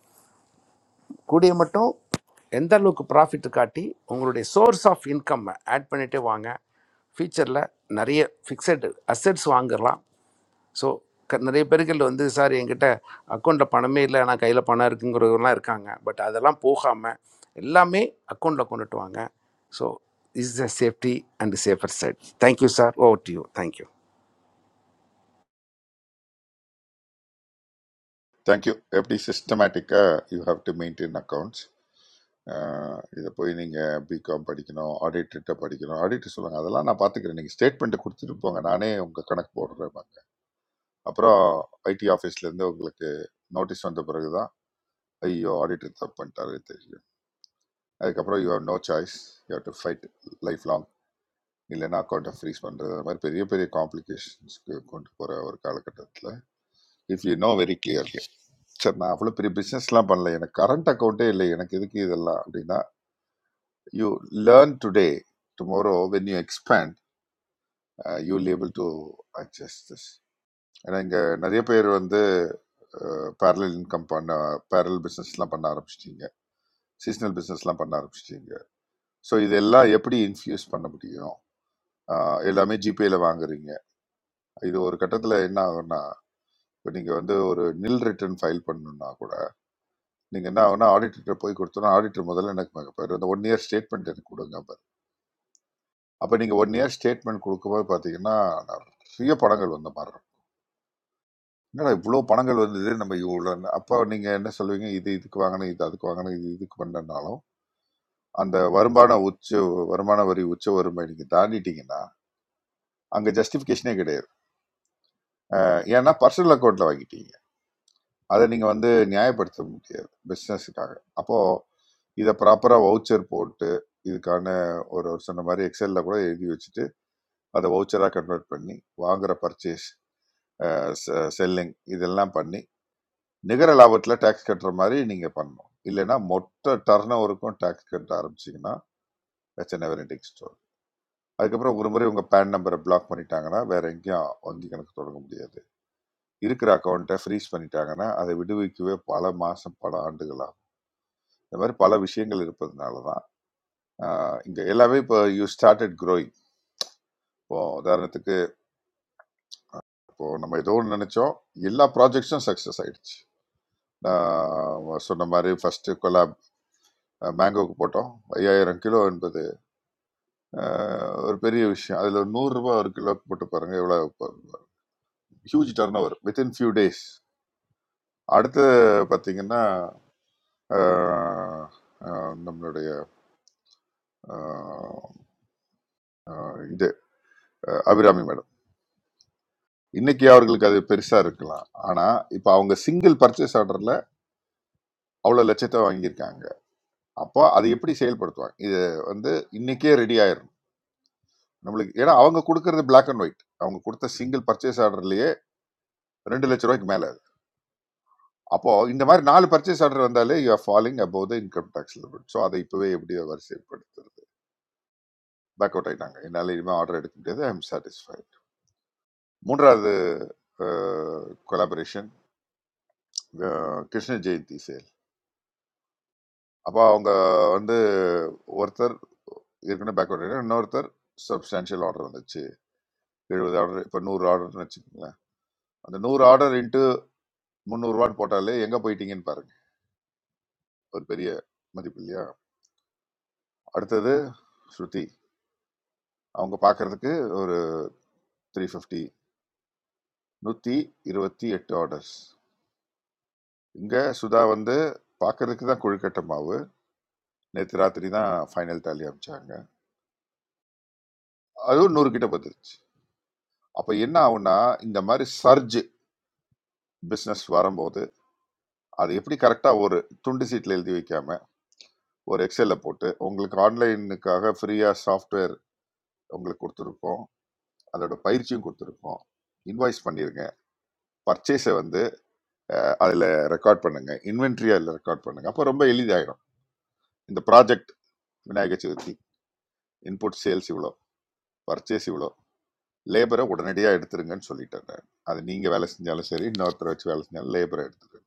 S11: கூடிய மட்டும் எந்த அளவுக்கு ப்ராஃபிட் காட்டி உங்களுடைய சோர்ஸ் ஆஃப் இன்கம்மை ஆட் பண்ணிகிட்டே வாங்க ஃபியூச்சரில் நிறைய ஃபிக்ஸட் அசெட்ஸ் வாங்கலாம் ஸோ க நிறைய பேர்கள் வந்து சார் என்கிட்ட அக்கௌண்ட்டில் பணமே இல்லை ஆனால் கையில் பணம் இருக்குங்கிறவங்களாம் இருக்காங்க பட் அதெல்லாம் போகாமல் எல்லாமே அக்கௌண்ட்டில் கொண்டுட்டு வாங்க so is the safety and safer side thank you sir over to you thank you
S6: thank you எப்படி சிஸ்டமேட்டிக்காக you have to maintain accounts இதை போய் நீங்கள் பிகாம் படிக்கணும் ஆடிட்டர்கிட்ட படிக்கணும் ஆடிட்டர் சொல்லுங்க அதெல்லாம் நான் பார்த்துக்கிறேன் நீங்கள் ஸ்டேட்மெண்ட்டை கொடுத்துட்டு போங்க நானே உங்கள் கணக்கு போடுறேன் பாருங்க. அப்புறம் ஐடி ஆஃபீஸ்லேருந்து உங்களுக்கு நோட்டீஸ் வந்த பிறகு தான் ஐயோ ஆடிட்டர் தப்பு பண்ணிட்டாரு தெரியும் அதுக்கப்புறம் you have no choice you have to fight life long இல்லைன்னா அக்கௌண்ட்டை ஃப்ரீஸ் பண்ணுறது அந்த மாதிரி பெரிய பெரிய காம்ப்ளிகேஷன்ஸ்க்கு கொண்டு போகிற ஒரு காலகட்டத்தில் if you know very clearly சரி நான் அவ்வளோ பெரிய பிஸ்னஸ்லாம் பண்ணல எனக்கு கரண்ட் அக்கௌண்ட்டே இல்லை எனக்கு எதுக்கு இதெல்லாம் அப்படின்னா you learn today tomorrow when you expand you able to adjust this ஏன்னா இங்கே நிறைய பேர் வந்து பேரலல் இன்கம் பண்ண பேரல் பிஸ்னஸ்லாம் பண்ண ஆரம்பிச்சிட்டீங்க சீசனல் பிஸ்னஸ்லாம் பண்ண ஆரம்பிச்சிட்டீங்க ஸோ இதெல்லாம் எப்படி இன்ஃப்யூஸ் பண்ண முடியும் ஆஹ் எல்லாமே ஜிபேல வாங்குறீங்க இது ஒரு கட்டத்தில் என்ன ஆகும்னா இப்போ நீங்கள் வந்து ஒரு நில் ரிட்டர்ன் ஃபைல் பண்ணணும்னா கூட நீங்கள் என்ன ஆகும்னா ஆடிட்டர் போய் கொடுத்தோன்னா ஆடிட்டர் முதல்ல எனக்கு பாரு அந்த ஒன் இயர் ஸ்டேட்மெண்ட் எனக்கு கொடுங்க பாரு அப்போ நீங்கள் ஒன் இயர் ஸ்டேட்மெண்ட் கொடுக்கும்போது பார்த்தீங்கன்னா நிறைய பணங்கள் வந்த மாதிரி இருக்கும். என்னடா இவ்வளோ பணங்கள் வந்தது நம்ம இவ்வளோ அப்போ நீங்கள் என்ன சொல்லுவீங்க இது இதுக்கு வாங்கினேன் இது அதுக்கு வாங்கினேன் இது இதுக்கு பண்ணனாலும் அந்த வருமான உச்ச வருமான வரி உச்ச வருமை நீங்கள் தாண்டிட்டீங்கன்னா அங்கே ஜஸ்டிஃபிகேஷனே கிடையாது அஹ் ஏன்னா பர்சனல் அக்கௌண்ட்ல வாங்கிட்டீங்க அதை நீங்க வந்து நியாயப்படுத்த முடியாது பிஸ்னஸுக்காக அப்போ இதை ப்ராப்பரா வவுச்சர் போட்டு இதுக்கான ஒரு ஒரு சொன்ன மாதிரி எக்ஸல்ல கூட எழுதி வச்சுட்டு அதை வவுச்சரா கன்வெர்ட் பண்ணி வாங்குற பர்ச்சேஸ் செல்லிங் இதெல்லாம் பண்ணி நிகர லாபத்துல டாக்ஸ் கட்டுற மாதிரி நீங்க பண்ணணும் இல்லைன்னா மொத்த டர்ன் ஓவருக்கும் டாக்ஸ் கட்ட ஆரம்பிச்சீங்கன்னா இட்ஸ் never ending ஸ்டோர் அதுக்கப்புறம் ஒரு முறை உங்க பேன் நம்பரை பிளாக் பண்ணிட்டாங்கன்னா வேற எங்கேயும் வங்கி கணக்கு தொடங்க முடியாது இருக்கிற அக்கௌண்ட்டை ஃப்ரீஸ் பண்ணிட்டாங்கன்னா அதை விடுவிக்கவே பல மாதம் பல ஆண்டுகள் ஆகும் இந்த மாதிரி பல விஷயங்கள் இருப்பதுனால தான் இங்கே எல்லாமே இப்போ யூ ஸ்டார்டட் growing இப்போ உதாரணத்துக்கு இப்போ நம்ம ஏதோ ஒன்று நினச்சோம் எல்லா ப்ராஜெக்ட்ஸும் சக்ஸஸ் ஆயிடுச்சு நான் சொன்ன மாதிரி ஃபஸ்ட்டு கொலாப் மேங்கோக்கு போட்டோம் ஐயாயிரம் கிலோ என்பது அஹ், ஒரு பெரிய விஷயம் அதில் நூறுரூபா ஒரு கிலோ போட்டு பாருங்கள் எவ்வளோ huge turnover within few days அடுத்து பார்த்தீங்கன்னா அஹ், அஹ், நம்மளுடைய அஹ் இது அஹ் அபிராமி மேடம் இன்னைக்கு அவர்களுக்கு அது பெருசா இருக்கலாம் ஆனா இப்ப அவங்க சிங்கிள் பர்ச்சேஸ் ஆர்டர்ல அவ்வளவு லட்சத்தை வாங்கியிருக்காங்க அப்போ அதை எப்படி செயல்படுத்துவாங்க இது வந்து இன்னைக்கே ரெடி ஆயிரும் நம்மளுக்கு ஏன்னா அவங்க கொடுக்கறது பிளாக் அண்ட் ஒயிட் அவங்க கொடுத்த சிங்கிள் பர்ச்சேஸ் ஆர்டர்லயே ரெண்டு லட்ச ரூபாய்க்கு மேல அது அப்போ இந்த மாதிரி நாலு பர்ச்சேஸ் ஆர்டர் வந்தாலே you are falling above the income tax limit so அதை இப்பவே எப்படி வரிசைப்படுத்துறது பேக் அவுட் ஆயிட்டாங்க என்னால் இனிமேல் ஆர்டர் எடுக்க முடியாது ஐ எம் சாட்டிஸ்ஃபைட் மூன்றாவது கொலாபரேஷன் கிருஷ்ண ஜெயந்தி சேல் அப்போ அவங்க வந்து ஒருத்தர் ஏற்கனவே பேக்வர்ட் இன்னொருத்தர் சப்ஸ்டான்ஷியல் ஆர்டர் வந்துச்சு எழுபது ஆர்டர் இப்போ நூறு ஆர்டர்னு வச்சுக்கோங்களேன் அந்த நூறு ஆர்டர் இன்ட்டு முந்நூறுரூவான்னு போட்டாலே எங்கே போயிட்டீங்கன்னு பாருங்க ஒரு பெரிய மதிப்பு இல்லையா அடுத்தது ஸ்ருதி அவங்க பார்க்கறதுக்கு ஒரு த்ரீ ஃபிஃப்டி நூற்றி இருபத்தி எட்டு ஆர்டர்ஸ் இங்கே சுதா வந்து பார்க்கறதுக்கு தான் கொழுக்கட்டை மாவு நேற்று ராத்திரி தான் ஃபைனல் டாலி அமைச்சாங்க அதுவும் நூறு கிட்ட பத்துருச்சு அப்போ என்ன ஆகும்னா இந்த மாதிரி சர்ஜ் பிஸ்னஸ் வரும்போது அது எப்படி கரெக்டாக ஒரு துண்டு சீட்டில் எழுதி வைக்காம ஒரு எக்ஸலில் போட்டு உங்களுக்கு ஆன்லைனுக்காக ஃப்ரீயாக சாஃப்ட்வேர் உங்களுக்கு கொடுத்துருக்கோம் அதோட பயிற்சியும் கொடுத்துருக்கோம் இன்வாய்ஸ் பண்ணிருங்க பர்ச்சேஸை வந்து அதில் ரெக்கார்ட் பண்ணுங்க இன்வென்ட்ரி அதில் ரெக்கார்ட் பண்ணுங்க அப்போ ரொம்ப எளிதாயிரும் இந்த project Vinayaka Chaturthi input sales இவ்வளோ பர்ச்சேஸ் இவ்வளோ லேபரை உடனடியாக எடுத்துருங்கன்னு சொல்லிட்டேன் நான். அது நீங்கள் வேலை செஞ்சாலும் சரி இன்னொருத்தரை வச்சு வேலை செஞ்சாலும் லேபரை எடுத்துருங்க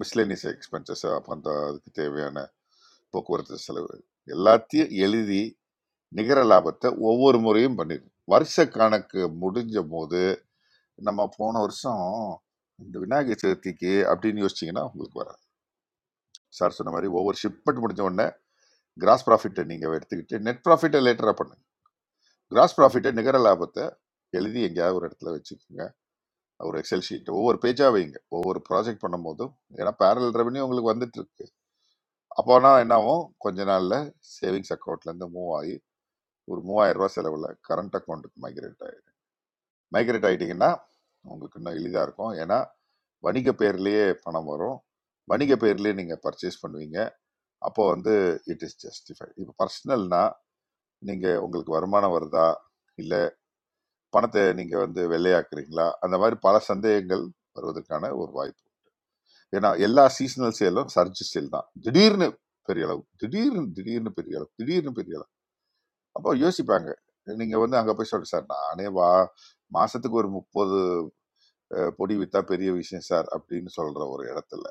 S6: மிஸ்லேனியஸ் எக்ஸ்பென்சஸ் அப்போ அந்த அதுக்கு தேவையான போக்குவரத்து செலவு எல்லாத்தையும் எழுதி நிகர லாபத்த ஒவ்வொரு முறையும் பண்ணிருவோம். வருஷ கணக்கு முடிஞ்சபோது, நம்ம போன வருஷம் இந்த விநாயகர் சதுர்த்திக்கு அப்படின்னு யோசிச்சீங்கன்னா, உங்களுக்கு வராது. சார் சொன்ன மாரி ஒவ்வொரு ஷிப்மென்ட் முடிஞ்ச உடனே கிராஸ் புராஃபிட்ட நீங்க எடுத்துக்கிட்டு, நெட் புராஃபிட்ட லேட்டரா பண்ணுங்க. கிராஸ் புராஃபிட்ட நிகர லாபத்த எழுதி எங்கேயாவது ஒரு இடத்துல வச்சுக்கோங்க. ஒரு எக்ஸெல் ஷீட் ஒவ்வொரு பேஜா வைங்க. ஒவ்வொரு ப்ராஜெக்ட் பண்ணும்போதும், ஏன்னா பேரலல் ரெவென்யூ உங்களுக்கு வந்துட்டு இருக்கு. அப்போனா என்ன ஆகும்? கொஞ்ச நாள்ல சேவிங்ஸ் அக்கவுண்ட்ல இருந்து மூவ் ஆயி ஒரு ரூ. 3000 செலவுல கரண்ட் அக்கவுண்ட்க்கு மைக்ரேட் ஆயிரும். மைக்ரேட் ஆகிட்டிங்கன்னா உங்களுக்கு இன்னும் எளிதாக இருக்கும் ஏன்னா வணிக பேர்லேயே பணம் வரும் வணிக பேர்லேயே நீங்கள் பர்ச்சேஸ் பண்ணுவீங்க அப்போ வந்து இட் இஸ் ஜஸ்டிஃபைட் இப்போ பர்சனல்னா நீங்கள் உங்களுக்கு வருமானம் வருதா இல்லை பணத்தை நீங்கள் வந்து வெள்ளையாக்குறீங்களா அந்த மாதிரி பல சந்தேகங்கள் வருவதற்கான ஒரு வாய்ப்பு ஏன்னா எல்லா சீசனல் சேலும் சர்ஜ் சேல் தான் திடீர்னு பெரிய அளவு திடீர்னு திடீர்னு பெரிய அளவு திடீர்னு பெரிய அளவு அப்போ யோசிப்பாங்க நீங்கள் வந்து அங்கே போய் சொல்லுங்க சார் நானே வா மாதத்துக்கு ஒரு முப்பது அஹ், பொடி வித்தா பெரிய விஷயம் சார் அப்படின்னு சொல்ற ஒரு இடத்துல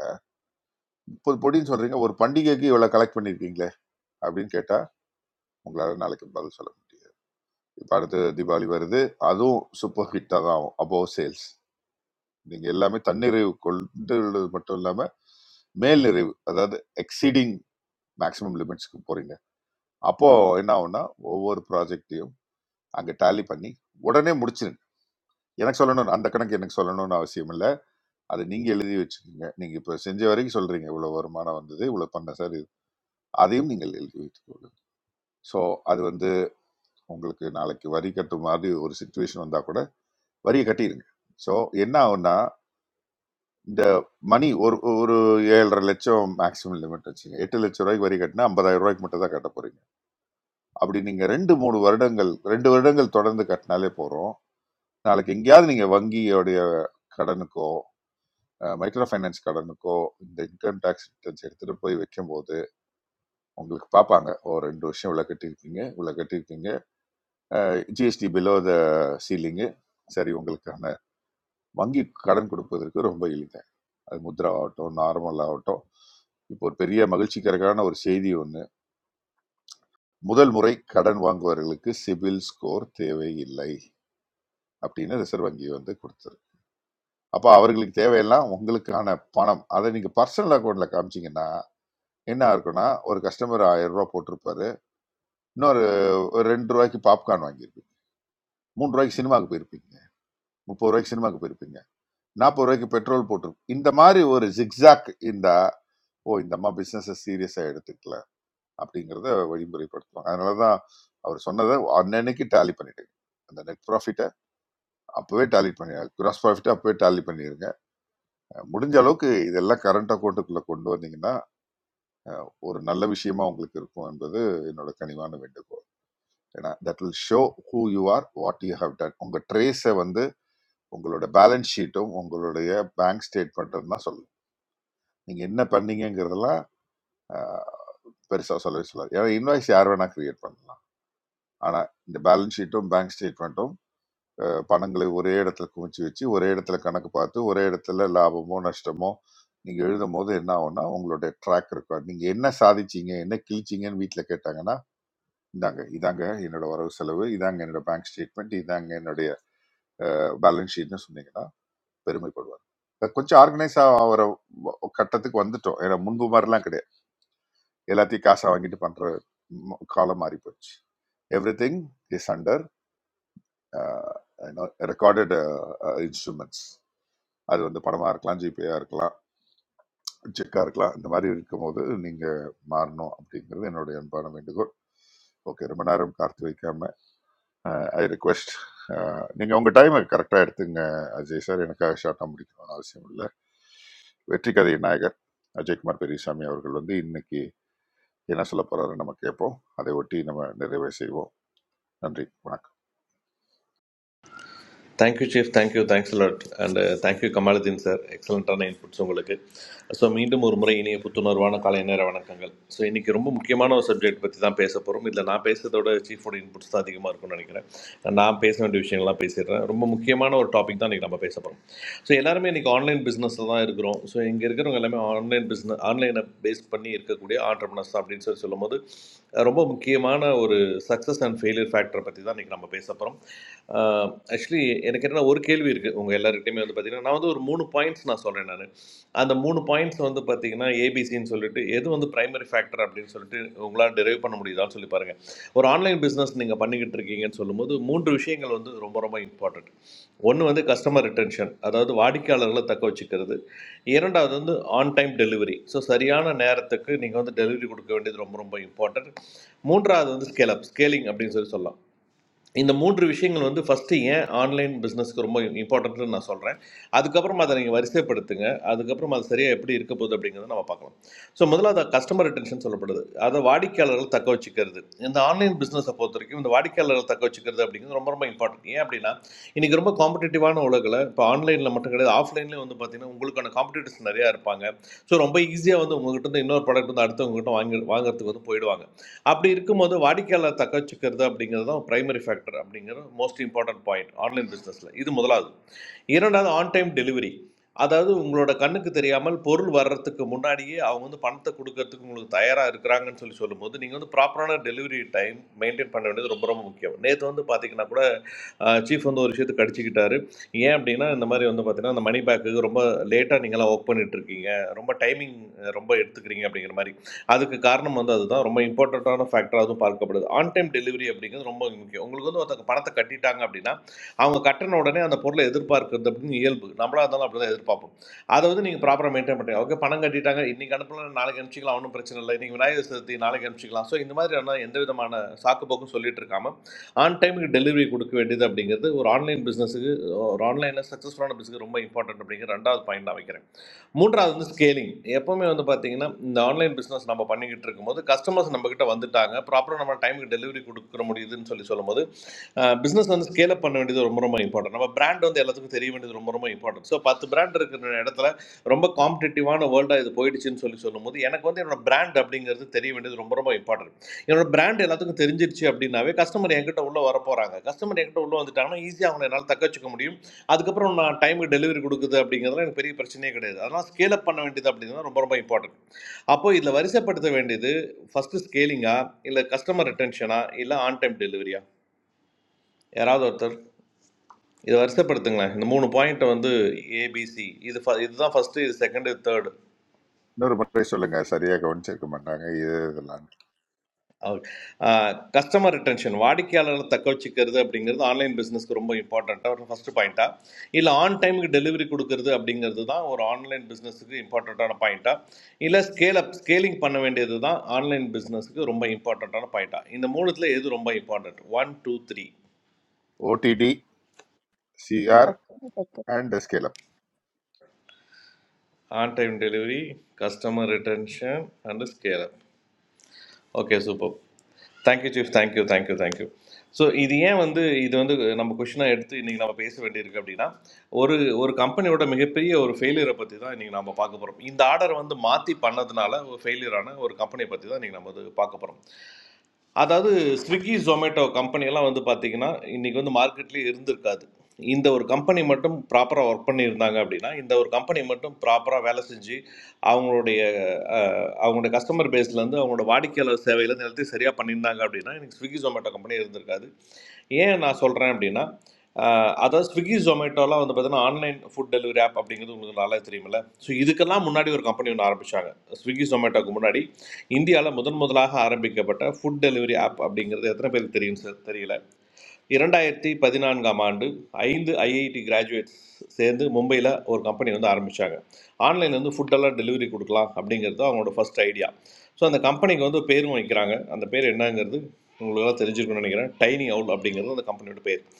S6: முப்பது பொடின்னு சொல்றீங்க ஒரு பண்டிகைக்கு இவ்வளவு கலெக்ட் பண்ணிருக்கீங்களே அப்படின்னு கேட்டா உங்களால நாளைக்கு பதில் சொல்ல முடியாது இப்ப அடுத்து தீபாவளி வருது அதுவும் சூப்பர் ஹிட்டா தான் ஆகும் அபோவ் சேல்ஸ் நீங்க எல்லாமே தன்னிறைவு கொண்டு மட்டும் இல்லாம மேல் நிறைவு அதாவது எக்ஸீடிங் மேக்ஸிமம் லிமிட்ஸ்க்கு போறீங்க அப்போ என்ன ஆகும்னா ஒவ்வொரு ப்ராஜெக்டையும் அங்க டேலி பண்ணி உடனே முடிச்சிருங்க எனக்கு சொல்லணும் அந்த கணக்கு எனக்கு சொல்லணும்னு அவசியம் இல்லை அது நீங்க எழுதி வச்சுக்கோங்க நீங்க இப்ப செஞ்ச வரைக்கும் சொல்றீங்க இவ்வளவு வருமானம் வந்தது இவ்வளவு பண்ண சார் இது அதையும் நீங்கள் எழுதி வைத்துக் கொள்ளுங்கள் ஸோ அது வந்து உங்களுக்கு நாளைக்கு வரி கட்டும் மாதிரி ஒரு சுச்சுவேஷன் வந்தால் கூட வரியை கட்டிடுங்க ஸோ என்ன ஆகும்னா இந்த மணி ஒரு ஒரு ஏழரை லட்சம் மேக்ஸிமம் லிமிட் வச்சுங்க எட்டு லட்சம் ரூபாய்க்கு வரி கட்டினா ஐம்பதாயிரம் ரூபாய்க்கு மட்டும் தான் கட்ட போறீங்க அப்படி நீங்க ரெண்டு மூணு வருடங்கள் ரெண்டு வருடங்கள் தொடர்ந்து கட்டினாலே போறோம் நாளைக்கு எங்கேயாவது நீங்க வங்கியோடைய கடனுக்கோ மைக்ரோ ஃபைனான்ஸ் கடனுக்கோ இந்த இன்கம் டேக்ஸ் ரிட்டர்ன்ஸ் எடுத்துட்டு போய் வைக்கும்போது உங்களுக்கு பார்ப்பாங்க ஓ ரெண்டு வருஷம் இவ்வளோ கட்டியிருக்கீங்க இவ்வளோ கட்டியிருக்கீங்க ஜிஎஸ்டி பிலோ த சீலிங்கு சரி உங்களுக்கான வங்கி கடன் கொடுப்பதற்கு ரொம்ப எளிது அது முத்ரா ஆகட்டும் நார்மல் ஆகட்டும் இப்போ ஒரு பெரிய மகிழ்ச்சிகரமான ஒரு செய்தி ஒன்று முதல் முறை கடன் வாங்குவவர்களுக்கு சிபில் ஸ்கோர் தேவையில்லை அப்படின்னு ரிசர்வ் வங்கி வந்து கொடுத்தது அப்போ அவர்களுக்கு தேவையெல்லாம் உங்களுக்கான பணம் அதை நீங்கள் பர்சனல் அக்கௌண்ட்டில் காமிச்சீங்கன்னா என்ன இருக்குன்னா ஒரு கஸ்டமர் ஆயிரம் ரூபாய் போட்டிருப்பாரு இன்னொரு ஒரு ரெண்டு ரூபாய்க்கு பாப்கார்ன் வாங்கியிருப்பீங்க மூணு ரூபாய்க்கு சினிமாவுக்கு போயிருப்பீங்க முப்பது ரூபாய்க்கு சினிமாவுக்கு போயிருப்பீங்க நாற்பது ரூபாய்க்கு பெட்ரோல் போட்டிருக்கு இந்த மாதிரி ஒரு ஜிக்ஸாக் இருந்தா ஓ இந்த அம்மா பிஸ்னஸை சீரியஸாக எடுத்துக்கல அப்படிங்கிறத வழிமுறைப்படுத்துவாங்க அதனால தான் அவர் சொன்னதை அன்னன்னைக்கு டேலி பண்ணிடுங்க அந்த நெட் ப்ராஃபிட்டை அப்போவே டேலி பண்ணி கிராஸ் ப்ராஃபிட்டை அப்போவே டேலி பண்ணிடுங்க முடிஞ்ச அளவுக்கு இதெல்லாம் கரண்ட் அக்கௌண்ட்டுக்குள்ளே கொண்டு வந்தீங்கன்னா ஒரு நல்ல விஷயமா உங்களுக்கு இருக்கும் என்பது என்னோட கனிவான வேண்டுகோள் ஏன்னா that will show who you are what you have done உங்கள் ட்ரேஸை வந்து உங்களோட பேலன்ஸ் ஷீட்டும் உங்களுடைய பேங்க் ஸ்டேட்மெண்ட்டும் தான் சொல்லும் நீங்கள் என்ன பண்ணீங்கங்கிறதெல்லாம் பெருசாக சொல்லவே சொல்லாது ஏன்னா இன்வாய்ஸ் யார் வேணால் கிரியேட் பண்ணலாம் ஆனால் இந்த பேலன்ஸ் ஷீட்டும் பேங்க் ஸ்டேட்மெண்ட்டும் பணங்களை ஒரே இடத்துல குவிச்சு வச்சு ஒரே இடத்துல கணக்கு பார்த்து ஒரே இடத்துல லாபமோ நஷ்டமோ நீங்கள் எழுதும் போது என்ன ஆகும்னா உங்களுடைய ட்ராக் ரெக்கார்ட் நீங்கள் என்ன சாதிச்சீங்க என்ன கிழிச்சிங்கன்னு வீட்டில் கேட்டாங்கன்னா இந்தாங்க இதாங்க என்னோட வரவு செலவு இதாங்க என்னோட பேங்க் ஸ்டேட்மெண்ட் இதாங்க என்னுடைய பேலன்ஸ் ஷீட்னு சொன்னீங்கன்னா பெருமைப்படுவாங்க கொஞ்சம் ஆர்கனைஸ் ஆகிற கட்டத்துக்கு வந்துட்டோம் ஏன்னா முன்பு மாதிரிலாம் கிடையாது எல்லாத்தையும் காசை வாங்கிட்டு பண்ற ம- காலம் மாறி போச்சு everything is under recorded instruments அது வந்து படமா இருக்கலாம் ஜிபேயா இருக்கலாம் செக்கா இருக்கலாம் இந்த மாதிரி இருக்கும்போது நீங்க மாறணும் அப்படிங்கிறது என்னுடைய அன்பான வேண்டுகோள் ஓகே ரொம்ப நேரம் காத்து வைக்காம ஐ ரிக்வெஸ்ட் நீங்க உங்க டைமை கரெக்டா எடுத்துங்க அஜய் சார் எனக்காக ஷார்ட்டா முடிக்கணும்னு அவசியம் இல்லை வெற்றி கதை நாயகர் அஜய்குமார் பெரியசாமி அவர்கள் வந்து இன்னைக்கு என்ன சொல்ல போறாரு நம்ம கேட்போம் அதை ஒட்டி நம்ம நிறைவே செய்வோம் நன்றி வணக்கம்
S8: thank you chief thank you thanks lot and thank you Kamaluddin sir எக்ஸலண்ட்டான இன்புட்ஸ் உங்களுக்கு ஸோ மீண்டும் ஒரு முறை இனிய புத்துணர்வான காலை நேர வணக்கங்கள் ஸோ இன்றைக்கி ரொம்ப முக்கியமான ஒரு சப்ஜெக்ட் பற்றி தான் பேச போகிறோம் இதில் நான் பேசுகிறதோட சீஃபோட இன்புட்ஸ் தான் அதிகமாக இருக்கும்னு நினைக்கிறேன் நான் பேச வேண்டிய விஷயங்கள்லாம் பேசிடுறேன் ரொம்ப முக்கியமான ஒரு டாபிக் தான் இன்றைக்கி நம்ம பேச போகிறோம் ஸோ எல்லாருமே இன்றைக்கி ஆன்லைன் பிஸ்னஸில் தான் இருக்கிறோம் ஸோ இங்கே இருக்கிறவங்க எல்லாமே ஆன்லைன் பிஸ்னஸ் ஆன்லைனை பேஸ் பண்ணி இருக்கக்கூடிய சொல்லக்கூடிய ஆண்டர்பனர்ஸ் அப்படின்னு சொல்லி சொல்லும்போது அஹ் ரொம்ப முக்கியமான ஒரு சக்ஸஸ் அண்ட் ஃபெயிலியர் ஃபேக்டரை பற்றி தான் இன்றைக்கி நம்ம பேச போகிறோம் ஆக்சுவலி எனக்கு என்னென்னா ஒரு கேள்வி இருக்குது உங்கள் எல்லாருக்கிட்டையுமே வந்து பார்த்தீங்கன்னா நான் வந்து ஒரு மூணு பாயிண்ட்ஸ் நான் சொல்கிறேன் நான் அந்த மூணு பாயிண்ட்ஸ் வந்து பார்த்தீங்கன்னா ஏபிசின்னு சொல்லிட்டு எது வந்து பிரைமரி ஃபேக்டர் அப்படின்னு சொல்லிட்டு உங்களால் டெரைவ் பண்ண முடியுதான்னு சொல்லி பாருங்கள் ஒரு ஆன்லைன் பிஸ்னஸ் நீங்கள் பண்ணிக்கிட்டு இருக்கீங்கன்னு சொல்லும்போது மூன்று விஷயங்கள் வந்து ரொம்ப ரொம்ப இம்பார்ட்டண்ட் ஒன்று வந்து கஸ்டமர் ரிட்டென்ஷன் அதாவது வாடிக்கையாளர்களை தக்க வச்சுக்கிறது இரண்டாவது வந்து ஆன் டைம் டெலிவரி ஸோ சரியான நேரத்துக்கு நீங்கள் வந்து டெலிவரி கொடுக்க வேண்டியது ரொம்ப ரொம்ப இம்பார்ட்டன்ட் மூன்றாவது வந்து ஸ்கேல் அப் ஸ்கேலிங் அப்படின்னு சொல்லி சொல்லலாம் இந்த மூன்று விஷயங்கள் வந்து ஃபஸ்ட்டு ஏன் ஆன்லைன் பிஸ்னஸ்க்கு ரொம்ப இம்பார்ட்டன்ட்னு நான் சொல்கிறேன் அதுக்கப்புறம் அதை நீங்கள் வரிசைப்படுத்துங்க அதுக்கப்புறம் அது சரியாக எப்படி இருக்க போகுது அப்படிங்கிறத நம்ம பார்க்கலாம் ஸோ முதல்ல அதை கஸ்டமர் ரிட்டன்ஷன் சொல்லப்படுது அதை வாடிக்கையாளர்கள் தக்க வச்சுக்கிறது இந்த ஆன்லைன் பிஸ்னஸை பொறுத்த வரைக்கும் இந்த வாடிக்கையாளர்கள் தக்க வச்சுக்கிறது அப்படிங்கிறது ரொம்ப ரொம்ப இம்பார்ட்டன்ட் ஏன் அப்படின்னா இன்றைக்கி ரொம்ப காம்படிட்டிவான உலகில் இப்போ ஆன்லைனில் மட்டும் கிடையாது ஆஃப்லைன்லேயும் வந்து பார்த்திங்கன்னா உங்களுக்கான காம்படிட்டர்ஸ் நிறையா இருப்பாங்க ஸோ ரொம்ப ஈஸியாக வந்து உங்கள்கிட்ட இருந்து இன்னொரு ப்ராடக்ட் வந்து அடுத்தவங்ககிட்ட வாங்கி வாங்குறதுக்கு வந்து போயிடுவாங்க அப்படி இருக்கும்போது வாடிக்கையாளர் தக்க வச்சுக்கிறது அப்படிங்கிறது தான் பிரைமரி ஃபேக்டர் அப்படிங்கிறது மோஸ்ட் இம்பார்ட்டன்ட் பாயிண்ட் ஆன்லைன் பிஸ்னஸில் இது முதலாவது இரண்டாவது ஆன் டைம் டெலிவரி அதாவது உங்களோட கண்ணுக்கு தெரியாமல் பொருள் வர்றதுக்கு முன்னாடியே அவங்க வந்து பணத்தை கொடுக்கறதுக்கு உங்களுக்கு தயாராக இருக்கிறாங்கன்னு சொல்லி சொல்லும்போது நீங்கள் வந்து ப்ராப்பரான டெலிவரி டைம் மெயின்டைன் பண்ண வேண்டியது ரொம்ப ரொம்ப முக்கியம் நேற்று வந்து பார்த்தீங்கன்னா கூட சீஃப் வந்து ஒரு விஷயத்தை கடிச்சிக்கிட்டாரு ஏன் அப்படின்னா இந்த மாதிரி வந்து பார்த்தீங்கன்னா அந்த மணி பேக்கு ரொம்ப லேட்டாக நீங்களாம் ஒர்க் பண்ணிட்டு இருக்கீங்க ரொம்ப டைமிங் ரொம்ப எடுத்துக்கிறீங்க அப்படிங்கிற மாதிரி அதுக்கு காரணம் வந்து அதுதான் ரொம்ப இம்பார்ட்டண்ட்டான ஃபேக்டராகவும் பார்க்கப்படுது ஆன் டைம் டெலிவரி அப்படிங்கிறது ரொம்ப முக்கியம் உங்களுக்கு வந்து ஒருத்தங்க பணத்தை கட்டிட்டாங்க அப்படின்னா அவங்க கட்டின உடனே அந்த பொருளை எதிர்பார்க்கிறது அப்படின்னு இயல்பு நம்மளா இருந்தாலும் அப்படி தான் எதிர்பார்ப்போம் அதை வந்து நீங்கள் ப்ராப்பராக மெயின்டைன் பண்ணுறீங்க ஓகே பணம் கட்டிட்டாங்க இன்னைக்கு அனுப்பலாம் நாளைக்கு அனுப்பிச்சிக்கலாம் ஒன்றும் பிரச்சனை இல்லை இன்னைக்கு விநாயகர் சதுர்த்தி நாளைக்கு அனுப்பிச்சிக்கலாம் ஸோ இந்த மாதிரியான எந்த விதமான சாக்கு போக்கும் சொல்லிட்டு இருக்காம ஆன் டைமுக்கு டெலிவரி கொடுக்க வேண்டியது அப்படிங்கிறது ஒரு ஆன்லைன் பிஸ்னஸுக்கு ஒரு ஆன்லைனில் சக்ஸஸ்ஃபுல்லான பிஸ்னஸ் ரொம்ப இம்பார்ட்டன்ட் அப்படிங்கிற ரெண்டாவது பாயிண்ட் நான் வைக்கிறேன் மூன்றாவது வந்து ஸ்கேலிங் எப்போவுமே வந்து பார்த்தீங்கன்னா இந்த ஆன்லைன் பிஸ்னஸ் நம்ம பண்ணிக்கிட்டு இருக்கும்போது கஸ்டமர்ஸ் நம்மக்கிட்ட வந்துட்டாங்க ப்ராப்பராக நம்ம டைமுக்கு டெலிவரி கொடுக்குற முடியுதுன்னு சொல்லி சொல்லும்போது பிஸ்னஸ் வந்து ஸ்கேல் அப் பண்ண வேண்டியது ரொம்ப ரொம்ப இம்பார்ட்டன்ட் நம்ம பிராண்ட் வந்து எல்லாத்துக்கும் தெரிய வேண்டியது ரொம்ப ரொம்ப இம்பார்ட்டன்ட் ஸோ பத்து பிராண்ட் இருக்கிற இடத்துல ரொம்ப காம்படிட்டிவான வேர்ல்டாக இது போயிடுச்சுன்னு சொல்லி சொல்லும்போது எனக்கு வந்து என்னோட பிராண்ட் அப்படிங்கிறது தெரிய வேண்டியது ரொம்ப ரொம்ப இம்பார்ட்டன்ட் என்னோட பிராண்ட் எல்லாத்துக்கும் தெரிஞ்சிருச்சு அப்படின்னாவே கஸ்டமர் என்கிட்ட உள்ளே வர போகிறாங்க கஸ்டமர் என்கிட்ட உள்ளே வந்துட்டாங்கன்னா ஈஸியாக அவங்களை என்னால் தக்க வச்சுக்க முடியும் அதுக்கப்புறம் நான் டைமுக்கு டெலிவரி கொடுக்குது அப்படிங்கிறதுல எனக்கு பெரிய பிரச்சனையே கிடையாது அதனால் ஸ்கேல் அப் பண்ண வேண்டியது அப்படிங்கிறது ரொம்ப ரொம்ப இம்பார்ட்டன்ட் அப்போ இதில் வரிசைப்படுத்த வேண்டியது ஃபஸ்ட்டு ஸ்கேலிங்கா இல்லை கஸ்டமர் ரிட்டென்ஷனா இல்லை ஆன் டைம் டெலிவரியா யாராவது ஒருத்தர் இதை வரிசைப்படுத்துங்களேன் இந்த மூணு பாயிண்ட்டை வந்து ஏபிசி இது ஃப- இதுதான் ஃபஸ்ட்டு இது செகண்டு இது தேர்டு
S6: இன்னொரு முறை சொல்லுங்க சரியாக கவனிச்சிருக்க மாட்டாங்க இது இதெல்லாம்
S8: கஸ்டமர் ரிட்டென்ஷன் வாடிக்கையாளர்களை தக்க வச்சுக்கிறது அப்படிங்கிறது ஆன்லைன் பிஸ்னஸ்க்கு ரொம்ப இம்பார்ட்டண்ட்டாக ஒரு ஃபஸ்ட்டு பாயிண்ட்டா இல்லை ஆன் டைமுக்கு டெலிவரி கொடுக்கறது அப்படிங்கிறது தான் ஒரு ஆன்லைன் பிஸ்னஸுக்கு இம்பார்ட்டண்ட்டான பாயிண்ட்டா இல்லை ஸ்கேல் அப் ஸ்கேலிங் பண்ண வேண்டியது தான் ஆன்லைன் பிஸ்னஸுக்கு ரொம்ப இம்பார்ட்டண்ட்டான பாயிண்ட்டா இந்த மூணுத்தில் எது ரொம்ப important one two three
S6: OTD CR
S2: கஷ்டம் பக்கம்
S6: and scale up
S8: on time delivery customer retention and scale up. Okay super thank you chief thank you thank you thank you so இது ஏன் வந்து இது வந்து நம்ம கொஷினாக எடுத்து இன்றைக்கி நம்ம பேச வேண்டியிருக்கு அப்படின்னா ஒரு ஒரு கம்பெனியோட மிகப்பெரிய ஒரு ஃபெயிலியரை பற்றி தான் இன்றைக்கி நம்ம பார்க்க போகிறோம் இந்த ஆர்டர் வந்து மாற்றி பண்ணதுனால ஒரு ஃபெயிலியரான ஒரு கம்பெனியை பற்றி தான் இன்றைக்கி நம்ம வந்து பார்க்க போகிறோம் அதாவது ஸ்விக்கி ஜொமேட்டோ கம்பெனியெல்லாம் வந்து பார்த்தீங்கன்னா இன்றைக்கி வந்து மார்க்கெட்லேயே இருந்திருக்காது இந்த ஒரு கம்பெனி மட்டும் ப்ராப்பராக ஒர்க் பண்ணியிருந்தாங்க அப்படின்னா இந்த ஒரு கம்பெனி மட்டும் ப்ராப்பராக வேலை செஞ்சு அவங்களுடைய அஹ், அவங்களுடைய கஸ்டமர் பேஸ்லேருந்து அவங்களோட வாடிக்கையாளர் சேவையிலேருந்து எல்லாத்தையும் சரியாக பண்ணியிருந்தாங்க அப்படின்னா இன்னைக்கு ஸ்விக்கி ஜொமேட்டோ கம்பெனி இருந்திருக்காது ஏன் நான் சொல்கிறேன் அப்படின்னா ஆஹ் அதாவது ஸ்விக்கி ஜொமேட்டோலாம் வந்து பார்த்தீங்கன்னா ஆன்லைன் ஃபுட் டெலிவரி ஆப் அப்படிங்கிறது உங்களுக்கு நல்லா தெரியுமில்ல ஸோ இதுக்கெல்லாம் முன்னாடி ஒரு கம்பெனி ஒன்று ஆரம்பித்தாங்க ஸ்விக்கி ஜொமேட்டோக்கு முன்னாடி இந்தியாவில் முதன் முதலாக ஆரம்பிக்கப்பட்ட ஃபுட் டெலிவரி ஆப் அப்படிங்கிறது எத்தனை பேருக்கு தெரியும் சார் தெரியல இரண்டாயிரத்தி பதினான்காம் ஆண்டு ஐந்து ஐஐடி கிராஜுவேட்ஸ் சேர்ந்து மும்பையில் ஒரு கம்பெனி வந்து ஆரம்பித்தாங்க ஆன்லைனில் வந்து ஃபுட்டெல்லாம் டெலிவரி கொடுக்கலாம் அப்படிங்கிறது அவங்களோட ஃபர்ஸ்ட் ஐடியா ஸோ அந்த கம்பெனிக்கு வந்து பேரும் வைக்கிறாங்க அந்த பேர் என்னங்கிறது உங்களுக்கெல்லாம் தெரிஞ்சிருக்கும்னு நினைக்கிறேன் டைனி அவுல் அப்படிங்கிறது அந்த கம்பெனியோட பேர்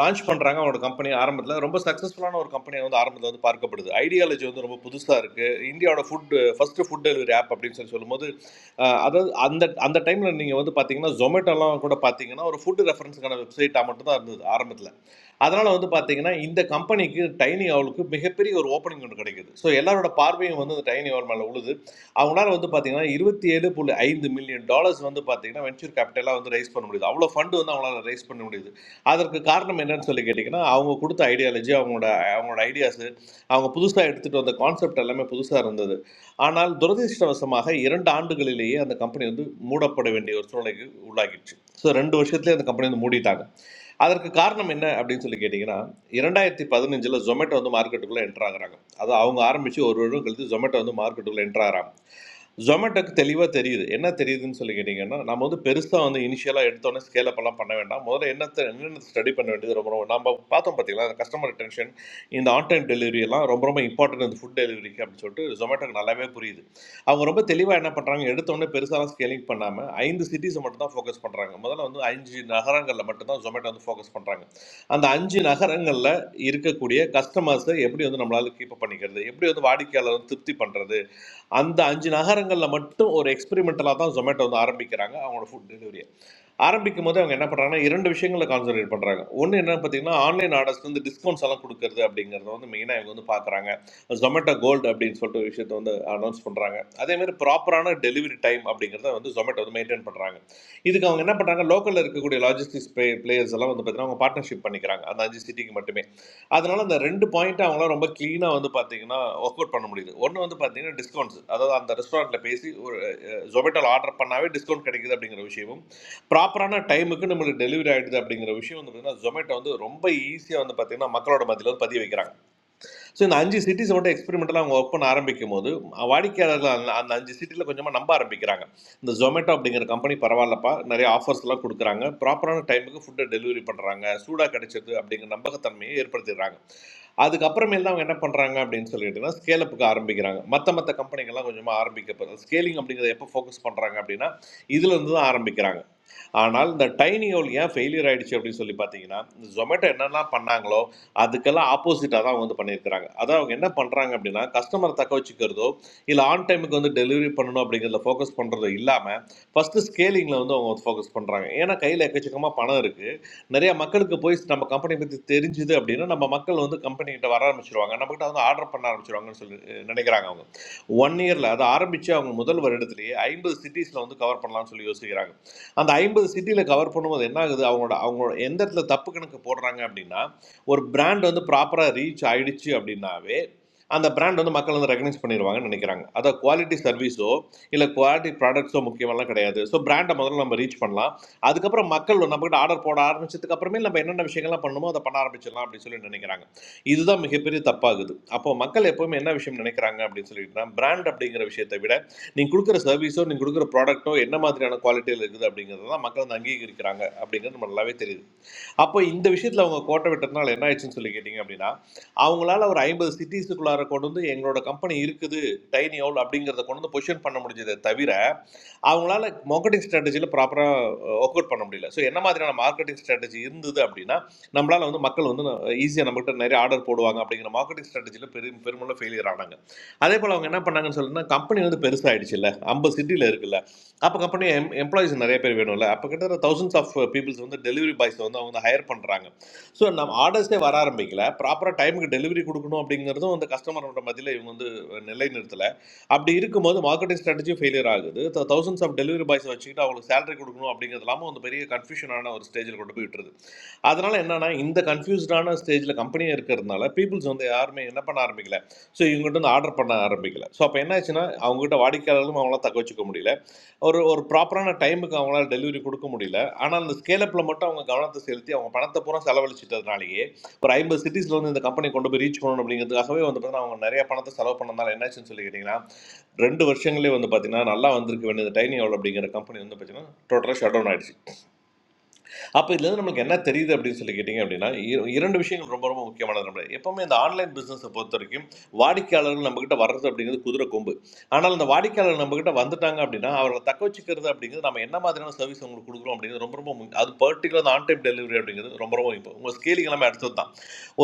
S8: லான்ச் பண்ணுறாங்க அவனோட கம்பெனி ஆரம்பத்தில் ரொம்ப சக்ஸஸ்ஃபுல்லான ஒரு கம்பெனி வந்து ஆரம்பத்தில் வந்து பார்க்கப்படுது ஐடியாலஜி வந்து ரொம்ப புதுசாக இருக்குது இந்தியாவோட food first food delivery app அப்படின்னு சொல்லி சொல்லும்போது ஆஹ் அதாவது அந்த அந்த டைமில் நீங்கள் வந்து பார்த்தீங்கன்னா ஜொமேட்டோலாம் கூட பார்த்தீங்கன்னா ஒரு ஃபுட் ரெஃபரன்ஸுக்கான வெப்சைட்டாக மட்டும் தான் இருந்தது ஆரம்பத்தில் அதனால் வந்து பார்த்தீங்கன்னா இந்த கம்பெனிக்கு டைனி அவளுக்கு மிகப்பெரிய ஒரு ஓப்பனிங் ஒன்று கிடைக்குது ஸோ எல்லாரோட பார்வையும் வந்து அந்த டைனி அவள் மேலே உழுது அவங்களால வந்து பார்த்தீங்கன்னா இருபத்தி ஏழு புள்ளி ஐந்து மில்லியன் டாலர்ஸ் வந்து பார்த்தீங்கன்னா வென்ச்சர் கேபிட்டலாக வந்து ரைஸ் பண்ண முடியுது அவ்வளோ ஃபண்டு வந்து அவங்களால ரைஸ் பண்ண முடியுது அதற்கு காரணம் என்னன்னு சொல்லி கேட்டிங்கன்னா அவங்க கொடுத்த ஐடியாலஜி அவங்களோட அவங்களோட ஐடியாஸு அவங்க புதுசாக எடுத்துகிட்டு வந்த கான்செப்ட் எல்லாமே புதுசாக இருந்தது ஆனால் துரதிர்ஷ்டவசமாக இரண்டு ஆண்டுகளிலேயே அந்த கம்பெனி வந்து மூடப்பட வேண்டிய ஒரு சூழ்நிலைக்கு உள்ளாகிடுச்சு ஸோ ரெண்டு வருஷத்துலேயே அந்த கம்பெனி வந்து மூடிட்டாங்க அதற்கு காரணம் என்ன அப்படின்னு சொல்லி கேட்டிங்கன்னா இரண்டாயிரத்தி பதினஞ்சில் ஜொமேட்டோ வந்து மார்க்கெட்டுக்குள்ளே என்ட்ராகிறாங்க அது அவங்க ஆரம்பித்து ஒரு வருடம் கழித்து ஜொமேட்டோ வந்து மார்க்கெட்டுக்குள்ளே என்ட்ராகிறாங்க ஜொமேட்டோக்கு தெளிவாக தெரியுது என்ன தெரியுதுன்னு சொல்லி கேட்டிங்கன்னா நம்ம வந்து பெருசாக வந்து இனிஷியலாக எடுத்தோன்னே ஸ்கேல் அப்பெல்லாம் பண்ண வேண்டாம் முதல்ல என்னத்தை என்னென்ன ஸ்டடி பண்ண வேண்டியது ரொம்ப ரொம்ப நம்ம பார்த்தோம் பார்த்தீங்களா அந்த கஸ்டமர் அட்டென்ஷன் இந்த ஆன் டைம் டெலிவரி எல்லாம் ரொம்ப ரொம்ப இம்பார்ட்டன்ட் இந்த ஃபுட் டெலிவரிக்கு அப்படின்னு சொல்லிட்டு ஜொமேட்டோக்கு நல்லாவே புரியுது அவங்க ரொம்ப தெளிவாக என்ன பண்ணுறாங்க எடுத்தோடனே பெருசாலாம் ஸ்கேலிங் பண்ணாமல் ஐந்து சிட்டிஸை மட்டும் தான் ஃபோக்கஸ் பண்ணுறாங்க முதல்ல வந்து அஞ்சு நகரங்களில் மட்டும் தான் ஜொமேட்டோ வந்து ஃபோக்கஸ் பண்ணுறாங்க அந்த அஞ்சு நகரங்களில் இருக்கக்கூடிய கஸ்டமர்ஸை எப்படி வந்து நம்மளால் கீப்பப் பண்ணிக்கிறது எப்படி வந்து வாடிக்கையாளர் வந்து திருப்தி பண்ணுறது அந்த அஞ்சு நகரங்களில் மட்டும் ஒரு எக்ஸ்பெரிமெண்டலாக தான் ஜொமேட்டோ வந்து ஆரம்பிக்கிறாங்க அவங்களோட ஃபுட் டெலிவரியை ஆரம்பிக்கும் போது அவங்க என்ன பண்ணுறாங்கன்னா இரண்டு விஷயங்களை கான்சன்ட்ரேட் பண்ணுறாங்க ஒன்று என்ன பார்த்தீங்கன்னா ஆன்லைன் ஆர்டர்ஸ் வந்து டிஸ்கவுண்ட்ஸ் எல்லாம் கொடுக்கறது அப்படிங்கிறத வந்து மெயினாக இவங்க வந்து பார்க்குறாங்க ஜொமேட்டோ கோல்டு அப்படின்னு சொல்லிட்டு ஒரு விஷயத்தை வந்து அனௌன்ஸ் பண்ணுறாங்க அதேமாதிரி ப்ராப்பரான டெலிவரி டைம் அப்படிங்கிறத வந்து ஜொமேட்டோ வந்து மெயின்டைன் பண்ணுறாங்க இதுக்கு அவங்க என்ன பண்ணுறாங்க லோக்கலில் இருக்கக்கூடிய லாஜிஸ்டிக்ஸ் பிளே பிளேயர்ஸ் எல்லாம் வந்து பார்த்தீங்கன்னா அவங்க பார்ட்னர்ஷிப் பண்ணிக்கிறாங்க அந்த அஞ்சு சிட்டிக்கு மட்டுமே அதனால அந்த ரெண்டு பாயிண்ட் அவங்களாம் ரொம்ப க்ளீனாக வந்து பார்த்தீங்கன்னா ஒர்க் அவுட் பண்ண முடியுது ஒன்று வந்து பார்த்தீங்கன்னா டிஸ்கவுண்ட்ஸ் அதாவது அந்த ரெஸ்டாரண்ட்டில் பேசி ஒரு ஜொமேட்டோவில் ஆர்டர் பண்ணாவே டிஸ்கவுண்ட் கிடைக்குது அப்படிங்கிற விஷயமும் ப்ராப்பரான டைமுக்கு நம்மளுக்கு டெலிவரி ஆகிடுது அப்படிங்கிற விஷயம் வந்து பார்த்தீங்கன்னா ஜொமேட்டோ வந்து ரொம்ப ஈஸியாக வந்து பார்த்தீங்கன்னா மக்களோட மத்தியில் வந்து பதிய வைக்கிறாங்க ஸோ இந்த அஞ்சு சிட்டிஸ் மட்டும் எக்ஸ்பெரிமெண்டலாக அவங்க ஒர்க் பண்ண ஆரம்பிக்கும் போது வாடிக்கையாளர்கள் அந்த அந்த அஞ்சு சிட்டியில் கொஞ்சமாக நம்ப ஆரம்பிக்கிறாங்க இந்த ஜொமேட்டோ அப்படிங்கிற கம்பெனி பரவாயில்லப்பா நிறைய ஆஃபர்ஸ்லாம் கொடுக்குறாங்க ப்ராப்பரான டைமுக்கு ஃபுட்டை டெலிவரி பண்ணுறாங்க சூடாக கிடைச்சது அப்படிங்கிற நம்பகத்தன்மையை ஏற்படுத்திடுறாங்க அதுக்கப்புறமேல் தான் அவங்க என்ன பண்ணுறாங்க அப்படின்னு சொல்லிட்டுனா ஸ்கேலப்புக்கு ஆரம்பிக்கிறாங்க மற்ற மற்ற கம்பெனிகள்லாம் கொஞ்சமாக ஆரம்பிக்கப்படுது ஸ்கேலிங் அப்படிங்கிறத எப்போ ஃபோக்கஸ் பண்ணுறாங்க அப்படின்னா இதுலேருந்து தான் ஆரம்பிக்கிறாங்க ஆனால் இந்த டைனியோல் ஏன் ஃபெயிலியர் ஆயிடுச்சு அப்படின்னு சொல்லி பார்த்தீங்கன்னா இந்த ஜொமேட்டோ என்னெல்லாம் பண்ணாங்களோ அதுக்கெல்லாம் ஆப்போசிட்டாக தான் வந்து பண்ணியிருக்கிறாங்க அதான் அவங்க என்ன பண்ணுறாங்க அப்படின்னா கஸ்டமரை தக்க வச்சுக்கிறதோ இல்லை ஆன் டைமுக்கு வந்து டெலிவரி பண்ணணும் அப்படிங்கிறதுல ஃபோக்கஸ் பண்ணுறதோ இல்லாமல் ஃபஸ்ட்டு ஸ்கேலிங்கில் வந்து அவங்க ஃபோக்கஸ் பண்ணுறாங்க ஏன்னா கையில் எக்கச்சக்கமாக பணம் இருக்குது நிறைய மக்களுக்கு போய் நம்ம கம்பெனி பற்றி தெரிஞ்சுது அப்படின்னா நம்ம மக்கள் வந்து company கிட்ட வர ஆரம்பிச்சிருவாங்க நம்மகிட்ட வந்து ஆர்டர் பண்ண ஆரம்பிச்சிருவாங்கன்னு சொல்லி அஹ், நினைக்கிறாங்க அவங்க ஒன் இயரில் அது ஆரம்பித்து அவங்க முதல் வருடத்திலேயே ஐம்பது சிட்டிஸில் வந்து கவர் பண்ணலாம்னு சொல்லி யோசிக்கிறாங்க அந்த ஐம்பது சிட்டியில் கவர் பண்ணும்போது என்ன ஆகுது அவங்களோட அவங்களோட எந்த இடத்துல தப்பு கணக்கு போடுறாங்க அப்படின்னா ஒரு பிராண்ட் வந்து ப்ராப்பராக ரீச் ஆயிடுச்சு அப்படின்னாவே அந்த பிராண்ட் வந்து மக்கள் வந்து ரெகனைஸ் பண்ணிடுவாங்கன்னு நினைக்கிறாங்க அதை குவாலிட்டி சர்வீஸோ இல்லை குவாலிட்டி ப்ராடக்ட்ஸோ முக்கியமெல்லாம் கிடையாது ஸோ பிராண்டை முதல்ல நம்ம ரீச் பண்ணலாம் அதுக்கப்புறம் மக்கள் நம்மகிட்ட ஆர்டர் போட ஆரம்பிச்சதுக்கு அப்புறமே நம்ம என்னென்ன விஷயங்கள்லாம் பண்ணணுமோ அதை பண்ண ஆரம்பிச்சிடலாம் அப்படின்னு சொல்லி நினைக்கிறாங்க இதுதான் மிகப்பெரிய தப்பாகுது அப்போ மக்கள் எப்பவுமே என்ன விஷயம் நினைக்கிறாங்க அப்படின்னு சொல்லிட்டுனா பிராண்ட் அப்படிங்கிற விஷயத்தை விட நீங்கள் கொடுக்குற சர்வீஸோ நீங்கள் கொடுக்குற ப்ராடக்ட்டோ என்ன மாதிரியான குவாலிட்டியில் இருக்குது அப்படிங்கிறது தான் மக்கள் வந்து அங்கீகரிக்கிறாங்க அப்படிங்கிறது நம்ம நல்லாவே தெரியுது அப்போ இந்த விஷயத்தில் அவங்க கோட்டை விட்டதுனால என்ன ஆயிடுச்சுன்னு சொல்லி கேட்டிங்க அப்படின்னா அவங்களால ஒரு ஐம்பது சிட்டிஸுக்குள்ளார கொண்டு வந்து எங்களோட கம்பெனி இருக்குது டைனி ஹவுல் அப்படிங்கிறத கொண்டு வந்து பொசிஷன் பண்ண முடிஞ்சதை தவிர அவங்களால மார்க்கெட்டிங் ஸ்ட்ராட்டஜியில் ப்ராப்பராக ஒர்க் அவுட் பண்ண முடியல ஸோ என்ன மாதிரியான மார்க்கெட்டிங் ஸ்ட்ராட்டஜி இருந்தது அப்படின்னா நம்மளால் வந்து மக்கள் வந்து ஈஸியாக நம்மகிட்ட நிறைய ஆர்டர் போடுவாங்க அப்படிங்கிற மார்க்கெட்டிங் ஸ்ட்ராட்டஜியில் பெரும் பெருமளவு ஃபெயிலியர் ஆனாங்க அதே போல் அவங்க என்ன பண்ணாங்கன்னு சொல்லுன்னா கம்பெனி வந்து பெருசாகிடுச்சு இல்லை ஐம்பது சிட்டியில் இருக்குல்ல அப்போ கம்பெனி எம் எம்ப்ளாயிஸ் நிறைய பேர் வேணும்ல அப்போ கிட்டத்தட்ட தௌசண்ட்ஸ் ஆஃப் பீப்புள்ஸ் வந்து டெலிவரி பாய்ஸ் வந்து அவங்க வந்து ஹையர் பண்ணுறாங்க ஸோ நம்ம ஆர்டர்ஸே வர ஆரம்பிக்கல ப்ராப்பராக டைமுக்கு டெலிவரி கொடுக்கணும் அப்படிங்கிறதும் அந்த கஸ்டமரோட மத்தியில் இவங்க வந்து நிலை நிறுத்தல. அப்படி இருக்கும்போது மார்க்கெட்டிங் ஸ்ட்ராட்டஜி ஃபெயிலியர் ஆகுது தௌசண்ட்ஸ் ஆஃப் டெலிவரி பாய்ஸை வச்சுக்கிட்டு அவங்களுக்கு சேலரி கொடுக்கணும் அப்படிங்கிறது இல்லாமல் வந்து பெரிய கன்ஃபியூஷனான ஒரு ஸ்டேஜில் கொண்டு போய் விட்டுருது அதனால என்னன்னா இந்த கன்ஃபியூஸ்டான ஸ்டேஜில் கம்பெனியே இருக்கிறதுனால பீப்புள்ஸ் வந்து யாருமே என்ன பண்ண ஆரம்பிக்கல ஸோ இவங்ககிட்ட வந்து ஆர்டர் பண்ண ஆரம்பிக்கல ஸோ அப்போ என்னாச்சுன்னா அவங்ககிட்ட வாடிக்கையாளர்களும் அவங்களாம் தக்க வச்சுக்க முடியல ஒரு ஒரு ப்ராப்பரான டைமுக்கு அவங்களால டெலிவரி கொடுக்க முடியல ஆனால் அந்த ஸ்கேலப்பில் மட்டும் அவங்க கவனத்தை செலுத்தி அவங்க பணத்தை பூரா செலவழிச்சிட்டதுனாலேயே ஒரு ஐம்பது சிட்டிஸில் வந்து இந்த கம்பெனி கொண்டு போய் ரீச் பண்ணணும் அப்படிங்கிறதுக்காகவே வந்து பார்த்தீங்கன்னா அவங்க நிறைய பணத்தை செலவு பண்ணனால என்னாச்சுன்னு சொல்லி கேட்டிங்கன்னா ரெண்டு வருஷங்களே வந்து பார்த்தீங்கன்னா நல்லா வந்திருக்க வேண்டியது டைனி அவள் அப்படிங்கிற கம்பெனி வந்து பார்த்தீங்கன்னா டோட்டலாக ஷட் டவுன் ஆயிடுச்சு அப்போ இதுலேருந்து நம்மளுக்கு என்ன தெரியுது அப்படின்னு சொல்லி கேட்டிங்க அப்படின்னா இர- இரண்டு விஷயங்கள் ரொம்ப ரொம்ப முக்கியமானது நம்ம எப்போவுமே இந்த ஆன்லைன் பிஸ்னஸை பொறுத்த வரைக்கும் வாடிக்கையாளர்கள் நம்மக்கிட்ட வர்றது அப்படிங்கிறது குதிரை கொம்பு ஆனால் இந்த வாடிக்கையாளர் நம்மக்கிட்ட வந்துட்டாங்க அப்படின்னா அவர்களை தக்க வச்சுக்கிறது அப்படிங்கிறது நம்ம என்ன மாதிரியான சர்வீஸ் அவங்களுக்கு கொடுக்குறோம் அப்படிங்கிறது ரொம்ப ரொம்ப முக்கியம் அது பர்டிகுலர் அந்த ஆன் டைம் டெலிவரி அப்படிங்கிறது ரொம்ப ரொம்ப இப்போ உங்கள் ஸ்கேலிங் எல்லாமே அடுத்தது தான்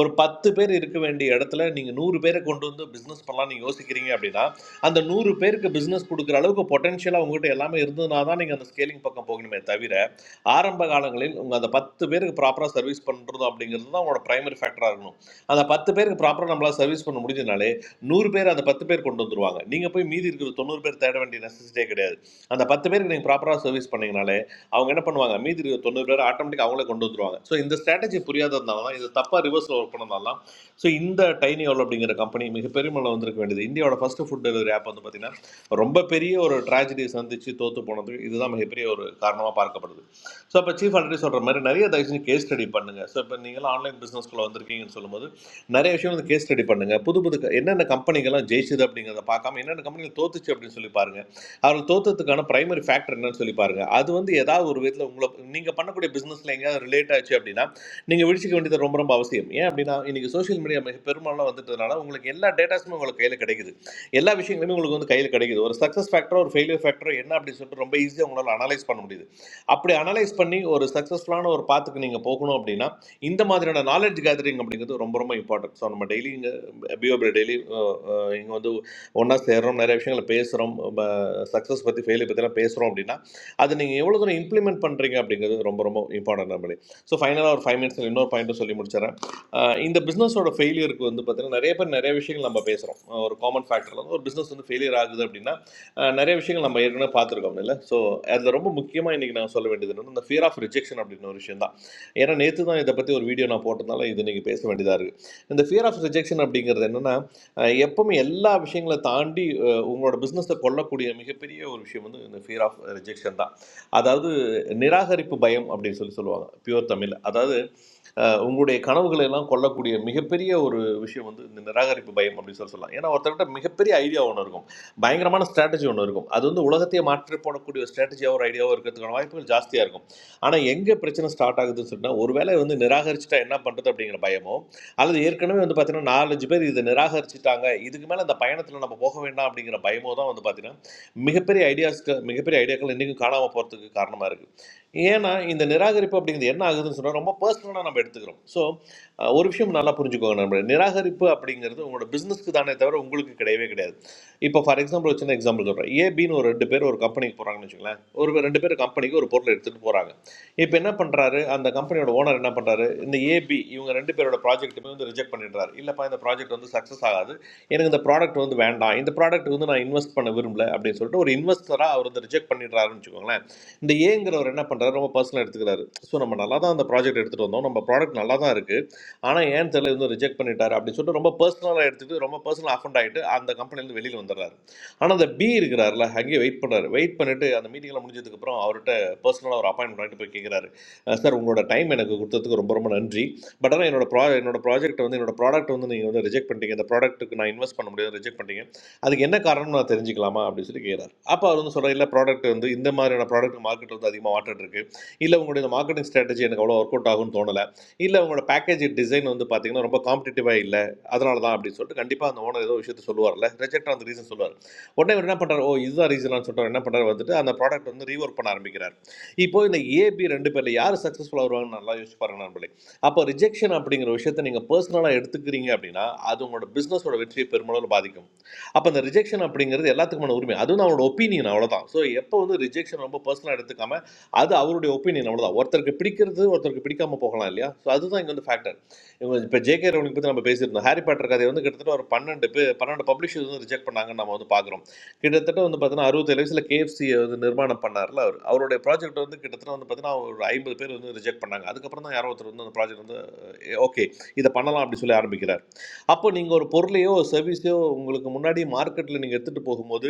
S8: ஒரு பத்து பேர் இருக்க வேண்டிய இடத்துல நீங்கள் நூறு பேரை கொண்டு வந்து பிஸ்னஸ் பண்ணலாம் நீங்கள் யோசிக்கிறீங்க அப்படின்னா அந்த நூறு பேருக்கு பிஸ்னஸ் கொடுக்குற அளவுக்கு பொட்டன்ஷியலாக உங்ககிட்ட எல்லாமே இருந்ததுனா தான் நீங்கள் அந்த ஸ்கேலிங் பக்கம் போகணுமே தவிர ஆரம்ப காலங்களில் உங்கள் அந்த பத்து பேருக்கு ப்ராப்பராக சர்வீஸ் பண்ணுறதும் அப்படிங்கிறது தான் உங்களோட ப்ரைமரி ஃபேக்டராக இருக்கணும் அந்த பத்து பேருக்கு ப்ராப்பராக நம்மளால் சர்வீஸ் பண்ண முடிஞ்சதுனாலே நூறு பேர் அந்த பத்து பேர் கொண்டு வந்துருவாங்க நீங்கள் போய் மீதி இருக்கிற தொண்ணூறு பேர் தேட வேண்டிய நெசசிட்டியே கிடையாது அந்த பத்து பேருக்கு நீங்கள் ப்ராப்பராக சர்வீஸ் பண்ணீங்கனாலே அவங்க என்ன பண்ணுவாங்க மீதி இருக்கிற தொண்ணூறு பேர் ஆட்டோமேட்டிக்காக அவங்களே கொண்டு வந்துருவாங்க ஸோ இந்த ஸ்ட்ராட்டஜி புரியாததுனால தான் இது தப்பாக ரிவர்ஸில் ஒர்க் பண்ணதால தான் ஸோ இந்த டைனி ஆல் அப்படிங்கிற கம்பெனி மிகப்பெரிய மேலே வந்திருக்க வேண்டியது இந்தியாவோட ஃபர்ஸ்ட் ஃபுட் டெலிவரி ஆப் வந்து பார்த்தீங்கன்னா ரொம்ப பெரிய ஒரு ட்ராஜடி சந்திச்சு தோத்து போனதுக்கு இதுதான் மிகப்பெரிய ஒரு காரணமாக பார்க்கப்படுது ஸோ அப்போ சீஃப் ஆல்ரெடி சொல்கிற மாதிரி நிறைய தயவு செஞ்சு கேஸ் ஸ்டடி பண்ணுங்கள் ஸோ இப்போ நீங்களாம் ஆன்லைன் பிஸ்னஸ்க்குள்ள வந்திருக்கீங்கன்னு சொல்லும்போது நிறைய விஷயம் வந்து கேஸ் ஸ்டடி பண்ணுங்கள் புது புது க- என்னென்ன கம்பெனிகள்லாம் ஜெயிச்சுது அப்படிங்கிறத பார்க்காம என்னென்ன கம்பெனிகள் தோத்துச்சு அப்படின்னு சொல்லி பாருங்கள் அவர்கள் தோத்ததுக்கான பிரைமரி ஃபேக்டர் என்னன்னு சொல்லி பாருங்கள் அது வந்து ஏதாவது ஒரு விதத்தில் உங்களை நீங்கள் பண்ணக்கூடிய பிஸ்னஸில் எங்கேயாவது ரிலேட் ஆச்சு அப்படின்னா நீங்கள் விழிச்சிக்க வேண்டியது ரொம்ப ரொம்ப அவசியம் ஏன் அப்படின்னா இன்றைக்கி சோஷியல் மீடியா மிக பெரும்பாலும் வந்துட்டதுனால உங்களுக்கு எல்லா டேட்டாஸுமே உங்களுக்கு கையில் கிடைக்குது எல்லா விஷயங்களுமே உங்களுக்கு வந்து கையில் கிடைக்குது ஒரு சக்ஸஸ் ஃபேக்டரோ ஒரு ஃபெயிலியர் ஃபேக்டரோ என்ன அப்படின்னு சொல்லிட்டு ரொம்ப ஈஸியாக உங்களால் அனலைஸ் பண்ண முடியுது அப்படி அனலைஸ் பண்ணி ஒரு சக்ஸஸ்ஃபுல்லான ஒரு பாத்துக்கு நீங்கள் போகணும் அப்படின்னா இந்த மாதிரியான நாலேஜ் கேதரிங் அப்படிங்கிறது ரொம்ப ரொம்ப இம்பார்ட்டன்ட் ஸோ நம்ம டெய்லி இங்கே பிஓபி டெய்லி இங்கே வந்து ஒன்றா சேர்றோம் நிறைய விஷயங்களை பேசுகிறோம் சக்ஸஸ் பற்றி ஃபெயிலியர் பற்றிலாம் பேசுகிறோம் அப்படின்னா அது நீங்கள் எவ்வளோ தூரம் இம்ப்ளிமெண்ட் பண்ணுறீங்க அப்படிங்கிறது ரொம்ப ரொம்ப இம்பார்ட்டன்ட் நம்மளே ஸோ ஃபைனலாக ஒரு ஃபைவ் மினிட்ஸில் இன்னொரு பாயிண்ட்டும் சொல்லி முடிச்சிடறேன் அஹ் இந்த பிஸ்னஸோட ஃபெயிலியருக்கு வந்து பார்த்தீங்கன்னா நிறைய பேர் நிறைய விஷயங்கள் நம்ம பேசுகிறோம் ஒரு காமன் ஃபேக்டரில் வந்து ஒரு பிஸ்னஸ் வந்து ஃபெயிலியர் ஆகுது அப்படின்னா அஹ் நிறைய விஷயங்கள் நம்ம ஏற்கனவே பார்த்துருக்கோம் இல்லை ஸோ அதில் ரொம்ப முக்கியமாக இன்றைக்கி நான் சொல்ல வேண்டியது என்னன்னா இந்த ஃபியர் ஆஃப் ரிஜெக்ஷன் அப்படின்னு ஒரு விஷயம் தான் ஏன்னா நேற்று தான் இதை பற்றி ஒரு வீடியோ நான் போட்டதுனால இது நீங்கள் பேச வேண்டியதாக இருக்குது இந்த ஃபியர் ஆஃப் ரிஜெக்ஷன் அப்படிங்கிறது என்னென்னா எப்பவுமே எல்லா விஷயங்களை தாண்டி அஹ், உங்களோட பிஸ்னஸை கொல்லக்கூடிய மிகப்பெரிய ஒரு விஷயம் வந்து இந்த ஃபியர் ஆஃப் ரிஜெக்ஷன் தான் அதாவது நிராகரிப்பு பயம் அப்படின்னு சொல்லி சொல்லுவாங்க பியூர் தமிழ் அதாவது அஹ், உங்களுடைய கனவுகளை எல்லாம் கொல்லக்கூடிய மிகப்பெரிய ஒரு விஷயம் வந்து இந்த நிராகரிப்பு பயம் அப்படின்னு சொல்லி சொல்லலாம் ஏன்னா ஒருத்தர்கிட்ட மிகப்பெரிய ஐடியா ஒன்று இருக்கும் பயங்கரமான ஸ்ட்ராட்டஜி ஒன்று இருக்கும் அது வந்து உலகத்தையே மாற்றி போடக்கூடிய ஒரு ஸ்ட்ராட்டஜியாக ஒரு ஐடியாவோ இருக்கிறதுக்கான வாய்ப்புகள் ஜாஸ்தியாக இருக்கும் ஆனால் எங்கே பிரச்சனை ஸ்டார்ட் ஆகுதுன்னு சொன்னால் ஒருவேளை வந்து நிராகரிச்சுட்டா என்ன பண்ணுறது அப்படிங்கிற பயமோ அல்லது ஏற்கனவே வந்து பார்த்தீங்கன்னா நாலஞ்சு பேர் இதை நிராகரிச்சுட்டாங்க இதுக்கு மேலே அந்த பயணத்தில் நம்ம போக வேண்டாம் அப்படிங்கிற பயமோ தான் வந்து பார்த்தீங்கன்னா மிகப்பெரிய ஐடியாஸ்க்கு மிகப்பெரிய ஐடியாக்கள் இன்றைக்கும் காணாமல் போகிறதுக்கு காரணமாக இருக்குது ஏன்னா இந்த நிராகரிப்பு அப்படிங்கிறது என்ன ஆகுதுன்னு சொன்னால் ரொம்ப பர்சனலாக நம்ம எடுத்துக்கிறோம் ஸோ ஒரு விஷயம் நல்லா புரிஞ்சுக்கோங்க நம்ம நிராகரிப்பு அப்படிங்கிறது உங்களோட பிஸ்னஸ்க்கு தானே தவிர உங்களுக்கு கிடையவே கிடையாது இப்போ ஃபார் எக்ஸாம்பிள் ஒரு சின்ன எக்ஸாம்பிள் சொல்கிறேன் ஏபின்னு ஒரு ரெண்டு பேர் ஒரு கம்பெனிக்கு போகிறாங்கன்னு வச்சுக்கோங்களேன் ஒரு ரெண்டு பேர் கம்பெனிக்கு ஒரு பொருளை எடுத்துகிட்டு போகிறாங்க இப்போ என்ன பண்ணுறாரு அந்த கம்பெனியோட ஓனர் என்ன பண்ணுறாரு இந்த ஏபி இவங்க ரெண்டு பேரோட ப்ராஜெக்ட்டுமே வந்து ரிஜெக்ட் பண்ணிடுறாரு இல்லைப்பா இந்த ப்ராஜெக்ட் வந்து சக்ஸஸ் ஆகாது எனக்கு இந்த ப்ராடக்ட் வந்து வேண்டாம் இந்த ப்ராடக்ட் வந்து நான் இன்வெஸ்ட் பண்ண விரும்பல அப்படின்னு சொல்லிட்டு ஒரு இன்வெஸ்டராக அவர் வந்து ரிஜெக்ட் பண்ணிடுறாருன்னு வச்சுக்கோங்களேன் இந்த ஏங்கிறவர் என்ன பண்ணுறாரு ரொம்ப பர்சனல் எடுத்துக்கிறாரு ஸோ நம்ம நல்லா தான் அந்த ப்ராஜெக்ட் எடுத்துகிட்டு வந்தோம் நம்ம ப்ராடக்ட் நல்லா தான் இருக்குது ஆனால் ஏன் தெரியல இன்னும் ரிஜெக்ட் பண்ணிட்டாரு அப்படின்னு சொல்லிட்டு ரொம்ப பர்சனலாக எடுத்துட்டு ரொம்ப பர்சனல் அஃபண்ட் ஆகிட்டு அந்த கம்பெனிலேருந்து வெளியில் வந்துடுறாரு ஆனால் அந்த பி இருக்கிறாருல அங்கேயே வெயிட் பண்ணுறாரு வெயிட் பண்ணிட்டு அந்த மீட்டிங்லாம் முடிஞ்சதுக்கப்புறம் அவர்கிட்ட பர்சனலாக ஒரு அப்பாயின்மெண்ட் வாங்கிட்டு போய் கேட்குறாரு சார் உங்களோட டைம் எனக்கு கொடுத்ததுக்கு ரொம்ப ரொம்ப நன்றி பட் ஆனால் என்னோட ப்ரா என்னோட ப்ராஜெக்ட் வந்து என்னோட ப்ராடக்ட் வந்து நீங்கள் வந்து ரிஜெக்ட் பண்ணிட்டீங்க இந்த ப்ராடக்ட்டுக்கு நான் இன்வெஸ்ட் பண்ண முடியாது ரிஜெக்ட் பண்ணிட்டீங்க அதுக்கு என்ன காரணம் நான் தெரிஞ்சுக்கலாமா அப்படின்னு சொல்லி கேட்குறாரு அப்போ அவர் வந்து சொல்கிறார் இல்லை ப்ராடக்ட் வந்து இந்த மாதிரியான ப்ராடக்ட் மார்க்கெட் வந்து அதிகமாக வாட்டிட்டு இருக்கு இல்லை உங்களுடைய மார்க்கெட்டிங் ஸ்ட்ராட்டஜி எனக்கு அவ்வளோ ஒர்க் அவுட் ஆகும்னு தோணல இல்லை உங்களோட பேக்கேஜ் டிசைன் வந்து பார்த்தீங்கன்னா ரொம்ப காம்படிட்டிவாக இல்லை அதனால தான் அப்படின்னு சொல்லிட்டு கண்டிப்பாக அந்த ஓனர் ஏதோ விஷயத்த சொல்லுவார்ல ரிஜெக்ட் அந்த ரீசன் சொல்லுவார் உடனே இவர் என்ன பண்ணுறாரு ஓ இதுதான் ரீசனான்னு சொல்லிட்டு அவர் என்ன பண்ணுறாரு வந்துட்டு அந்த ப்ராடக்ட் வந்து ரீவொர்க் பண்ண ஆரம்பிக்கிறார் இப்போ இந்த ஏபி ரெண்டு பேரில் யார் சக்ஸஸ்ஃபுல்லாக வருவாங்கன்னு நல்லா யோசிச்சு பாருங்க நண்பர்களே அப்போ ரிஜெக்ஷன் அப்படிங்கிற விஷயத்த நீங்கள் பர்சனலாக எடுத்துக்கிறீங்க அப்படின்னா அது உங்களோட பிஸ்னஸோட வெற்றியை பெருமளவில் பாதிக்கும் அப்போ அந்த ரிஜெக்ஷன் அப்படிங்கிறது எல்லாத்துக்குமான உரிமை அதுவும் அவனோட ஒப்பீனியன் அவ்வளோதான் ஸோ எப்போ வந்து ரிஜெக்ஷன் ரொம்ப பர்சனலாக எடுத்துக்காம அது அவருடைய ஒப்பீனியன் அவ்வளோதான் ஒருத்தருக்கு பிடிக்கிறது ஒருத்தருக்கு பிடிக்காம போகலாம் இல்லையா ஸோ அதுதான் இங்கே வந்து ஃபேக்டர் இவங்க இப்போ ஜேகே ரவுலிங் பற்றி நம்ம பேசியிருந்தோம் ஹாரி பாட்டர் கதையை வந்து கிட்டத்தட்ட ஒரு பன்னெண்டு பே பன்னெண்டு பப்ளிஷர்ஸ் வந்து ரிஜெக்ட் பண்ணாங்கன்னு நம்ம வந்து பார்க்குறோம் கிட்டத்தட்ட வந்து பார்த்தீங்கன்னா அறுபத்தேழு வயசில் கேஎஃப்சியை வந்து நிர்மாணம் பண்ணார்ல அவர் அவருடைய ப்ராஜெக்ட் வந்து கிட்டத்தட்ட வந்து பார்த்தீங்கன்னா ஒரு ஐம்பது பேர் வந்து ரிஜெக்ட் பண்ணாங்க அதுக்கப்புறம் தான் யாரோ ஒருத்தர் வந்து அந்த ப்ராஜெக்ட் வந்து ஓகே இதை பண்ணலாம் அப்படி சொல்லி ஆரம்பிக்கிறார் அப்போ நீங்கள் ஒரு பொருளையோ சர்வீஸையோ உங்களுக்கு முன்னாடி மார்க்கெட்டில் நீங்கள் எடுத்துகிட்டு போகும்போது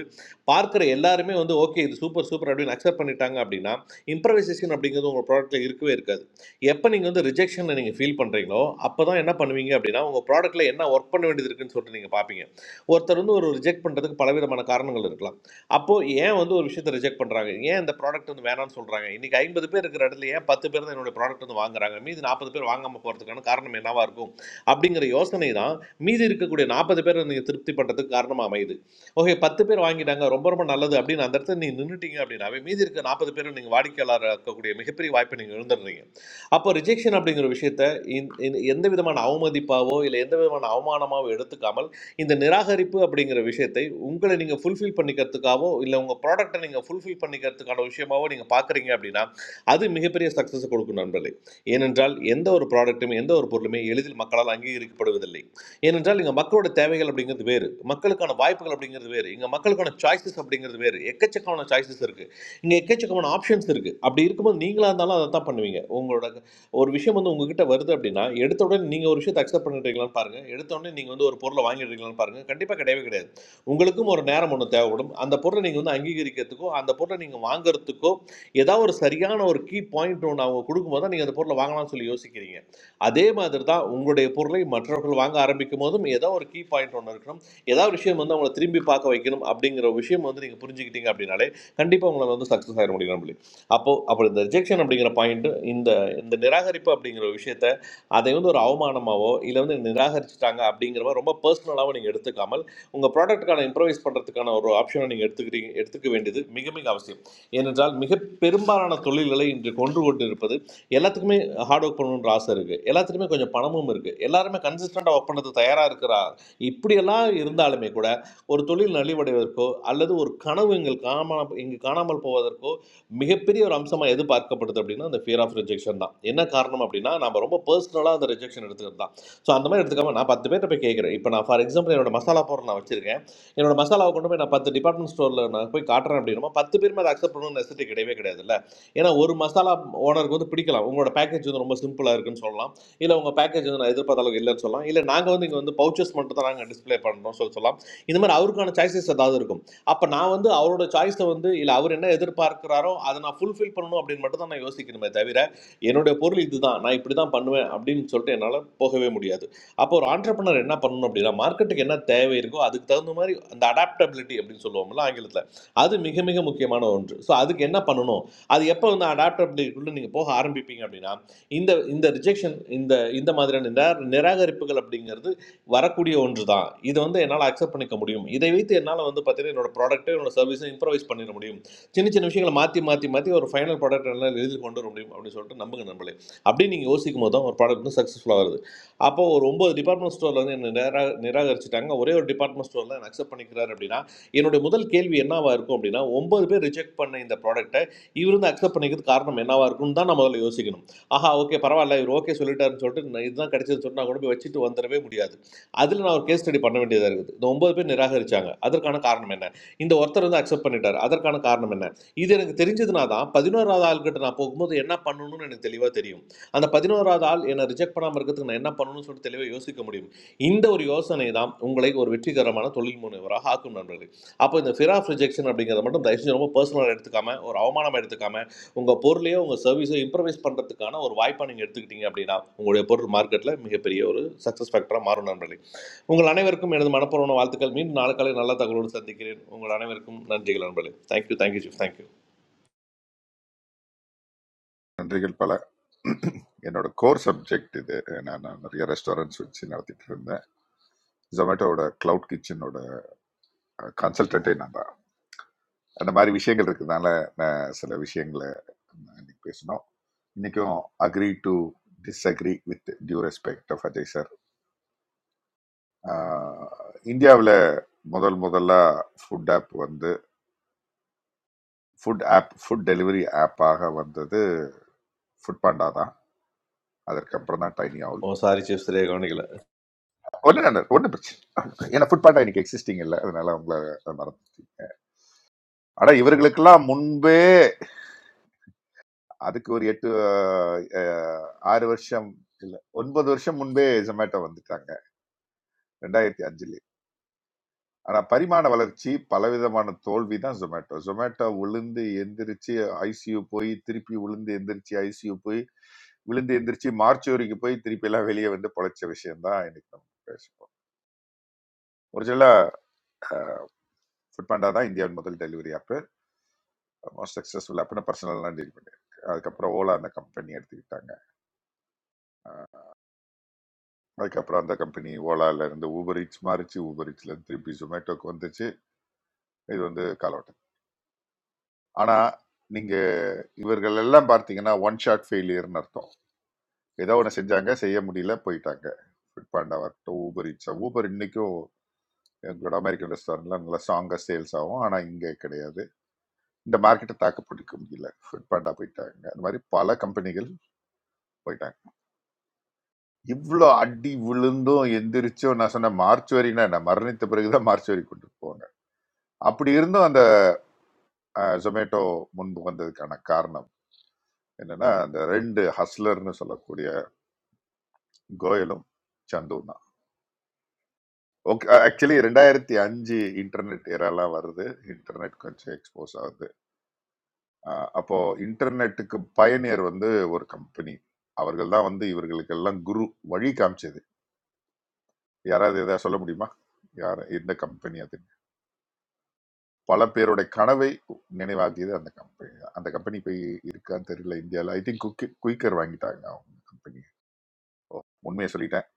S8: பார்க்குற எல்லாருமே வந்து ஓகே இது சூப்பர் சூப்பர் அப்படின்னு அக்செப்ட் பண்ணிட்டாங்க அப்படின்னா இம்ப்ரவைசேஷன் அப்படிங்கிறது உங்கள் ப்ராடக்ட்டில் இருக்கவே இருக்காது எப்போ நீங்கள் வந்து ரிஜெக்ஷனை நீங்கள் ஃபீல் பண்ணுறீங்களோ அப்போ தான் என்ன பண்ணுவீங்க அப்படின்னா உங்கள் ப்ராடக்ட்டில் என்ன ஒர்க் பண்ண வேண்டியது இருக்குன்னு சொல்லிட்டு நீங்கள் பார்ப்பீங்க ஒருத்தர் வந்து ஒரு ரிஜெக்ட் பண்ணுறதுக்கு பலவிதமான காரணங்கள் இருக்கலாம் அப்போது ஏன் வந்து ஒரு விஷயத்தை ரிஜெக்ட் பண்ணுறாங்க ஏன் இந்த ப்ராடக்ட் வந்து வேணாம்னு சொல்கிறாங்க இன்றைக்கி ஐம்பது பேர் இருக்கிற இடத்துல ஏன் பத்து பேர் தான் என்னோட ப்ராடக்ட் வந்து வாங்குறாங்க மீதி நாற்பது பேர் வாங்காமல் போகிறதுக்கான காரணம் என்னவாக இருக்கும் அப்படிங்கிற யோசனை தான் மீதி இருக்கக்கூடிய நாற்பது பேரை நீங்கள் திருப்தி பண்ணுறதுக்கு காரணமாக அமையுது ஓகே பத்து பேர் வாங்கிட்டாங்க ரொம்ப ரொம்ப நல்லது அப்படின்னு அந்த இடத்துல நீங்கள் நின்றுட்டீங்க அப்படின்னாவே மீதி இருக்க நாற்பது பேரும் நீங்கள் வாடிக்கையாளராக இருக்கக்கூடிய மிகப்பெரிய வாய்ப்பை நீங்கள் இழந்துடுறீங்க அப்போ ரிஜெக்ஷன் அப்படிங்கிற விஷயத்த இந்த- இந்த- எந்த விதமான அவமதிப்பாவோ இல்லை எந்த விதமான அவமானமாவோ எடுத்துக்காமல் இந்த நிராகரிப்பு அப்படிங்கிற விஷயத்தை உங்களை நீங்கள் ஃபுல்ஃபில் பண்ணிக்கிறதுக்காகவோ இல்லை உங்கள் ப்ராடக்ட்டை நீங்கள் ஃபுல்ஃபில் பண்ணிக்கிறதுக்கான விஷயமாவோ நீங்கள் பார்க்குறீங்க அப்படின்னா அது மிகப்பெரிய சக்ஸஸ் கொடுக்கும் நண்பர்களே ஏனென்றால் எந்த ஒரு ப்ராடக்ட்டுமே எந்த ஒரு பொருளுமே எளிதில் மக்களால் அங்கீகரிக்கப்படுவதில்லை ஏனென்றால் இங்கே மக்களோட தேவைகள் அப்படிங்கிறது வேறு மக்களுக்கான வாய்ப்புகள் அப்படிங்கிறது வேறு இங்கே மக்களுக்கான சாய்ஸஸ் அப்படிங்கிறது வேறு எக்கச்சக்கமான சாய்ஸஸ் இருக்குது இங்கே எக்கச்சக்கமான ஆப்ஷன்ஸ் இருக்குது அப்படி இருக்கும்போது நீங்களாக இருந்தாலும் அதை தான் பண்ணுவீங்க உங்களோட ஒரு விஷயம் வந்து உங்ககிட்ட வருது அப்படின்னா எடுத்த உடனே நீங்கள் ஒரு விஷயத்தை அக்செப்ட் பண்ணிடுறீங்களான்னு பாருங்கள் எடுத்த உடனே நீங்கள் வந்து ஒரு பொருளை வாங்கிடுறீங்களான்னு பாருங்கள் கண்டிப்பாக கிடையவே கிடையாது உங்களுக்கும் ஒரு நேரம் ஒன்று தேவைப்படும் அந்த பொருளை நீங்கள் வந்து அங்கீகரிக்கிறதுக்கோ அந்த பொருளை நீங்கள் வாங்குறதுக்கோ ஏதாவது ஒரு சரியான ஒரு கீ பாயிண்ட் ஒன்று அவங்க கொடுக்கும்போது தான் நீங்கள் அந்த பொருளை வாங்கலாம்னு சொல்லி யோசிக்கிறீங்க அதே மாதிரி தான் உங்களுடைய பொருளை மற்றவர்கள் வாங்க ஆரம்பிக்கும் போதும் ஏதோ ஒரு கீ பாயிண்ட் ஒன்று இருக்கணும் ஏதாவது ஒரு விஷயம் வந்து அவங்கள திரும்பி பார்க்க வைக்கணும் அப்படிங்கிற ஒரு விஷயம் வந்து நீங்கள் புரிஞ்சுக்கிட்டீங்க அப்படின்னாலே கண்டிப்பாக உங்களை வந்து சக்ஸஸ் ஆயிட முடியும் நம்மளே அப்போது அப்போ இந்த ரிஜெக்ஷன் அப்படிங்கிற பாயிண்ட் இந்த இந்த நிராகரிப்பு அப்படிங்கிற ஒரு விஷயத்த அதை வந்து ஒரு அவமானமாவோ இல்லை வந்து நிராகரிச்சுட்டாங்க அப்படிங்கிறவ ரொம்ப பர்சனலாகவும் நீங்கள் எடுத்துக்காமல் உங்கள் ப்ராடக்ட்டுக்கான இம்ப்ரவைஸ் பண்ணுறதுக்கான ஒரு ஆப்ஷனை நீங்கள் எடுத்துக்கிறீங்க எடுத்துக்க வேண்டியது மிக மிக அவசியம் ஏனென்றால் மிக பெரும்பாலான தொழில்களை இன்று கொன்று கொண்டிருப்பது எல்லாத்துக்குமே ஹார்ட் ஒர்க் பண்ணணுன்ற ஆசை இருக்குது எல்லாத்துக்குமே கொஞ்சம் பணமும் இருக்குது எல்லாருமே கன்சிஸ்டண்ட்டாக ஒர்க் பண்ணுறது தயாராக இருக்கிறா இப்படியெல்லாம் இருந்தாலுமே கூட ஒரு தொழில் நலிவடைவதற்கோ அல்லது ஒரு கனவு எங்கள் காணாமல் இங்கு காணாமல் போவதற்கோ மிகப்பெரிய ஒரு அம்சமாக எது பார்க்கப்படுது அப்படின்னா அந்த ஃபியர் ஆஃப் ரிஜெக்ஷன் தான் என்ன காரணம் அப்படின்னா நம்ம ரொம்ப பர்சனலாக அந்த ரிஜெக்ஷன் எடுத்துக்கிறது தான் ஸோ அந்த மாதிரி எடுத்துக்காம நான் பத்து பேர்கிட்ட போய் கேட்குறேன் இப்போ நான் ஃபார் எக்ஸாம்பிள் என்னோட மசாலா பவுடர் நான் வச்சிருக்கேன் என்னோட மசாலாவை கொண்டு போய் நான் பத்து டிபார்ட்மெண்ட் ஸ்டோரில் நான் போய் காட்டுறேன் அப்படின்னா பத்து பேருமே அதை அக்செப்ட் பண்ணணும்னு நெசிட்டி கிடையவே கிடையாதுல்ல ஏன்னா ஒரு மசாலா ஓனருக்கு வந்து பிடிக்கலாம் உங்களோட பேக்கேஜ் வந்து ரொம்ப சிம்பிளாக இருக்குன்னு சொல்லலாம் இல்லை உங்கள் பேக்கேஜ் வந்து நான் எதிர்பார்த்த அளவுக்கு இல்லைன்னு சொல்லலாம் இல்லை நாங்கள் வந்து இங்கே வந்து பவுச்சஸ் மட்டும் தான் நாங்கள் டிஸ்ப்ளே பண்ணுறோம் சொல்லி சொல்லலாம் இந்த மாதிரி அவருக்கான சாய்ஸஸ் ஏதாவது இருக்கும் அப்போ நான் வந்து அவரோட சாய்ஸை வந்து இல்லை அவர் என்ன எதிர்பார்க்கிறாரோ அதை நான் ஃபுல்ஃபில் பண்ணணும் அப்படின்னு மட்டும் தான் நான் யோசிக்கணுமே தவிர என்னுடைய பொருள் இதுதான் நான் இப்படி தான் பண்ணுவேன் அப்படின்னு சொல்லிட்டு என்னால் போகவே முடியாது அப்போ ஒரு ஆண்டர்பனர் என்ன பண்ணணும் அப்படின்னா மார்க்கெட்டுக்கு என்ன தேவை இருக்கோ அதுக்கு தகுந்த மாதிரி அந்த அடாப்டபிலிட்டி அப்படின்னு சொல்லுவோம்ல ஆங்கிலத்தில் அது மிக மிக முக்கியமான ஒன்று ஸோ அதுக்கு என்ன பண்ணணும் அது எப்போ வந்து அடாப்ட் அப்படிக்குள்ள நீங்கள் போக ஆரம்பிப்பீங்க அப்படின்னா இந்த இந்த ரிஜெக்ஷன் இந்த இந்த மாதிரியான நிரா நிராகரிப்புகள் அப்படிங்கிறது வரக்கூடிய ஒன்று தான் இது வந்து என்னால் அக்செப்ட் பண்ணிக்க முடியும் இதை வைத்து என்னால் வந்து பார்த்தீங்கன்னா என்னோட ப்ராடக்ட்டை என்னோட சர்வீஸை இம்ப்ரவைஸ் பண்ணிட முடியும் சின்ன சின்ன விஷயங்களை மாற்றி மாற்றி மாற்றி ஒரு ஃபைனல் ப்ராடக்ட் என்னால் எழுதி கொண்டு வர முடியும் அப்படின்னு சொல்லிட்டு நம்புங்க நம்பளே அப்படி நீங்கள் யோசிக்கும் போது தான் ஒரு ப்ராடக்ட் வந்து சக்ஸஸ்ஃபுல்லாக வருது அப்போ ஒரு ஒன்பது டிபார்ட்மெண்ட் ஸ்டோரில் வந்து என்னை நிரா நிராகரிச்சிட்டாங்க ஒரே ஒரு டிபார்ட்மெண்ட் ஸ்டோரில் என்ன அக்செப்ட் பண்ணிக்கிறாரு அப்படின்னா என்னுடைய முதல் கேள்வி என்னவா இருக்கும் அப்படின்னா ஒன்பது பேர் ரிஜெக்ட் பண்ண இந்த ப்ராடக்ட்டை இவர் வந்து அக்செப்ட் பண்ணிக்கிறதுக்கு காரணம் என்னவா இருக்கும்னு தான் நான் முதல்ல யோசிக்கணும் ஆஹா ஓகே பரவாயில்ல இவர் ஓகே சொல்லிட்டாருன்னு சொல்லிட்டு நான் இதுதான் கிடைச்சதுன்னு சொல்லிட்டு நான் கொண்டு போய் வச்சுட்டு வந்துடவே முடியாது அதில் நான் ஒரு கேஸ் ஸ்டடி பண்ண வேண்டியதாக இருக்குது இந்த ஒன்பது பேர் நிராகரிச்சாங்க அதற்கான காரணம் என்ன இந்த ஒருத்தர் வந்து அக்செப்ட் பண்ணிட்டார் அதற்கான காரணம் என்ன இது எனக்கு தெரிஞ்சதுனா தான் பதினோராவது ஆள்கிட்ட நான் போகும்போது என்ன பண்ணணும்னு எனக்கு தெளிவாக தெரியும் அந்த பதினோராவது ஆள் என்னை ரிஜெக்ட் பண்ணாமல் இருக்கிறதுக்கு நான் என்ன பண்ணணும்னு சொல்லிட்டு தெளிவாக யோசிக்க முடியும் இந்த ஒரு யோசனை தான் உங்களை ஒரு வெற்றிகரமான தொழில் முனைவராக ஆக்கும் நண்பர்களே அப்போ இந்த ஃபியர் ஆஃப் ரிஜெக்ஷன் அப்படிங்கிறத மட்டும் தயவு செஞ்சு ரொம்ப பர்சனலாக எடுத்துக்காம ஒரு அவமானமாக எடுத்துக்காம உங்கள் பொருளையோ உங்கள் சர்வீஸோ இம்ப்ரவைஸ் பண்ணுறதுக்கான ஒரு வாய்ப்பை நீங்கள் எடுத்துக்கிட்டீங்க அப்படின்னா உங்களுடைய பொருள் மார்க்கெட்டில் மிகப்பெரிய ஒரு சக்ஸஸ் ஃபேக்டராக மாறும் நண்பர்களே உங்கள் அனைவருக்கும் எனது மனப்பூர்வமான வாழ்த்துக்கள் மீண்டும் நாளுக்காலை நல்ல தகவலோடு சந்திக்கிறேன் உங்கள் அனைவருக்கும் நன்றிகள் நண்பர்களே தேங்க்யூ தேங்க்யூ சீஃப் தேங்க்யூ
S6: நன்றிகள் பல என்னோட கோர் சப்ஜெக்ட் இது நான் நான் நிறைய ரெஸ்டாரண்ட்ஸ் வச்சு நடத்திட்டு இருந்தேன் ஜொமேட்டோட கிளவுட் கிச்சனோட கன்சல்டன்ட்டே நான் தான் அந்த மாதிரி விஷயங்கள் இருக்கிறதுனால நான் சில விஷயங்களை நான் இன்னைக்கு பேசணும் இன்னைக்கும் agree to disagree with due respect of Ajay sir இந்தியாவில் முதல் முதல்ல ஃபுட் ஆப் வந்து ஃபுட் ஆப் ஃபுட் டெலிவரி ஆப்பாக வந்தது ஃபுட் பாண்டா தான் அதற்கப்புறம் தான் TinyOwl
S8: oh sorry chief சரியாக கவனிக்கல
S6: ஒன்று ஒன்றும் பிரச்சனை இல்ல. ஏன்னா ஃபுட் பாண்டா இன்னைக்கு எக்ஸிஸ்டிங் இல்லை அதனால உங்களை அதை மறந்துட்டீங்க ஆனால் இவர்களுக்கெல்லாம் முன்பே அதுக்கு ஒரு எட்டு அஹ், ஆறு வருஷம் இல்லை ஒன்பது வருஷம் முன்பே ஜொமேட்டோ வந்துட்டாங்க ரெண்டாயிரத்தி அஞ்சுல ஆனா பரிமாண வளர்ச்சி பலவிதமான தோல்வி தான் ஜொமேட்டோ ஜொமேட்டோ விழுந்து எந்திரிச்சு ஐசியூ போய் திருப்பி விழுந்து எந்திரிச்சு ஐசியூ போய் விழுந்து எந்திரிச்சு மார்ச் வரைக்கும் போய் திருப்பி எல்லாம் வெளியே வந்து பொழைச்ச விஷயம் தான் இன்னைக்கு நம்ம பேசுவோம் ஒரு சில ஃபுட் பாண்டா தான் இந்தியாவின் முதல் டெலிவரி ஆப் மோஸ்ட் சக்ஸஸ்ஃபுல் ஆப்னு பர்சனல்லாம் டீல் பண்ணியிருக்கேன் அதுக்கப்புறம் ஓலா அந்த கம்பெனி எடுத்துக்கிட்டாங்க அஹ் அதுக்கப்புறம் அந்த கம்பெனி ஓலால இருந்து ஊபர் ஈட்ஸ் மாறிச்சு ஊபர் ஈட்ஸ்ல இருந்து திருப்பி ஜொமேட்டோக்கு வந்துச்சு இது வந்து காலோட்டம் ஆனா நீங்க இவர்கள் எல்லாம் பார்த்தீங்கன்னா ஒன் ஷாட் ஃபெயிலியர்னு அர்த்தம் ஏதோ ஒன்று செஞ்சாங்க செய்ய முடியல போயிட்டாங்க ஃபிட் பாண்டா வரட்டும் ஊபர் இட்ஸா ஊபர் இன்னைக்கும் எங்களோட அமெரிக்கன் ரெஸ்டாரண்ட்ல நல்லா ஸ்ட்ராங்காக சேல்ஸ் ஆகும் ஆனால் இங்கே கிடையாது இந்த மார்க்கெட்டை தாக்கு பிடிக்க முடியல ஃபிட் பாண்டா போயிட்டாங்க அந்த மாதிரி பல கம்பெனிகள் போயிட்டாங்க இவ்வளோ அடி விழுந்தும் எந்திரிச்சும் நான் சொன்ன மார்ச் வரைனா என்ன மரணித்த பிறகுதான் மார்ச் வரை கொண்டு போவாங்க அப்படி இருந்தும் அந்த ஜொமேட்டோ முன்பு வந்ததுக்கான காரணம் என்னன்னா அந்த ரெண்டு ஹஸ்லர்னு சொல்லக்கூடிய கோயலும் சந்துவும் ஓகே. ஆக்சுவலி 2005 இன்டர்நெட் எராலாம் வருது. இன்டர்நெட் கொஞ்சம் எக்ஸ்போஸ் ஆகுது. அ அப்போ இன்டர்நெட்டுக்கு பயனியர் வந்து ஒரு கம்பெனி. அவர்கள் தான் வந்து இவர்களுக்கெல்லாம் குரு. வழி காமிச்சது. யாராவது எதாவது சொல்ல முடியுமா? யார் எந்த கம்பெனி அது? பல பேருடைய கனவை நினைவாக்கியது அந்த கம்பெனி தான். அந்த கம்பெனி போய் இருக்கான்னு தெரியல இந்தியால. ஐ திங்க் குக்கி குயிக்கர் வாங்கிட்டாங்க அவங்க கம்பெனி. உண்மைய சொல்லிட்டேன்.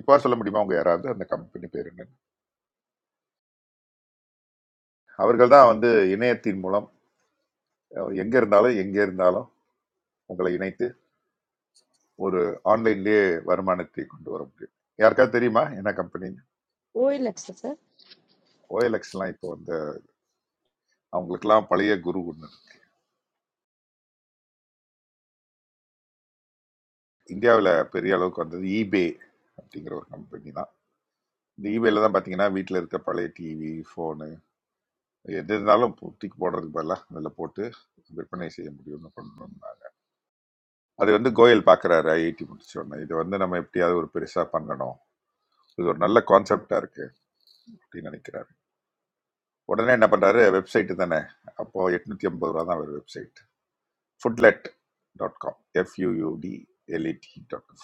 S6: இப்போ சொல்ல முடியுமா உங்க யாராவது அந்த கம்பெனி பேர் என்னன்னு? அவர்கள் தான் வந்து இணையத்தின் மூலம் அ எங்க இருந்தாலும் எங்கே இருந்தாலும் உங்களை இணைத்து ஒரு ஆன்லைன்லயே வருமானத்தை கொண்டு வர முடியும் யாருக்காவது தெரியுமா என்ன கம்பெனி
S2: கோயில் சார் சார்
S6: ஓஎல்எக்ஸ் எல்லாம் இப்போ வந்து அவங்களுக்குலாம் பழைய குரு ஒன்று இந்தியாவில் பெரிய அளவுக்கு வந்தது ஈபே அப்படிங்கிற ஒரு கம்பெனி தான் இந்த ஈபேல தான் பார்த்தீங்கன்னா வீட்டில் இருக்க பழைய டிவி ஃபோனு எது இருந்தாலும் தூக்கி போடுறதுக்கு பதிலாக அதில் போட்டு விற்பனை செய்ய முடியும்னு கொண்டு வந்தாங்க அது வந்து கோயல் பார்க்குறாரு ஐஐடி முடிச்சோடனே இது வந்து நம்ம எப்படியாவது ஒரு பெருசாக பண்ணணும் இது ஒரு நல்ல கான்செப்டாக இருக்கு அப்படின்னு நினைக்கிறாரு உடனே என்ன பண்ணுறாரு வெப்சைட்டு தானே அப்போ எட்நூத்தி ஐம்பது ரூபா தான் ஒரு வெப்சைட் foodlet.com f-u-u-d-l-e-t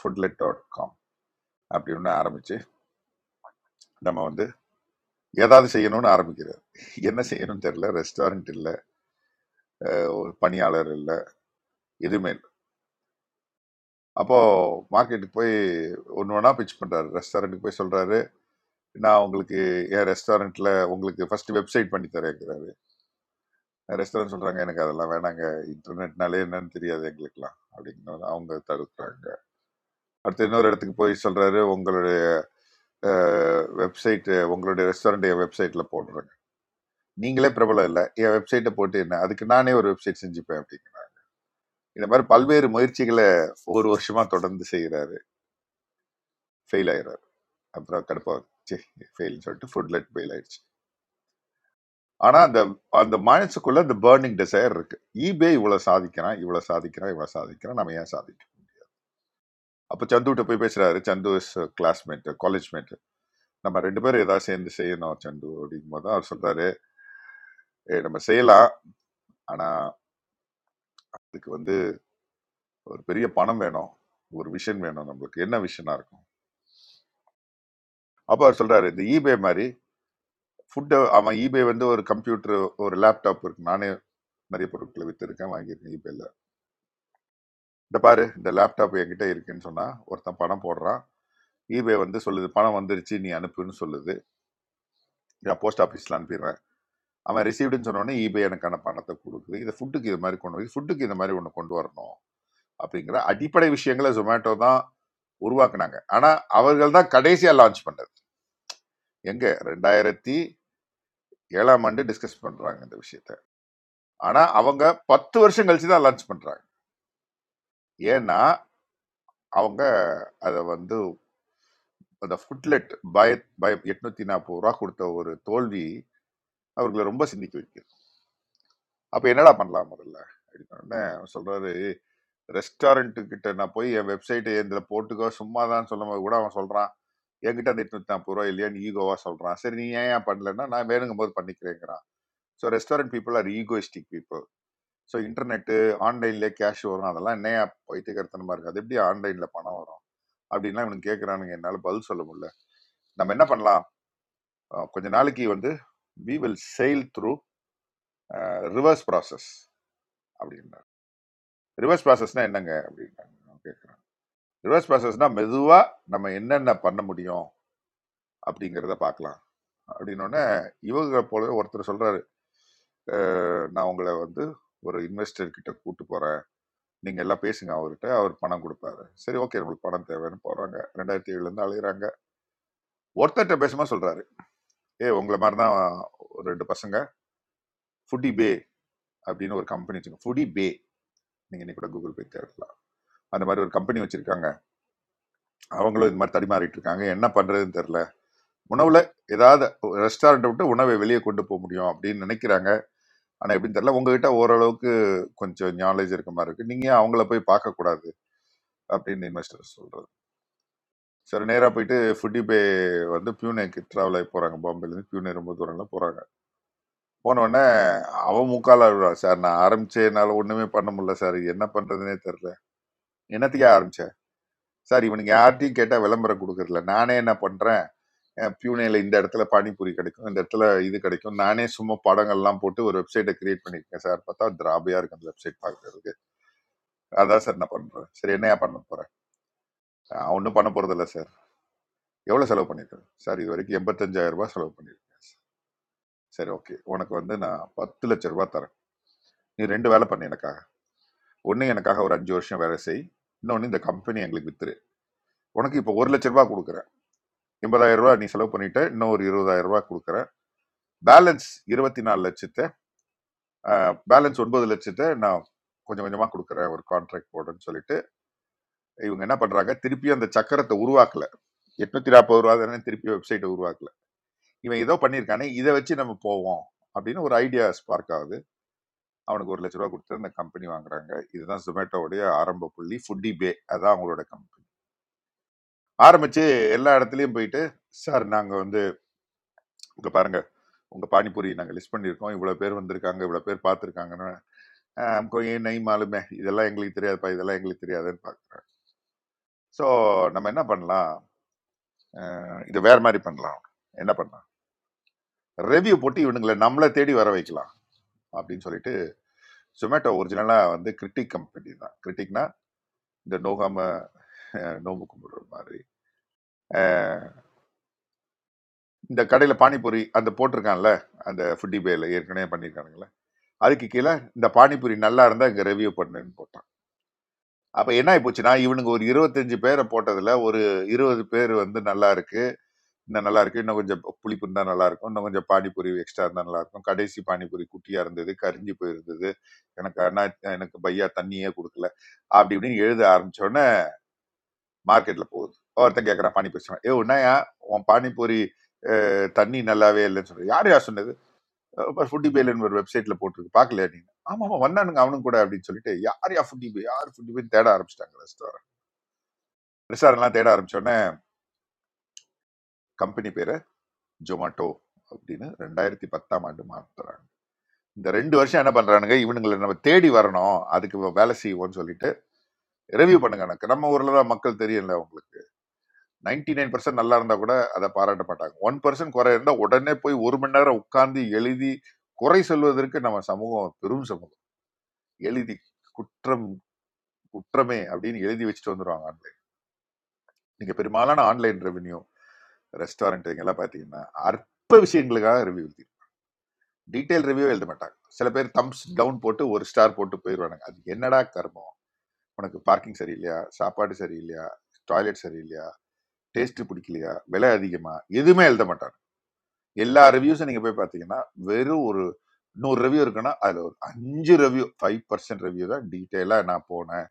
S6: foodlet.com அப்படி ஒன்று ஆரம்பிச்சு நம்ம வந்து ஏதாவது செய்யணும்னு ஆரம்பிக்கிறது என்ன செய்யணும்னு தெரியல ரெஸ்டாரண்ட் இல்லை ஒரு பணியாளர் இல்லை எதுவுமே இல்லை அப்போ மார்க்கெட்டுக்கு போய் ஒன்று ஒன்றா பிச் பண்ணுறாரு ரெஸ்டாரண்ட்டுக்கு போய் சொல்கிறாரு நான் உங்களுக்கு என் ரெஸ்டாரண்ட்டில் உங்களுக்கு ஃபர்ஸ்ட் வெப்சைட் பண்ணி தரேங்கிறாரு ரெஸ்டாரண்ட் சொல்கிறாங்க எனக்கு அதெல்லாம் வேணாங்க இன்டர்நெட்னாலே என்னன்னு தெரியாது எங்களுக்குலாம் அப்படிங்கிறது அவங்க தடுக்கிறாங்க அடுத்து இன்னொரு இடத்துக்கு போய் சொல்றாரு உங்களுடைய வெப்சைட் உங்களுடைய ரெஸ்டாரண்ட் என் வெப்சைட்ல போடுறேங்க நீங்களே பிரபலம் இல்லை என் வெப்சைட்டை போட்டு என்ன அதுக்கு நானே ஒரு வெப்சைட் செஞ்சுப்பேன் அப்படிங்க இந்த மாதிரி பல்வேறு முயற்சிகளை ஒரு வருஷமா தொடர்ந்து செய்கிறாரு ஃபெயில் ஆயிடுறாரு அப்புறம் கடுப்பாவது சரி ஃபெயில் சொல்லிட்டு ஃபுட்லெட் ஃபெயில் ஆயிடுச்சு ஆனா அந்த அந்த மனசுக்குள்ள அந்த பேர்னிங் டிசைர் இருக்கு ஈபே இவ்வளவு சாதிக்கிறான் இவ்வளவு சாதிக்கிறான் இவ்வளவு சாதிக்கிறான் நம்ம ஏன் சாதிக்கணும் அப்ப சந்துகிட்ட போய் பேசுறாரு சந்து இஸ் கிளாஸ்மேட் காலேஜ் மேட் நம்ம ரெண்டு பேரும் ஏதாவது சேர்ந்து செய்யணும் சண்டு அப்படிங்கும்போது அவர் சொல்றாரு "ஏய், நம்ம செய்யலாம் ஆனா இதுக்கு வந்து ஒரு பெரிய பணம் வேணும் ஒரு விஷன் வேணும் நம்மளுக்கு என்ன விஷனா இருக்கும் அப்போ அவர் சொல்றாரு இந்த ஈபே மாதிரி ஃபுட்டை அவன் ஈபே வந்து ஒரு கம்ப்யூட்டர் ஒரு லேப்டாப் இருக்கு நானே நிறைய பொருட்களை வித்திருக்கேன் வாங்கியிருக்கேன் ஈபேல இந்த பாரு இந்த லேப்டாப் என்கிட்ட இருக்குன்னு சொன்னா ஒருத்தன் பணம் போடுறான் ஈபே வந்து சொல்லுது பணம் வந்துருச்சு நீ அனுப்புன்னு சொல்லுது நான் போஸ்ட் ஆஃபீஸ்ல அனுப்பிடுறேன் அவன் ரிசீவ்டுன்னு சொன்னோடனே ஈபே எனக்கான பணத்தை கொடுக்குது இதை ஃபுட்டுக்கு இது மாதிரி கொண்டு இது ஃபுட்டுக்கு இந்த மாதிரி ஒன்று கொண்டு வரணும் அப்படிங்கிற அடிப்படை விஷயங்களை ஜொமேட்டோ தான் உருவாக்குனாங்க ஆனா அவர்கள் தான் கடைசியா லான்ச் பண்ணது எங்க ரெண்டாயிரத்தி ஏழாம் ஆண்டு டிஸ்கஸ் பண்றாங்க இந்த விஷயத்த ஆனா அவங்க பத்து வருஷம் கழிச்சு தான் லான்ச் பண்றாங்க ஏன்னா அவங்க அதை வந்து அந்த ஃபுட்லெட் பய பய எட்நூத்தி நாற்பது ரூபா கொடுத்த ஒரு தோல்வி அவர்களை ரொம்ப சிந்திக்க வைக்குது அப்ப என்னடா பண்ணலாம் முதல்ல அப்படின்னு சொல்றாரு ரெஸ்டாரண்ட் கிட்ட நான் போய் என் வெப்சைட்டை இதுல போட்டுக்கோ சும்மா தான் சொல்லும் போது கூட அவன் சொல்றான் என்கிட்ட அந்த எட்நூத்தி நாற்பது ரூபா இல்லையான்னு ஈகோவா சொல்றான் சரி நீ ஏன் ஏன் பண்ணலன்னா நான் வேணுங்கும் போது பண்ணிக்கிறேங்கிறான் so restaurant people are egoistic people so internet ஆன்லைன்ல கேஷ் வரும் அதெல்லாம் என்னையா பைத்தியக்காரத்தனமா இருக்கு அது எப்படி ஆன்லைன்ல பணம் வரும் அப்படின்லாம் இவனுக்கு கேட்கறானுங்க என்னால பதில் சொல்ல முடியல நம்ம என்ன பண்ணலாம் அஹ் கொஞ்ச நாளைக்கு வந்து we will sail through reverse process அப்படின்னு ரிவர்ஸ் ப்ராசஸ்னா என்னங்க அப்படின்றாங்க நான் கேட்குறேன் ரிவர்ஸ் ப்ராசஸ்னா மெதுவாக நம்ம என்னென்ன பண்ண முடியும் அப்படிங்கிறத பார்க்கலாம் அப்படின்னோடனே இவங்க போலவே ஒருத்தர் சொல்றாரு "அஹ், நான் உங்களை வந்து ஒரு இன்வெஸ்டர் கிட்ட கூட்டு போறேன் நீங்க எல்லாம் பேசுங்க அவர்கிட்ட அவர் பணம் கொடுப்பாரு சரி ஓகே உங்களுக்கு பணம் தேவைன்னு போறாங்க ரெண்டாயிரத்தி ஏழுல இருந்து அலையுறாங்க ஒருத்தர்கிட்ட பேசும்போது சொல்றாரு ஏ உங்களை மாதிரி தான் ஒரு ரெண்டு பசங்க ஃபுடி பே அப்படின்னு ஒரு கம்பெனி வச்சுங்க ஃபுடி பே நீங்க இன்னைக்கு கூட கூகுள் பே தேடலாம் அந்த மாதிரி ஒரு கம்பெனி வச்சிருக்காங்க அவங்களும் இது மாதிரி தடிமாறிட்டு இருக்காங்க என்ன பண்றதுன்னு தெரியல உணவுல ஏதாவது ரெஸ்டாரண்ட் விட்டு உணவை வெளியே கொண்டு போக முடியும் அப்படின்னு நினைக்கிறாங்க ஆனா எப்படின்னு தெரியல உங்ககிட்ட ஓரளவுக்கு கொஞ்சம் நாலேஜ் இருக்க மாதிரி இருக்கு நீங்க ஏன் அவங்கள போய் பார்க்க கூடாது அப்படின்னு இன்வெஸ்டர் சொல்றது சரி நேரா போயிட்டு ஃபுட்டி பே வந்து பியூனேக்கு டிராவல் ஆகி போறாங்க பாம்பேல இருந்து பியூனே ரொம்ப தூரம்லாம் போறாங்க போன உடனே அவன் முக்கால அழுவா, சார் நான் ஆரம்பிச்சேனால ஒண்ணுமே பண்ண முடியல சார் என்ன பண்றதுனே தெரியல என்னத்துக்கே ஆரம்பிச்ச சார் இவனுங்க யார்ட்டையும் கேட்டால் விளம்பரம் கொடுக்கறதில்ல நானே என்ன பண்ணுறேன் பியூனேல இந்த இடத்துல பானிபூரி கிடைக்கும் இந்த இடத்துல இது கிடைக்கும் நானே சும்மா படங்கள்லாம் போட்டு ஒரு வெப்சைட்டை கிரியேட் பண்ணியிருக்கேன் சார் பார்த்தா திராபியாக இருக்கு அந்த வெப்சைட் பார்க்கறதுக்கு அதான் சார் நான் பண்ணுறேன் சரி என்னையா பண்ண போகிறேன் ஒன்றும் பண்ண போகிறதில்ல சார் எவ்வளோ செலவு பண்ணியிருக்கேன் சார் இது வரைக்கும் எண்பத்தஞ்சாயிரம் ரூபாய் செலவு பண்ணியிருக்கேன் சரி ஓகே உனக்கு வந்து நான் பத்து லட்ச ரூபாய் தரேன் நீ ரெண்டு வேலை பண்ணு எனக்காக ஒன்று எனக்காக ஒரு அஞ்சு வருஷம் வேலை செய் இன்னொன்று இந்த கம்பெனி எங்களுக்கு வித்துரு உனக்கு இப்போ ஒரு லட்ச ரூபாய் கொடுக்குறேன் எண்பதாயிரம் ரூபாய் நீ செலவு பண்ணிட்ட இன்னும் ஒரு இருபதாயிரம் ரூபாய் கொடுக்குறேன் பேலன்ஸ் இருபத்தி நாலு லட்சத்தை பேலன்ஸ் ஒன்பது லட்சத்தை நான் கொஞ்சம் கொஞ்சமாக கொடுக்குறேன் ஒரு கான்ட்ராக்ட் போடுறேன்னு சொல்லிட்டு இவங்க என்ன பண்ணுறாங்க திருப்பி அந்த சக்கரத்தை உருவாக்கல எட்நூத்தி நாற்பது ரூபா தானே திருப்பி வெப்சைட்டை உருவாக்கல இவன் ஏதோ பண்ணியிருக்கானே இதை வச்சு நம்ம போவோம் அப்படின்னு ஒரு ஐடியா ஸ்பார்க் ஆகுது அவனுக்கு ஒரு லட்ச ரூபா கொடுத்து அந்த கம்பெனி வாங்குறாங்க இதுதான் ஜொமேட்டோவுடைய ஆரம்ப புள்ளி ஃபுட்டி பே அதான் அவங்களோட கம்பெனி ஆரம்பிச்சு எல்லா இடத்துலையும் போயிட்டு சார் நாங்கள் வந்து இங்கே பாருங்க உங்க பானிபூரி நாங்கள் லிஸ்ட் பண்ணியிருக்கோம் இவ்வளோ பேர் வந்திருக்காங்க இவ்வளோ பேர் பார்த்துருக்காங்கன்னு நெய் மாலுமே இதெல்லாம் எங்களுக்கு தெரியாதுப்பா இதெல்லாம் எங்களுக்கு தெரியாதுன்னு பார்க்குறேன் ஸோ நம்ம என்ன பண்ணலாம் அஹ், இது வேற மாதிரி பண்ணலாம் என்ன பண்ணலாம் ரெவ்யூ போட்டு இவனுங்களை நம்மளை தேடி வர வைக்கலாம் அப்படின்னு சொல்லிட்டு ஜொமேட்டோ ஒரிஜினலா வந்து கிரிட்டிக் கம்பெனி தான் கிரிட்டிக்னா இந்த நோகாம அஹ், நோம்பு கும்பிடுற மாதிரி அஹ், இந்த கடையில பானிபூரி அந்த போட்டிருக்கான்ல அந்த ஃபுட்டி பேல ஏற்கனவே பண்ணியிருக்கானுங்களே அதுக்கு கீழே இந்த பானிபூரி நல்லா இருந்தா இங்க ரெவ்யூ பண்ணுன்னு போட்டான் அப்ப என்ன ஆயி போச்சுன்னா, இவனுங்க ஒரு 25 பேர போட்டதுல, ஒரு 20 பேர் வந்து நல்லா இருக்கு. இன்னும் நல்லா இருக்கு. இன்னும் கொஞ்சம் பு புளிப்பு இருந்தா நல்லா இருக்கும். இன்னும் கொஞ்சம் பானிபூரி எக்ஸ்ட்ரா இருந்தா நல்லா இருக்கும். கடைசி பானிபூரி குட்டியா இருந்தது. கரிஞ்சு போயிருந்தது. எனக்கு அண்ணா எனக்கு பையா தண்ணியே குடுக்கல. அப்படி இப்படின்னு எழுத ஆரம்பிச்ச உடனே மார்க்கெட்ல போகுது. ஒருத்தன் கேட்கறான் பானிபூரி சாப்பிட. "யோவ் என்னய்யா உன் பானிபூரி அ, தண்ணி நல்லாவே இல்லைன்னு சொல்ற." யார்யா சொன்னது? "அப்ப ஃபுட்டி பேலன் ஒரு வெப்சைட்ல போட்டிருக்கு. பார்க்கலையா நீ?" ஆமா ஆமா வந்தானுங்க அவனும் கூட அப்படின்னு சொல்லிட்டு யார்யா ஃபுட்டி பே யார் ஃபுட்டி பேன்னு தேட ஆரம்பிச்சிட்டாங்க ரெஸ்டாரண்ட். ரெஸ்டாரண்ட்லாம் தேட ஆரம்பிச்ச உடனே கம்பெனி பேரை ஜொமாட்டோ அப்படின்னு ரெண்டாயிரத்தி பத்தாம் ஆண்டு மாத்துறாங்க இந்த ரெண்டு வருஷம் என்ன பண்றானுங்க இவனுங்களை நம்ம தேடி வரணும் அதுக்கு வேலை செய்வோம்னு சொல்லிட்டு ரிவ்யூ பண்ணுங்க எனக்கு நம்ம ஊர்ல தான் மக்கள் தெரியல உங்களுக்கு 99% நைன் பர்சன்ட் நல்லா இருந்தா கூட அதை பாராட்ட மாட்டாங்க ஒன் பர்சன்ட் குறை இருந்தா உடனே போய் ஒரு மணி நேரம் உட்கார்ந்து எழுதி குறை சொல்வதற்கு நம்ம சமூகம் பெரும் சமூகம் எழுதி குற்றம் குற்றமே அப்படின்னு எழுதி வச்சுட்டு வந்துருவாங்க ஆன்லைன் நீங்க பெரும்பாலான ஆன்லைன் ரெவென்யூ ரெஸ்டாரண்ட் எல்லாம் பாத்தீங்கன்னா அற்ப விஷயங்களுக்காக ரிவ்யூ டீட்டெயில் ரிவ்யூ எழுத மாட்டாங்க சில பேர் தம்ஸ் டவுன் போட்டு ஒரு ஸ்டார் போட்டு போயிடுவானுங்க அது என்னடா கர்மம் உனக்கு பார்க்கிங் சரியில்லையா சாப்பாடு சரியில்லையா டாய்லெட் சரியில்லையா டேஸ்ட் பிடிக்கலையா விலை அதிகமா எதுவுமே எழுத மாட்டாங்க எல்லா ரிவ்யூஸும் நீங்க போய் பார்த்தீங்கன்னா வெறும் ஒரு நூறு ரிவ்யூ இருக்குன்னா அதுல ஒரு அஞ்சு ரிவ்யூ ஃபைவ் பர்சன்ட் ரிவ்யூ தான் டீட்டெயிலாக நான் போனேன்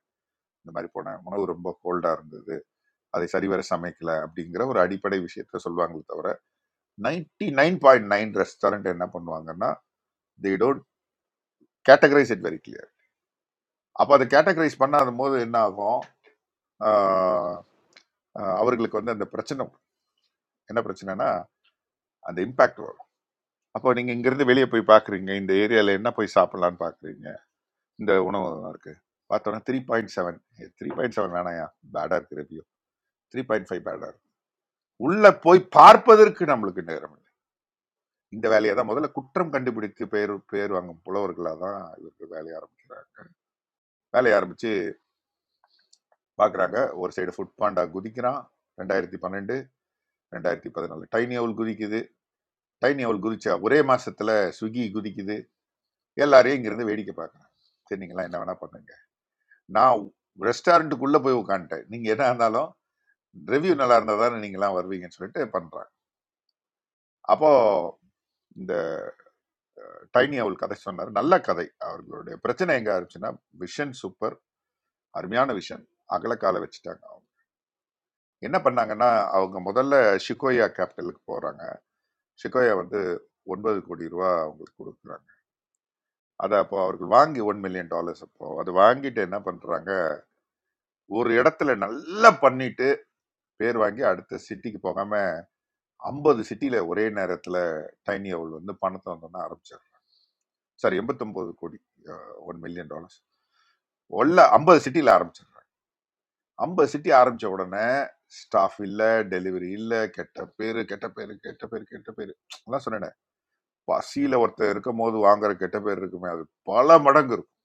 S6: இந்த மாதிரி போனேன் உணவு ரொம்ப கோல்டா இருந்தது அதை சரிவர சமைக்கல அப்படிங்கிற ஒரு அடிப்படை விஷயத்த சொல்லுவாங்களே தவிர 99.9 நைன் பாயிண்ட் நைன் ரெஸ்டாரண்ட் என்ன பண்ணுவாங்கன்னா they don't categorise it very அப்போ அதை கேட்டகரைஸ் பண்ணாத போது என்ன ஆகும் ஆஹ் ஆஹ் அவர்களுக்கு வந்து அந்த பிரச்சனை என்ன பிரச்சனைனா அந்த இம்பாக்ட் வரும் அப்போ நீங்கள் இங்கேருந்து வெளியே போய் பார்க்குறீங்க இந்த ஏரியாவில் என்ன போய் சாப்பிட்லான்னு பார்க்குறீங்க இந்த உணவகம் இருக்கு பார்த்தோன்னா three point seven three point seven வேணாயா பேடாக இருக்கு ரிவ்யூ த்ரீ பாயிண்ட் ஃபைவ் பேடாக இருக்கு உள்ளே போய் பார்ப்பதற்கு நம்மளுக்கு நேரம் இல்லை இந்த வேலையை தான் முதல்ல குற்றம் கண்டுபிடித்து பேர் பேர் வாங்கும் புலவர்களாக தான் இவர்கள் வேலையை ஆரம்பிக்கிறாங்க வேலையை ஆரம்பித்து பார்க்குறாங்க ஒரு சைடு ஃபுட் பாண்டா குதிக்கிறான் ரெண்டாயிரத்தி பன்னெண்டு ரெண்டாயிரத்தி பதினாலு டைனி அவல் குதிக்குது டைனி அவள் குதிச்சா ஒரே மாசத்துல ஸ்விக்கி குதிக்குது எல்லாரையும் இங்கிருந்து வேடிக்கை பார்க்குறேன் சரி நீங்களாம் என்ன வேணா பண்ணுங்க நான் ரெஸ்டாரண்ட்டுக்குள்ள போய் உட்காந்துட்டேன் நீங்க என்ன இருந்தாலும் ரிவ்யூ நல்லா இருந்தால் தானே நீங்களாம் வருவீங்கன்னு சொல்லிட்டு பண்றாங்க அப்போ இந்த டைனி அவள் கதை சொன்னார் நல்ல கதை அவர்களுடைய பிரச்சனை எங்க ஆரம்பிச்சுன்னா விஷன் சூப்பர் அருமையான விஷன் அகலக்கால வச்சுட்டாங்க அவங்க என்ன பண்ணாங்கன்னா அவங்க முதல்ல ஷிகோயா கேபிட்டலுக்கு போறாங்க ஷிகோயா வந்து ஒன்பது கோடி ரூபா அவங்களுக்கு கொடுக்குறாங்க அதை அப்போ அவர்கள் வாங்கி ஒன் மில்லியன் டாலர்ஸ் அப்போ அதை வாங்கிட்டு என்ன பண்றாங்க ஒரு இடத்துல நல்லா பண்ணிட்டு பேர் வாங்கி அடுத்த சிட்டிக்கு போகாம ஐம்பது சிட்டியில ஒரே நேரத்துல டைனி அவள் வந்து பணத்தை வந்தோன்னு ஆரம்பிச்சிடுறாங்க சாரி எண்பத்தொன்பது கோடி ஒன் மில்லியன் டாலர்ஸ் உள்ள ஐம்பது சிட்டியில ஆரம்பிச்சிடுறாங்க ஐம்பது சிட்டி ஆரம்பிச்ச உடனே ஸ்டாஃப் இல்ல டெலிவரி இல்ல கெட்ட பேரு கெட்ட பேரு கெட்ட பேரு கெட்ட பேரு எல்லாம் சொன்னேன் பசியில ஒருத்தர் இருக்கும் போது வாங்குற கெட்ட பேர் இருக்குமே அது பல மடங்கு இருக்கும்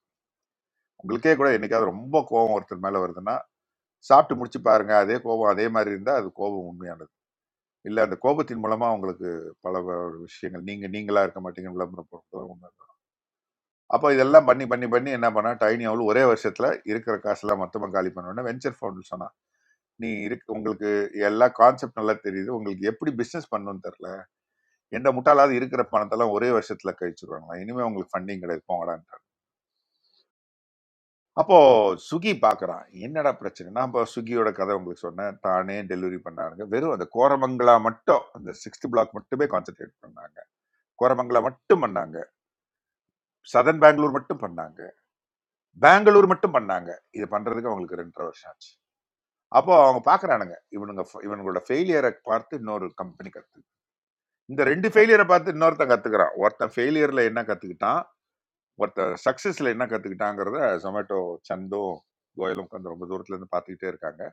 S6: உங்களுக்கே கூட என்னைக்காவது ரொம்ப கோபம் ஒருத்தர் மேல வருதுன்னா சாப்பிட்டு முடிச்சு பாருங்க அதே கோபம் அதே மாதிரி இருந்தா அது கோபம் உண்மையானது இல்ல அந்த கோபத்தின் மூலமா உங்களுக்கு பல வ- விஷயங்கள் நீங்க நீங்களா இருக்க மாட்டீங்க விளம்பரம் பொருட்கள் உண்மை. அப்ப இதெல்லாம் பண்ணி பண்ணி பண்ணி என்ன பண்ணா டைனி அவள் ஒரே வருஷத்துல இருக்கிற காசெல்லாம் மொத்தமா காலி பண்ணணும்னு வெஞ்சர் ஃபவுண்ட் சொன்னா நீ இருக்கு உங்களுக்கு எல்லா கான்செப்ட் நல்லா தெரியுது உங்களுக்கு எப்படி பிசினஸ் பண்ணணும்னு தெரியல எந்த முட்டாளாவது இருக்கிற பணத்தெல்லாம் ஒரே வருஷத்துல கழிச்சிருவாங்களா இனிமே உங்களுக்கு ஃபண்டிங் கிடையாது போங்கடான்ட்டாங்க அப்போ சுகி பார்க்கறான் என்னடா பிரச்சனை நான் இப்போ சுகியோட கதை உங்களுக்கு சொன்னேன் தானே டெலிவரி பண்ணாருங்க வெறும் அந்த கோரமங்களா மட்டும் அந்த சிக்ஸ்த் பிளாக் மட்டுமே கான்சென்ட்ரேட் பண்ணாங்க கோரமங்கலம் மட்டும் பண்ணாங்க சதன் பெங்களூர் மட்டும் பண்ணாங்க பெங்களூர் மட்டும் பண்ணாங்க இது பண்றதுக்கு அவங்களுக்கு ரெண்டரை வருஷம் ஆச்சு அப்போ அவங்க பாக்குறானுங்க இவனுங்க இவனுங்களோட ஃபெயிலியரை பார்த்து இன்னொரு கம்பெனி கத்து இந்த ரெண்டு ஃபெயிலியரை பார்த்து இன்னொருத்தன் கத்துக்கிறான் ஒருத்தன் ஃபெயிலியர்ல என்ன கத்துக்கிட்டான் ஒருத்தன் சக்சஸ்ல என்ன கத்துக்கிட்டாங்கிறத ஜொமேட்டோ சந்தும் கோயலும் உட்காந்து ரொம்ப தூரத்துல இருந்து பார்த்துக்கிட்டே இருக்காங்க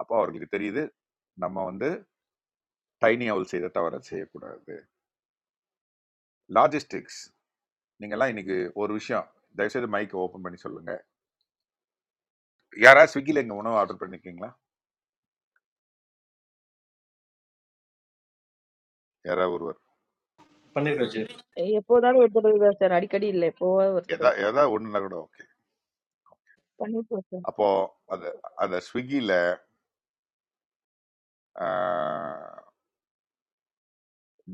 S6: அப்போ அவர்களுக்கு தெரியுது நம்ம வந்து டைனி அவுல் செய்த தவிர செய்யக்கூடாது லாஜிஸ்டிக்ஸ் நீங்கெல்லாம் இன்னைக்கு ஒரு விஷயம் தயவுசெய்து மைக்கை ஓப்பன் பண்ணி சொல்லுங்க யாராவது ஸ்விக்கில எங்க உணவு ஆர்டர் பண்ணிருக்கீங்களா யாராவது ஒருவர்
S8: பண்ணிருக்கேன்
S2: எப்போதாவது ஒரு தடவை தான் சார் அடிக்கடி இல்லை எப்போவாவது ஒரு
S6: எதா
S2: தடவை
S6: ஏதாவது ஒண்ணுனா கூட ஓகே
S2: பண்ணிட்டு சார்
S6: அப்போ அந்த அந்த ஸ்விக்கியில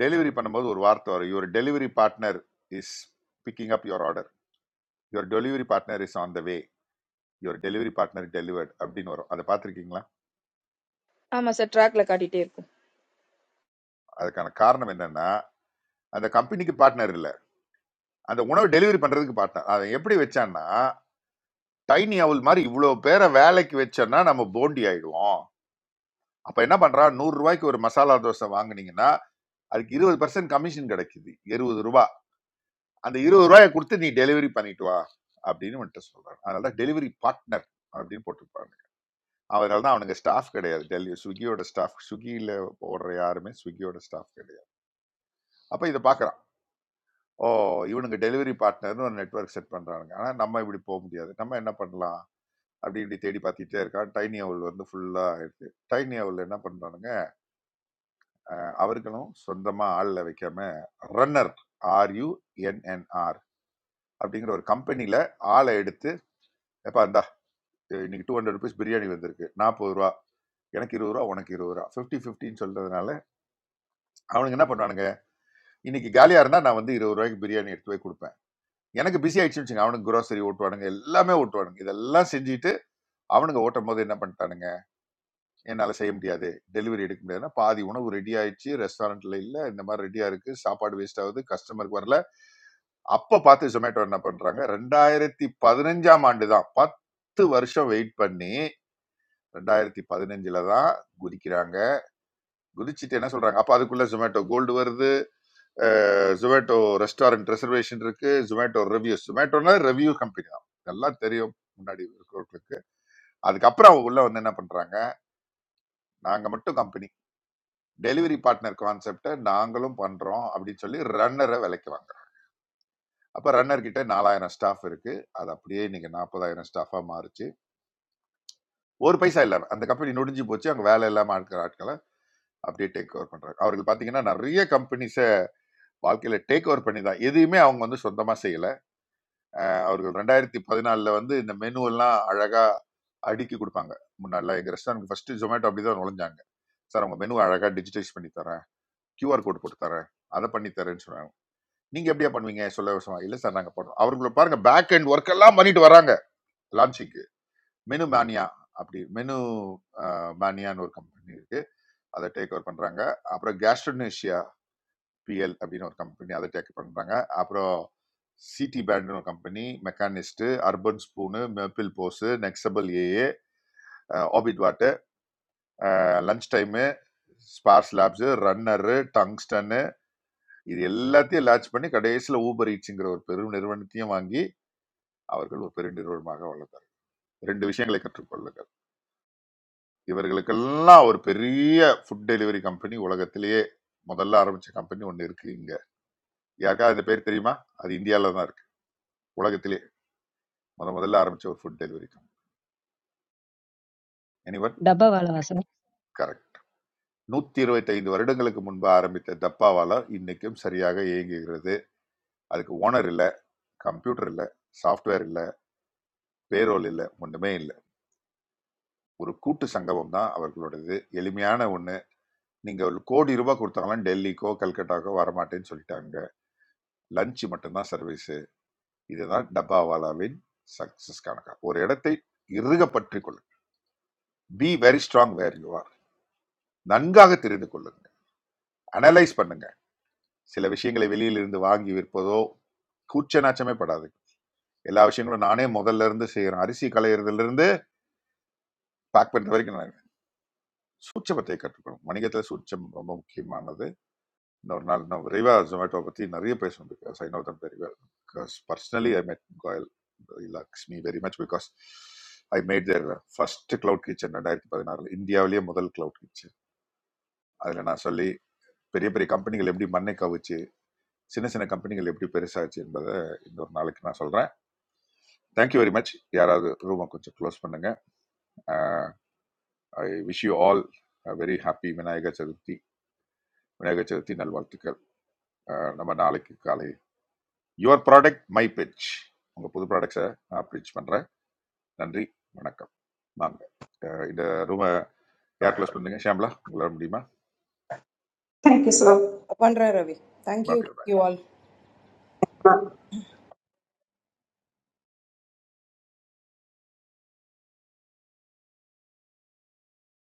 S6: டெலிவரி பண்ணும்போது ஒரு வார்த்தை வரும் your delivery partner is picking up your order your delivery partner is on the way your delivery partner delivered அப்படின்னு வரும் அதை பார்த்துருக்கீங்களா
S2: ஆமா சார் ட்ராக்ல காட்டிட்டே இருக்கும்
S6: அதுக்கான காரணம் என்னன்னா அந்த கம்பெனிக்கு பார்ட்னர் இல்லை அந்த உணவு டெலிவரி பண்றதுக்கு பார்ட்னர் அதை எப்படி வச்சான்னா டைனி அவல் மாதிரி இவ்வளோ பேரை வேலைக்கு வச்சோன்னா நம்ம போண்டி ஆயிடுவோம் அப்ப என்ன பண்றான் நூறு ரூபாய்க்கு ஒரு மசாலா தோசை வாங்குனீங்கன்னா அதுக்கு இருபது பர்சன்ட் கமிஷன் கிடைக்குது இருபது ரூபாய் அந்த இருபது ரூபாயை கொடுத்து நீ டெலிவரி பண்ணிட்டு வா அப்படின்னு வந்துட்டு சொல்றாங்க அதனால டெலிவரி பார்ட்னர் அப்படின்னு போட்டிருப்பாங்க அதனால தான் அவனுங்க ஸ்டாஃப் கிடையாது டெல்லி ஸ்விக்கியோட ஸ்டாஃப் ஸ்விக்கியில் ஓடுற யாருமே ஸ்விக்கியோட ஸ்டாஃப் கிடையாது அப்போ இதை பார்க்குறான் ஓ இவனுங்க டெலிவரி பார்ட்னர்னு ஒரு நெட்வொர்க் செட் பண்ணுறானுங்க ஆனால் நம்ம இப்படி போக முடியாது நம்ம என்ன பண்ணலாம் அப்படி இப்படி தேடி பார்த்துட்டே இருக்கான் டைனி அவள் வந்து ஃபுல்லாக இருக்கு டைனி அவள் என்ன பண்ணுறானுங்க அவர்களும் சொந்தமாக ஆளில் வைக்காம ரன்னர் ஆர்யூஎன்என்ஆர் அப்படிங்கிற ஒரு கம்பெனியில் ஆளை எடுத்து எப்பா இந்தா இன்னைக்கு டூ ஹண்ட்ரட் ருபீஸ் பிரியாணி வந்திருக்கு நாற்பது ரூபா எனக்கு இருபது ரூபா உனக்கு இருபது ரூபா ஃபிஃப்டி ஃபிஃப்டின்னு சொல்றதுனால அவனுக்கு என்ன பண்ணுவானுங்க இன்னைக்கு காலியா இருந்தா நான் வந்து இருபது ரூபாய்க்கு பிரியாணி எடுத்து போய் கொடுப்பேன் எனக்கு பிஸி ஆயிடுச்சுன்னு வச்சுங்க அவனுக்கு grocery ஓட்டுவானுங்க எல்லாமே ஓட்டுவானுங்க இதெல்லாம் செஞ்சுட்டு அவனுங்க ஓட்டும் போது என்ன பண்ணிட்டானுங்க என்னால செய்ய முடியாது டெலிவரி எடுக்க முடியாதுன்னா பாதி உணவு ரெடி ஆயிடுச்சு ரெஸ்டாரண்ட்ல இல்ல இந்த மாதிரி ரெடியா இருக்கு சாப்பாடு வேஸ்ட் ஆகுது கஸ்டமருக்கு வரல அப்ப பார்த்து ஜொமேட்டோ என்ன பண்றாங்க ரெண்டாயிரத்தி பதினஞ்சாம் ஆண்டு தான் பத்து வருஷம் வெயிட் பண்ணி ரெண்டாயிரத்தி பதினஞ்சுல தான் குதிக்கிறாங்க குதிச்சுட்டு என்ன சொல்றாங்க அப்ப அதுக்குள்ள ஜொமேட்டோ கோல்டு வருது ஜொமேட்டோ ரெஸ்டாரண்ட் ரிசர்வேஷன் இருக்கு ஜொமேட்டோ ரிவ்யூஸ் ஜொமேட்டோனா ரிவ்யூ கம்பெனி தான் இதெல்லாம் தெரியும் முன்னாடி இருக்கிறவங்களுக்கு அதுக்கப்புறம் அவங்க உள்ள வந்து என்ன பண்றாங்க நாங்க மட்டும் கம்பெனி டெலிவரி பார்ட்னர் கான்செப்டை நாங்களும் பண்றோம் அப்படின்னு சொல்லி ரன்னரை விலைக்கு வாங்குறாங்க அப்ப ரன்னர் கிட்ட நாலாயிரம் ஸ்டாஃப் இருக்கு அது அப்படியே இன்னைக்கு நாற்பதாயிரம் ஸ்டாஃபா மாறுச்சு ஒரு பைசா இல்லாம அந்த கம்பெனி நொடிஞ்சு போச்சு அங்க வேலை இல்லாம இருக்கிற ஆட்களை அப்படியே டேக் ஓவர் பண்றாங்க அவர்கள் பாத்தீங்கன்னா நிறைய கம்பெனிஸ் வாழ்க்கையில டேக் ஓவர் பண்ணி தான் எதையுமே அவங்க வந்து சொந்தமா செய்யல அவர்கள் ரெண்டாயிரத்தி பதினாலுல வந்து இந்த மெனு எல்லாம் அழகா அடுக்கி கொடுப்பாங்க முன்னாடிலாம் எங்க ரெஸ்டாரண்ட் ஃபர்ஸ்ட் ஜொமேட்டோ அப்படிதான் நுழைஞ்சாங்க சார் உங்க மெனு அழகா டிஜிட்டைஸ் பண்ணி தரேன் QR கோட் போட்டு தரேன் அதை பண்ணி தரேன்னு சொன்னாங்க நீங்க எப்படியா பண்ணுவீங்க சொல்ல விஷயமா இல்ல சார் நாங்க போடுறோம் அவர்களை பாருங்க பேக் அண்ட் ஒர்க் எல்லாம் பண்ணிட்டு வராங்க லான்ச்சிங்க்கு மெனு மேனியா அப்படி மெனு மேனியான்னு ஒரு கம்பெனி இருக்கு அதை டேக் ஓவர் பண்றாங்க அப்புறம் கேஸ்ட்ரோனேஷியா பிஎல் அப்படின்னு ஒரு கம்பெனி அதை டேக் பண்ணுறாங்க அப்புறம் சிடி பேண்ட்னு ஒரு கம்பெனி மெக்கானிஸ்ட்டு அர்பன் ஸ்பூனு மேப்பிள் போஸு நெக்ஸபிள் ஏஏ ஆபிட் வாட்டு லஞ்ச் டைமு ஸ்பார்ஸ் லேப்ஸு ரன்னரு டங்ஸ்டன்னு இது எல்லாத்தையும் லான்ச் பண்ணி கடைசியில் ஊபர் ஈட்ஸுங்கிற ஒரு பெரும் நிறுவனத்தையும் வாங்கி அவர்கள் ஒரு பெரிய நிறுவனமாக வளர்ந்தார் ரெண்டு விஷயங்களை கற்றுக்கொள்ளுங்கள் இவர்களுக்கெல்லாம் ஒரு பெரிய ஃபுட் டெலிவரி கம்பெனி உலகத்திலேயே முதல்ல ஆரம்பிச்ச கம்பெனி ஒன்று இருக்கு இங்க யாருக்காவது அந்த பேர் தெரியுமா அது இந்தியாவில் தான் இருக்கு உலகத்திலே முத முதல்ல ஆரம்பிச்ச ஒரு ஃபுட் டெலிவரி கம்பெனி. எனிவன்
S15: डब्बा वाला वासर.
S6: கரெக்ட் நூத்தி இருபத்தைந்து வருடங்களுக்கு முன்பு ஆரம்பித்த தப்பாவால இன்னைக்கும் சரியாக இயங்குகிறது அதுக்கு ஓனர் இல்ல கம்ப்யூட்டர் இல்ல சாஃப்ட்வேர் இல்ல பேரோல் இல்ல ஒண்ணுமே இல்ல ஒரு கூட்டு சங்கமம் தான் அவர்களோடது எளிமையான ஒண்ணு நீங்க ஒரு கோடி ரூபாய் கொடுத்தாலும் டெல்லிக்கோ கல்கட்டாக்கோ வரமாட்டேன்னு சொல்லிட்டாங்க லஞ்ச் மட்டும்தான் சர்வீஸ் இதுதான் டப்பாவாலாவின் சக்சஸ் கணக்கா ஒரு இடத்தை இறுக பற்றிக் கொள்ளுங்க be very strong where you are நன்காக தெரிந்து கொள்ளுங்க அனலைஸ் பண்ணுங்க சில விஷயங்களை வெளியிலிருந்து வாங்கி விற்பதோ கூச்ச நாச்சமே படாது எல்லா விஷயங்களும் நானே முதல்ல இருந்து செய்யறேன் அரிசி களையிறதுல இருந்து பேக் பண்ற வரைக்கும் நான் சூட்சமத்தை கற்றுக்கணும் வணிகத்துல சூட்சம் ரொம்ப முக்கியமானது இன்னொரு நாள் நான் விரைவா ஜொமேட்டோ பத்தி நிறைய பேசணும் because I know them very well because personally I met Goyal Lakshmi very much because I made their first cloud kitchen ரெண்டாயிரத்தி பதினாறுல இந்தியாவிலேயே முதல் கிளவுட் கிச்சன் அதுல நான் சொல்லி பெரிய பெரிய கம்பெனிகள் எப்படி மண்ணை கவிச்சு சின்ன சின்ன கம்பெனிகள் எப்படி பெருசாச்சு என்பதை இன்னொரு நாளைக்கு நான் சொல்றேன் தேங்க்யூ வெரி மச் யாராவது ரூமை கொஞ்சம் க்ளோஸ் பண்ணுங்க I wish you all very happy Vinayagar Chaturthi Vinayagar Chaturthi நல்வாழ்த்துக்கள் Uh, நம்ம நாளைக்கு காலை யுவர் ப்ராடக்ட் மை pitch உங்க புது ப்ராடக்ட்ஸை நான் பிச் பண்றேன் நன்றி வணக்கம் வாங்க Uh, இந்த ரூமை யார் க்ளோஸ் பண்ணுங்க ஷாம்லா உங்களால் முடியுமா
S7: Thank you, sir.
S5: Pandra Ravi. Thank you.
S6: பாக்கி
S5: Thank you all.